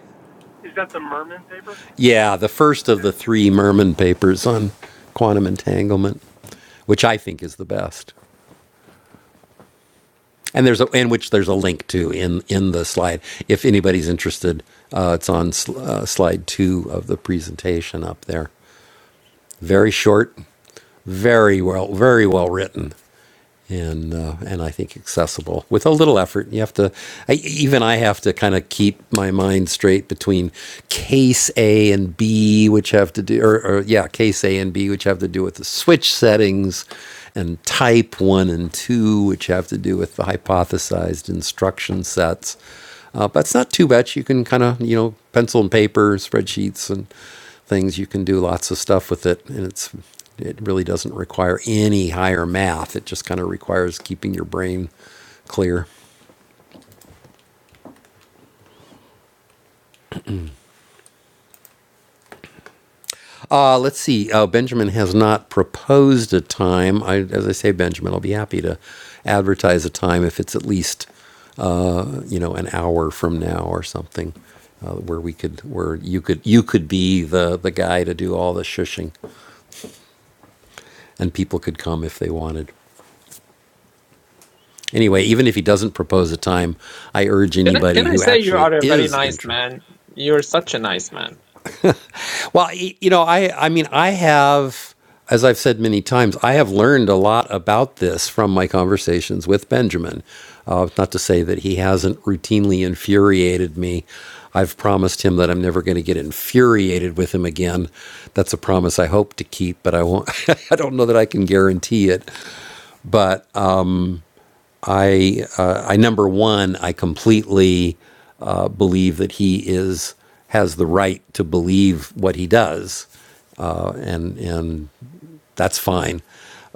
M: Is that the Merman paper?
H: Yeah, the first of
M: Okay.
H: the three Merman papers on quantum entanglement, which I think is the best. and there's a in which there's a link to in in the slide if anybody's interested uh, it's on sl- uh, slide two of the presentation up there very short very well very well written and uh, and I think accessible with a little effort. You have to, I, even I have to kind of keep my mind straight between case A and B, which have to do, or, or yeah, case A and B, which have to do with the switch settings, and type one and two, which have to do with the hypothesized instruction sets. Uh, but it's not too much. You can kind of you know pencil and paper spreadsheets and things. You can do lots of stuff with it, and it's it really doesn't require any higher math. It just kind of requires keeping your brain clear. Uh, let's see. Uh, Benjamin has not proposed a time. I, as I say, Benjamin, I'll be happy to advertise a time if it's at least you know an hour from now or something, uh, where we could where you could you could be the the guy to do all the shushing, and people could come if they wanted. Anyway, even if he doesn't propose a time, I urge
B: Can I,
H: anybody
B: can I
H: who
B: say you
H: actually
B: are a very
H: is
B: nice
H: interested.
B: man? You're such a nice man.
H: Well, you know, I I mean, I have as I've said many times, I have learned a lot about this from my conversations with Benjamin. Uh, not to say that he hasn't routinely infuriated me. I've promised him that I'm never going to get infuriated with him again. That's a promise I hope to keep, but I won't. <laughs> I don't know that I can guarantee it. But I, uh, I number one, I completely uh, believe that he is has the right to believe what he does, uh, and and that's fine.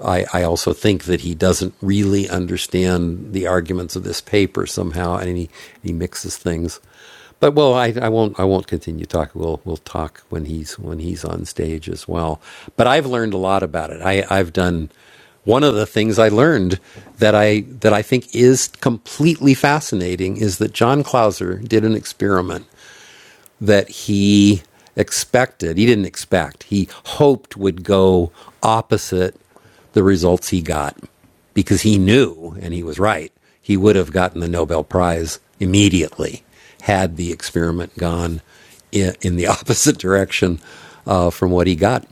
H: I, I also think that he doesn't really understand the arguments of this paper somehow, and he, he mixes things. But well, I, I won't I won't continue talking. We'll we'll talk when he's when he's on stage as well. But I've learned a lot about it. I, I've done one of the things I learned that I that I think is completely fascinating is that John Clauser did an experiment that he expected, he didn't expect, he hoped would go opposite the results he got because he knew, and he was right, he would have gotten the Nobel Prize immediately had the experiment gone in, in the <laughs> opposite direction uh, from what he got.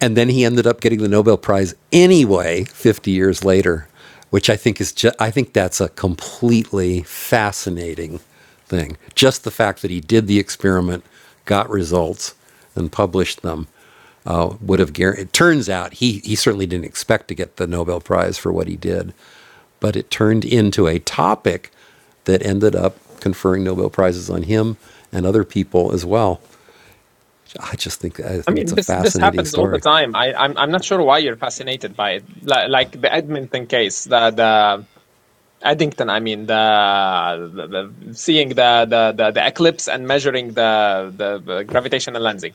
H: And then he ended up getting the Nobel Prize anyway, 50 years later, which I think is just, I think that's a completely fascinating thing. Just the fact that he did the experiment, got results, and published them uh, would have guaranteed. It turns out he, he certainly didn't expect to get the Nobel Prize for what he did, but it turned into a topic that ended up conferring Nobel Prizes on him and other people as well. I just think I
B: I
H: think it's
B: mean,
H: a
B: this this
H: fascinating
B: happens all the
H: story.
B: time. I, I'm I'm not sure why you're fascinated by it. Like, like the Edmonton case, the the Eddington. I mean, the, the, the seeing the, the the the eclipse and measuring the the, the gravitational lensing.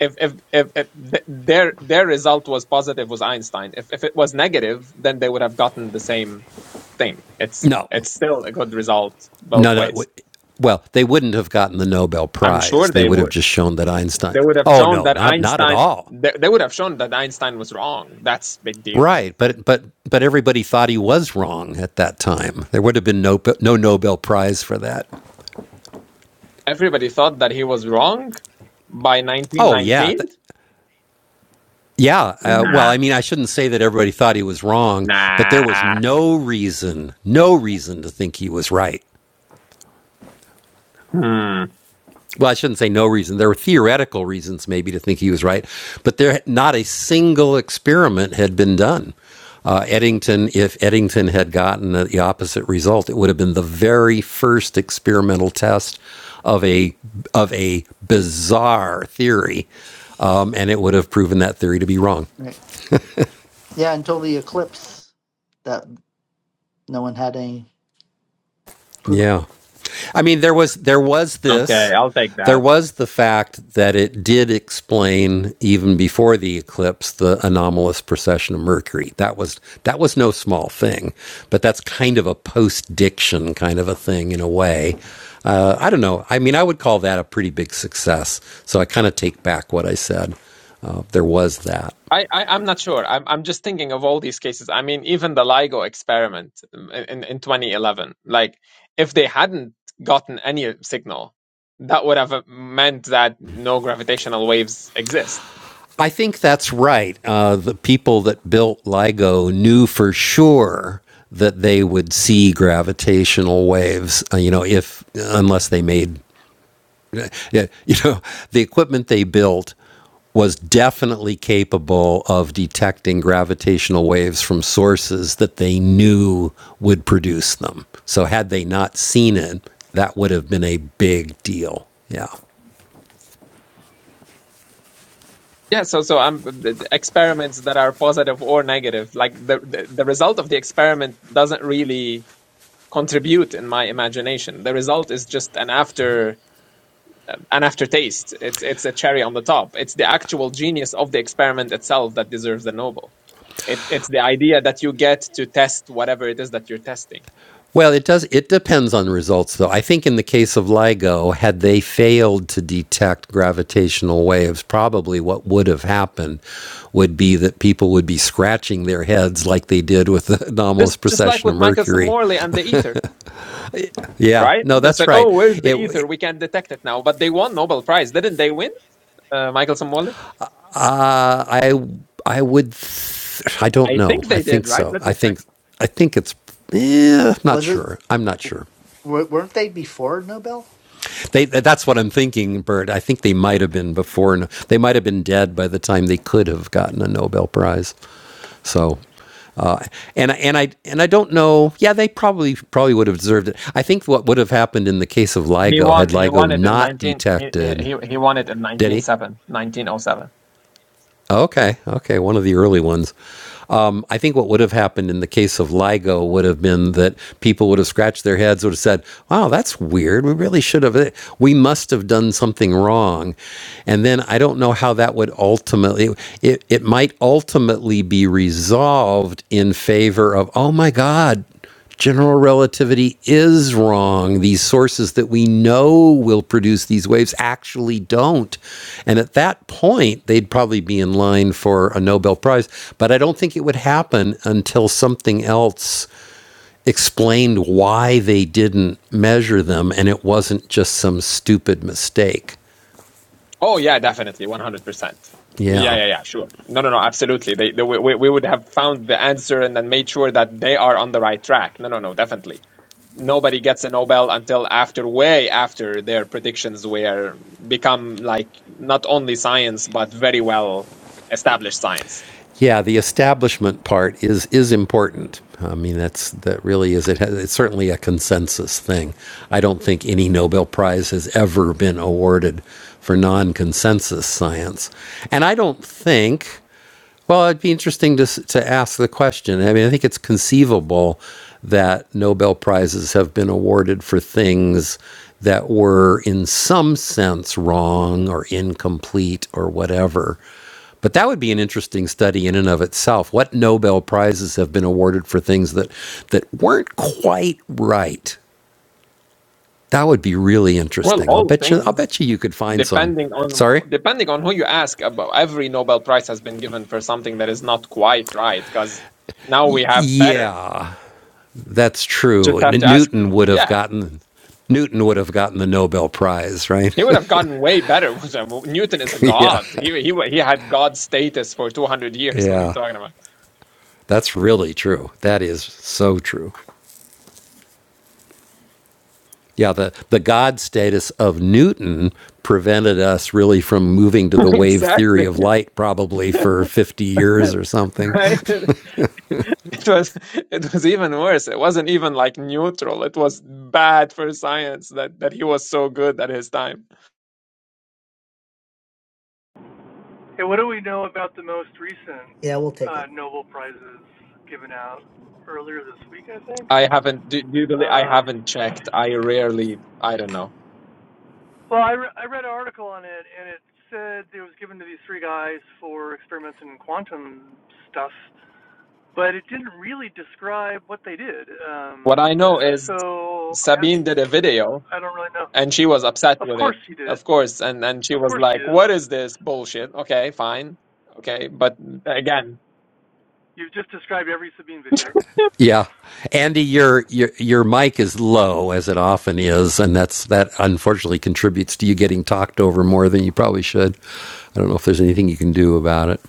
B: if if if, if th- their their result was positive was Einstein. If if it was negative, then they would have gotten the same thing. It's
H: No,
B: it's still a good result
H: no,
B: both
H: no.
B: ways.
H: Well, they wouldn't have gotten the Nobel
B: I'm
H: Prize.
B: sure
H: They
B: they
H: would have
B: would.
H: just shown that Einstein.
B: They would have
H: Oh
B: shown
H: no,
B: that
H: not not at
B: Einstein.
H: all.
B: They, they would have shown that Einstein was wrong. That's big deal.
H: Right, but but but everybody thought he was wrong at that time. There would have been no no Nobel Prize for that.
B: Everybody thought that he was wrong by
H: Oh yeah,
B: 1919.
H: th- yeah. Uh, well,
B: Nah,
H: I mean, I shouldn't say that everybody thought he was wrong, but there was
B: nah.
H: no reason, no reason to think he was right.
B: Hmm.
H: well, I shouldn't say no reason. There were theoretical reasons maybe to think he was right, but there not a single experiment had been done. Uh, Eddington, if Eddington had gotten the, opposite result, it would have been the very first experimental test of a of a bizarre theory, um, and it would have proven that theory to be wrong.
C: Right. Yeah, until the eclipse, that no one had any proof.
H: Yeah. I mean, there was there was
B: Okay,
H: this,
B: I'll take
H: there
B: that.
H: was the fact that it did explain even before the eclipse the anomalous precession of Mercury. That was that was no small thing, but that's kind of a post-diction kind of a thing in a way. Uh, I don't know. I mean, I would call that a pretty big success. So I kind of take back what I said. Uh, there was that.
B: I, I I'm not sure. I'm I'm just thinking of all these cases. I mean, even the LIGO experiment um, in in 2011. Like, if they hadn't gotten any signal, that would have uh, meant that no gravitational waves exist.
H: I think that's right. Uh, the people that built LIGO knew for sure that they would see gravitational waves. Uh, you know, if unless they made, <laughs> yeah, you know, the equipment they built was definitely capable of detecting gravitational waves from sources that they knew would produce them. So had they not seen it, that would have been a big deal. Yeah.
B: Yeah. So so um, the the experiments that are positive or negative, like the, the the result of the experiment doesn't really contribute in my imagination. The result is just an after an aftertaste. It's it's a cherry on the top. It's the actual genius of the experiment itself that deserves the Nobel. It, it's the idea that you get to test whatever it is that you're testing.
H: Well, it does. It depends on the results, though. I think in the case of LIGO, had they failed to detect gravitational waves, probably what would have happened would be that people would be scratching their heads like they did with the <laughs>
B: Just
H: anomalous
B: just like
H: precession of
B: with Michelson
H: Mercury.
B: Morley and the ether,
H: Yeah,
B: right?
H: no,
B: It's
H: that's
B: like,
H: right.
B: oh, where's the
H: It.
B: ether? We can detect it now. But they won Nobel Prize, didn't they? Win, uh, Michelson Morley.
H: Uh, I. I would. Th- I don't
B: I
H: know.
B: think
H: I
B: they
H: think
B: did, right?
H: so.
B: Let
H: I
B: me check.
H: think. I think it's. Eh, I'm not
C: Was it?
H: sure. I'm not sure.
C: W- weren't they before Nobel?
H: They, that's what I'm thinking, Bert. I think they might have been before. No, They might have been dead by the time they could have gotten a Nobel Prize. So, uh, and and I and I don't know. Yeah, they probably probably would have deserved it. I think what would have happened in the case of
B: He
H: LIGO had
B: won. He won
H: LIGO
B: it in
H: not
B: nineteen. He
H: detected.
B: he he won it in
H: Did
B: nineteen
H: he?
B: seven, nineteen o seven.
H: Okay, okay, one of the early ones. Um, I think what would have happened in the case of LIGO would have been that people would have scratched their heads, would have said, "Wow, that's weird. We really should have. We must have done something wrong." And then I don't know how that would ultimately. It it might ultimately be resolved in favor of, "Oh my God." general relativity is wrong. These sources that we know will produce these waves actually don't. And at that point, they'd probably be in line for a Nobel Prize. But I don't think it would happen until something else explained why they didn't measure them and it wasn't just some stupid mistake.
B: Oh yeah, definitely, one hundred percent. Yeah,
H: Yeah.
B: yeah, yeah, sure. No, no, no, absolutely. They, they we, we we would have found the answer and then made sure that they are on the right track. No, no, no, definitely. Nobody gets a Nobel until after, way after their predictions were become like not only science but very well established science.
H: Yeah, the establishment part is is important. I mean, that's that really is it. Has, it's certainly a consensus thing. I don't think any Nobel Prize has ever been awarded for non-consensus science, and I don't think well, it'd be interesting to, to ask the question. I mean, I think it's conceivable that Nobel Prizes have been awarded for things that were, in some sense, wrong or incomplete or whatever. But that would be an interesting study in and of itself. What Nobel Prizes have been awarded for things that, that weren't quite right? That would be really
B: Well,
H: interesting. I'll
B: all
H: bet you. I'll
B: things
H: bet you you could find some.
B: depending on
H: Sorry.
B: depending on who you ask about every Nobel Prize has been given for something that is not quite right because now we have better.
H: Yeah, That's
B: Just
H: true.
B: have to ask. the-
H: Newton would have
B: Yeah,
H: gotten Newton would have gotten the Nobel Prize, right?
B: He would have gotten way better. <laughs> Newton is a
H: <laughs> yeah.
B: god. He he wa- he had god status for two hundred years. <laughs> What are you
H: Yeah.
B: talking about?
H: That's really true. That is so true. Yeah, the, the God status of Newton prevented us really from moving to
B: <laughs>
H: the wave theory
B: Exactly.
H: of light probably for 50 years or something.
B: Right? <laughs> It was it was even worse. It wasn't even like neutral. It was bad for science that that he was so good at his time.
M: Hey, what do we know about the most recent
C: Yeah, we'll take
M: uh,
C: it.
M: Nobel prizes given out earlier this week? I think.
B: I haven't. Do, do you believe? I
M: Um,
B: haven't checked. I rarely. I don't know.
M: well, I, re- I read an article on it, and it said it was given to these three guys for experiments in quantum stuff, but it didn't really describe what they did.
B: What I
M: Um,
B: know
M: uh,
B: is
M: so I have
B: Sabine did a video
M: I don't really know.
B: and she was upset
M: Of
B: with
M: course
B: it,
M: he did.
B: of course. And and she
M: Of
B: was
M: course she
B: like,
M: is.
B: "What is this bullshit?" Okay, fine. Okay, but again.
M: You've just described every Sabine video.
H: Yeah. Andy, your, your your mic is low as it often is, and that's that unfortunately contributes to you getting talked over more than you probably should. I don't know if there's anything you can do about it.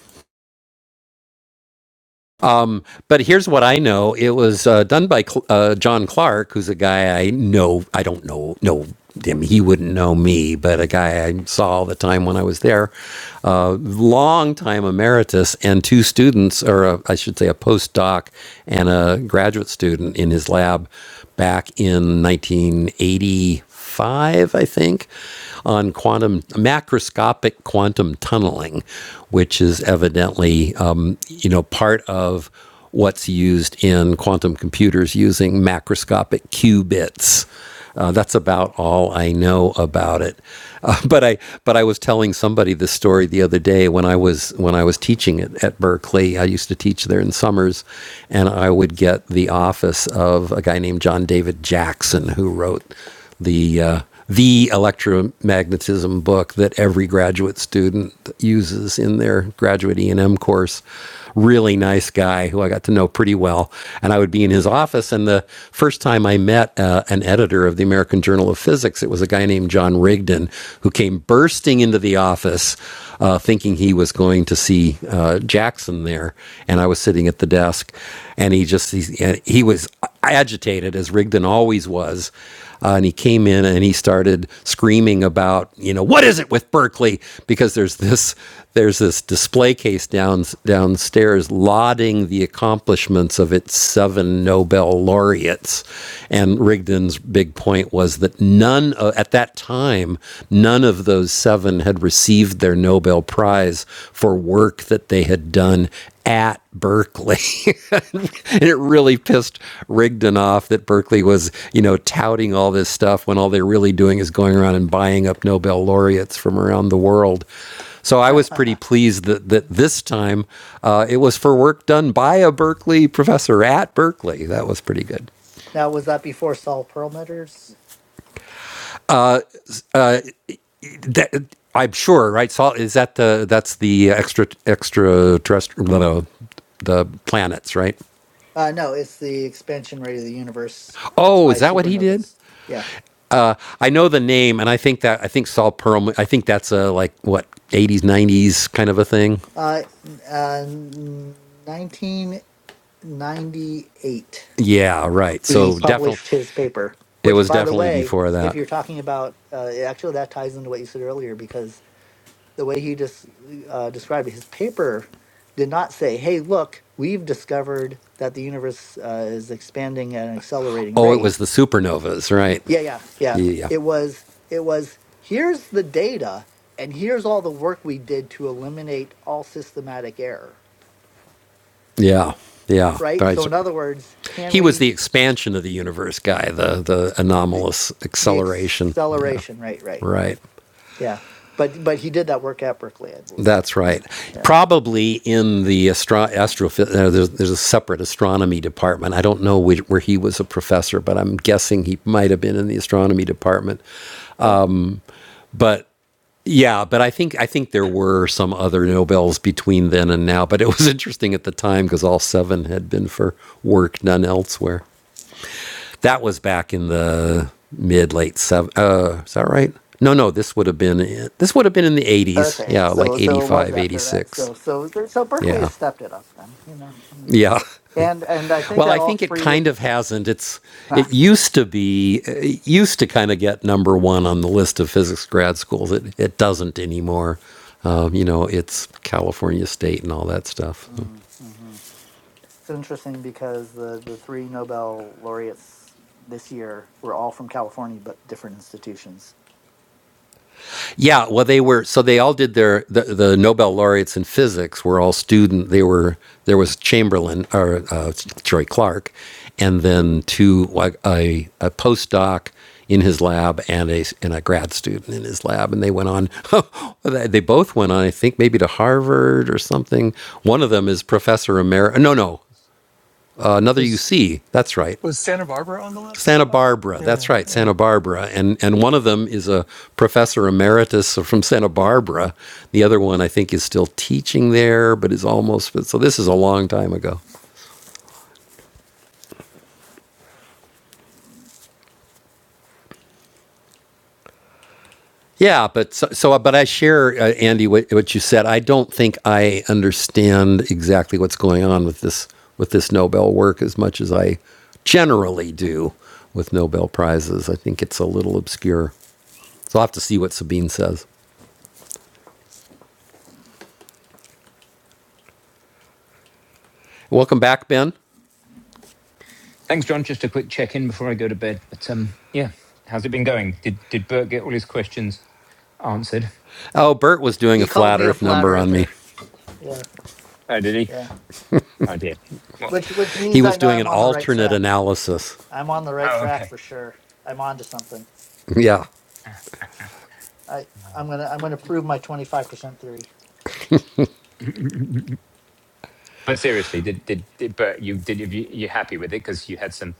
H: Um, but here's what I know: it was uh, done by uh, John Clark, who's a guy I know. I don't know know him; he wouldn't know me, but a guy I saw all the time when I was there. Uh, long time emeritus, and two students, or a, I should say, a postdoc and a graduate student in his lab back in 1985 five, I think, on quantum macroscopic quantum tunneling, which is evidently um, you know part of what's used in quantum computers using macroscopic qubits. Uh, that's about all I know about it. Uh, <laughs> but I but I was telling somebody this story the other day when I was when I was teaching it at Berkeley. I used to teach there in summers, and I would get the office of a guy named John David Jackson who wrote the uh, the electromagnetism book that every graduate student uses in their graduate E&M course. Really nice guy who I got to know pretty well, and I would be in his office. And the first time I met uh, an editor of the American Journal of Physics, it was a guy named John Rigdon who came bursting into the office, uh, thinking he was going to see uh, Jackson there, and I was sitting at the desk, and he just he, he was agitated as Rigdon always was uh, and he came in and he started screaming about, you know, what is it with Berkeley? Because there's this there's this display case down downstairs lauding the accomplishments of its seven Nobel laureates. And Rigdon's big point was that none o- at that time none of those seven had received their Nobel prize for work that they had done at Berkeley. <laughs> and it really pissed Rigdon off that Berkeley was, you know, touting all this stuff when all they're really doing is going around and buying up Nobel laureates from around the world. So I was pretty pleased that, that this time uh, it was for work done by a Berkeley professor at Berkeley. That was pretty good.
C: Now, was that before Saul Perlmutter's?
H: That, I'm sure, right? So is that the that's the extra extraterrestrial no, no, the planets, right?
C: Uh, no, it's the expansion rate of the universe
H: Oh,
C: by
H: is that what he did?
C: supernovas. Yeah,
H: I know the name, and I think that I think Saul Perlman. I think that's a like what '80s, '90s kind of a thing.
C: uh, n- uh, nineteen ninety-eight.
H: Yeah, right.
C: He
H: So definitely,
C: published his paper,
H: it
C: which,
H: was
C: by the
H: definitely
C: way,
H: before
C: if
H: that.
C: you're talking about, uh, actually, that ties into what you said earlier because the way he just uh, described it, his paper did not say, "Hey, look, we've discovered that the universe uh, is expanding at an accelerating
H: Oh, it was
C: rate."
H: the supernovas, right?
C: Yeah, yeah, yeah.
H: Yeah,
C: It was, it was. Here's the data, and here's all the work we did to eliminate all systematic error.
H: yeah, yeah. But
C: Right.
H: I
C: So,
H: s-
C: in other words, can
H: he was
C: we
H: the expansion of the universe guy, the the
C: the
H: anomalous
C: the
H: acceleration. Yeah,
C: acceleration? Right, right,
H: right.
C: right. Yeah. But but he did that work at Berkeley, I believe.
H: That's right.
C: Yeah.
H: Probably in the astro- astrophy- uh, there's, there's a separate astronomy department. I don't know which, where he was a professor, but I'm guessing he might have been in the astronomy department.
C: Right.
H: But yeah, but I think I think there were some other Nobels between then and now. But it was <laughs> interesting at the time because all seven had been for work done elsewhere. That was back in the mid late seven. Uh, is that right? No, no. This would have been this would have been in the 80s.
C: Okay,
H: Yeah,
C: so
H: like eighty
C: so it was
H: five, eighty
C: after that.
H: six.
C: So so there, so Berkeley
H: Yeah.
C: has stepped it up then, you know.
H: Yeah.
C: Okay. And and I think
H: Well,
C: that
H: I
C: all
H: think it
C: three of
H: kind of hasn't. It's
C: <laughs> yeah.
H: it used to be it used to kind of get number one on the list of physics grad schools. It it doesn't anymore. Um, you know, it's California State and all that stuff. So.
C: mm-hmm. It's interesting because the the three Nobel laureates this year were all from California but different institutions.
H: Yeah, well, they were so they all did their the, the Nobel laureates in physics were all student. They were there was Chamberlain or uh, Troy Clark, and then two like a, a postdoc in his lab and a and a grad student in his lab, and they went on. <laughs> they both went on, I think, maybe to Harvard or something. One of them is professor emeritus. No, no, uh, another
M: Was
H: UC. That's right.
M: was Santa Barbara on the list? I
H: Santa
M: thought.
H: Barbara.
M: Yeah. yeah.
H: That's right,
M: yeah.
H: Santa Barbara. And and one of them is a professor emeritus from Santa Barbara. The other one I think is still teaching there, but is almost so this is a long time ago. Yeah, but so, so uh, but I share uh, Andy what, what you said. I don't think I understand exactly what's going on with this with this Nobel work as much as I generally do with Nobel prizes. I think it's a little obscure. So I'll have to see what Sabine says. Welcome back, Ben.
A: Thanks, John. Just a quick check in before I go to bed. But um, yeah, how's it been going? Did did Bert get all his questions answered?
H: Oh, Bert was doing a
C: He called
H: flat
C: me a
H: Earth
C: flat
H: number on me.
C: earther. Yeah,
A: Oh, did he?
C: yeah.
A: I did. What?
C: Which which
H: He
C: means I
H: was
C: know
H: doing
C: I'm
H: an
C: on the right
H: alternate
C: track.
H: analysis.
C: I'm on the right
A: oh,
C: track
A: okay.
C: for sure. I'm on to something.
H: Yeah.
C: I I'm going to I'm going to prove my 25% theory.
A: <laughs> <clears throat> But seriously, did did, did but you did you you happy with it because you had some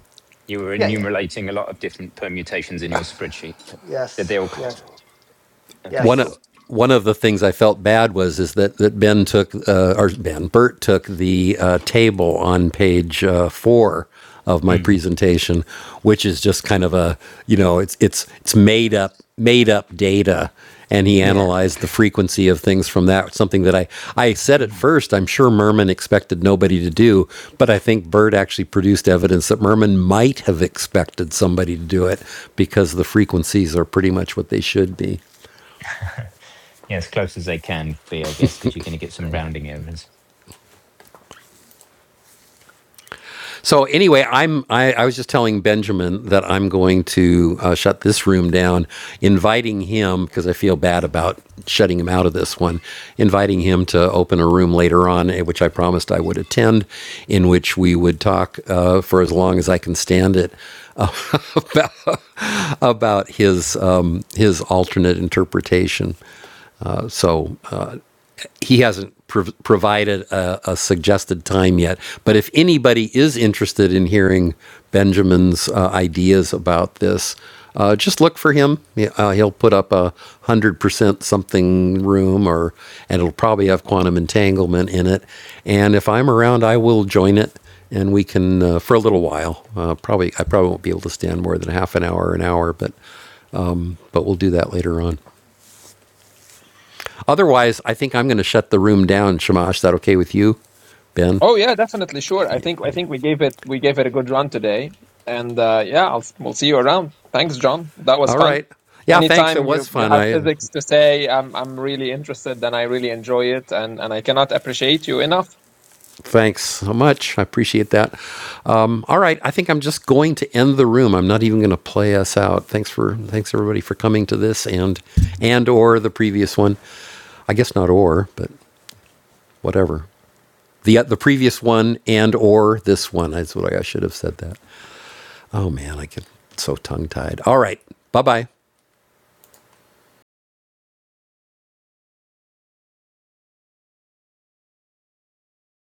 A: you were
C: Yeah, yeah.
A: enumerating a lot of different permutations in your spreadsheet. But did
C: Yes.
A: they all?
C: Yes.
A: Okay,
H: one
A: cool.
H: of
C: Yes.
H: one of the things I felt bad was is that that Ben took uh, or Ben Bert took the uh, table on page uh, four of my
A: Hmm.
H: presentation, which is just kind of a you know it's it's it's made up made up data, and he
A: Yeah.
H: analyzed the frequency of things from that. Something that I I said at
A: Mhm.
H: first I'm sure Merman expected nobody to do, but I think Bert actually produced evidence that Merman might have expected somebody to do it because the frequencies are pretty much what they should be.
A: <laughs> yeah, as close as they can be, I guess, because you're going to get some
C: Right.
A: rounding errors.
H: So anyway, I'm I, I was just telling Benjamin that I'm going to uh, shut this room down, inviting him because I feel bad about shutting him out of this one, inviting him to open a room later on, eh, which I promised I would attend, in which we would talk uh, for as long as I can stand it about his um, his alternate interpretation. Uh, so he hasn't prov- provided a, a suggested time yet. But if anybody is interested in hearing Benjamin's uh, ideas about this, uh, just look for him. Yeah, Uh, he'll put up a one hundred percent something room, or and it'll probably have quantum entanglement in it. And if I'm around, I will join it, and we can uh, for a little while. Uh, probably I probably won't be able to stand more than half an hour, an hour, but but we'll do that later on. Otherwise, I think I'm going to shut the room down, Shamash. Is that okay with you, Ben?
B: Oh yeah, definitely, sure. I think I think we gave it we gave it a good run today, and uh, yeah, I'll, we'll see you around. Thanks, John. That was
H: All
B: fun.
H: right. Yeah, thanks. It
B: Anytime
H: was
B: you you
H: fun.
B: have
H: I
B: physics to say, I'm I'm really interested, and I really enjoy it, and and I cannot appreciate you enough.
H: thanks so much. I appreciate that. Um, all right, I think I'm just going to end the room. I'm not even going to play us out. Thanks for thanks everybody for coming to this and and or the previous one. I guess not or, but whatever. The uh, the previous one and or this one. That's what I, I should have said that. Oh man, I get so tongue tied. All right. Bye bye.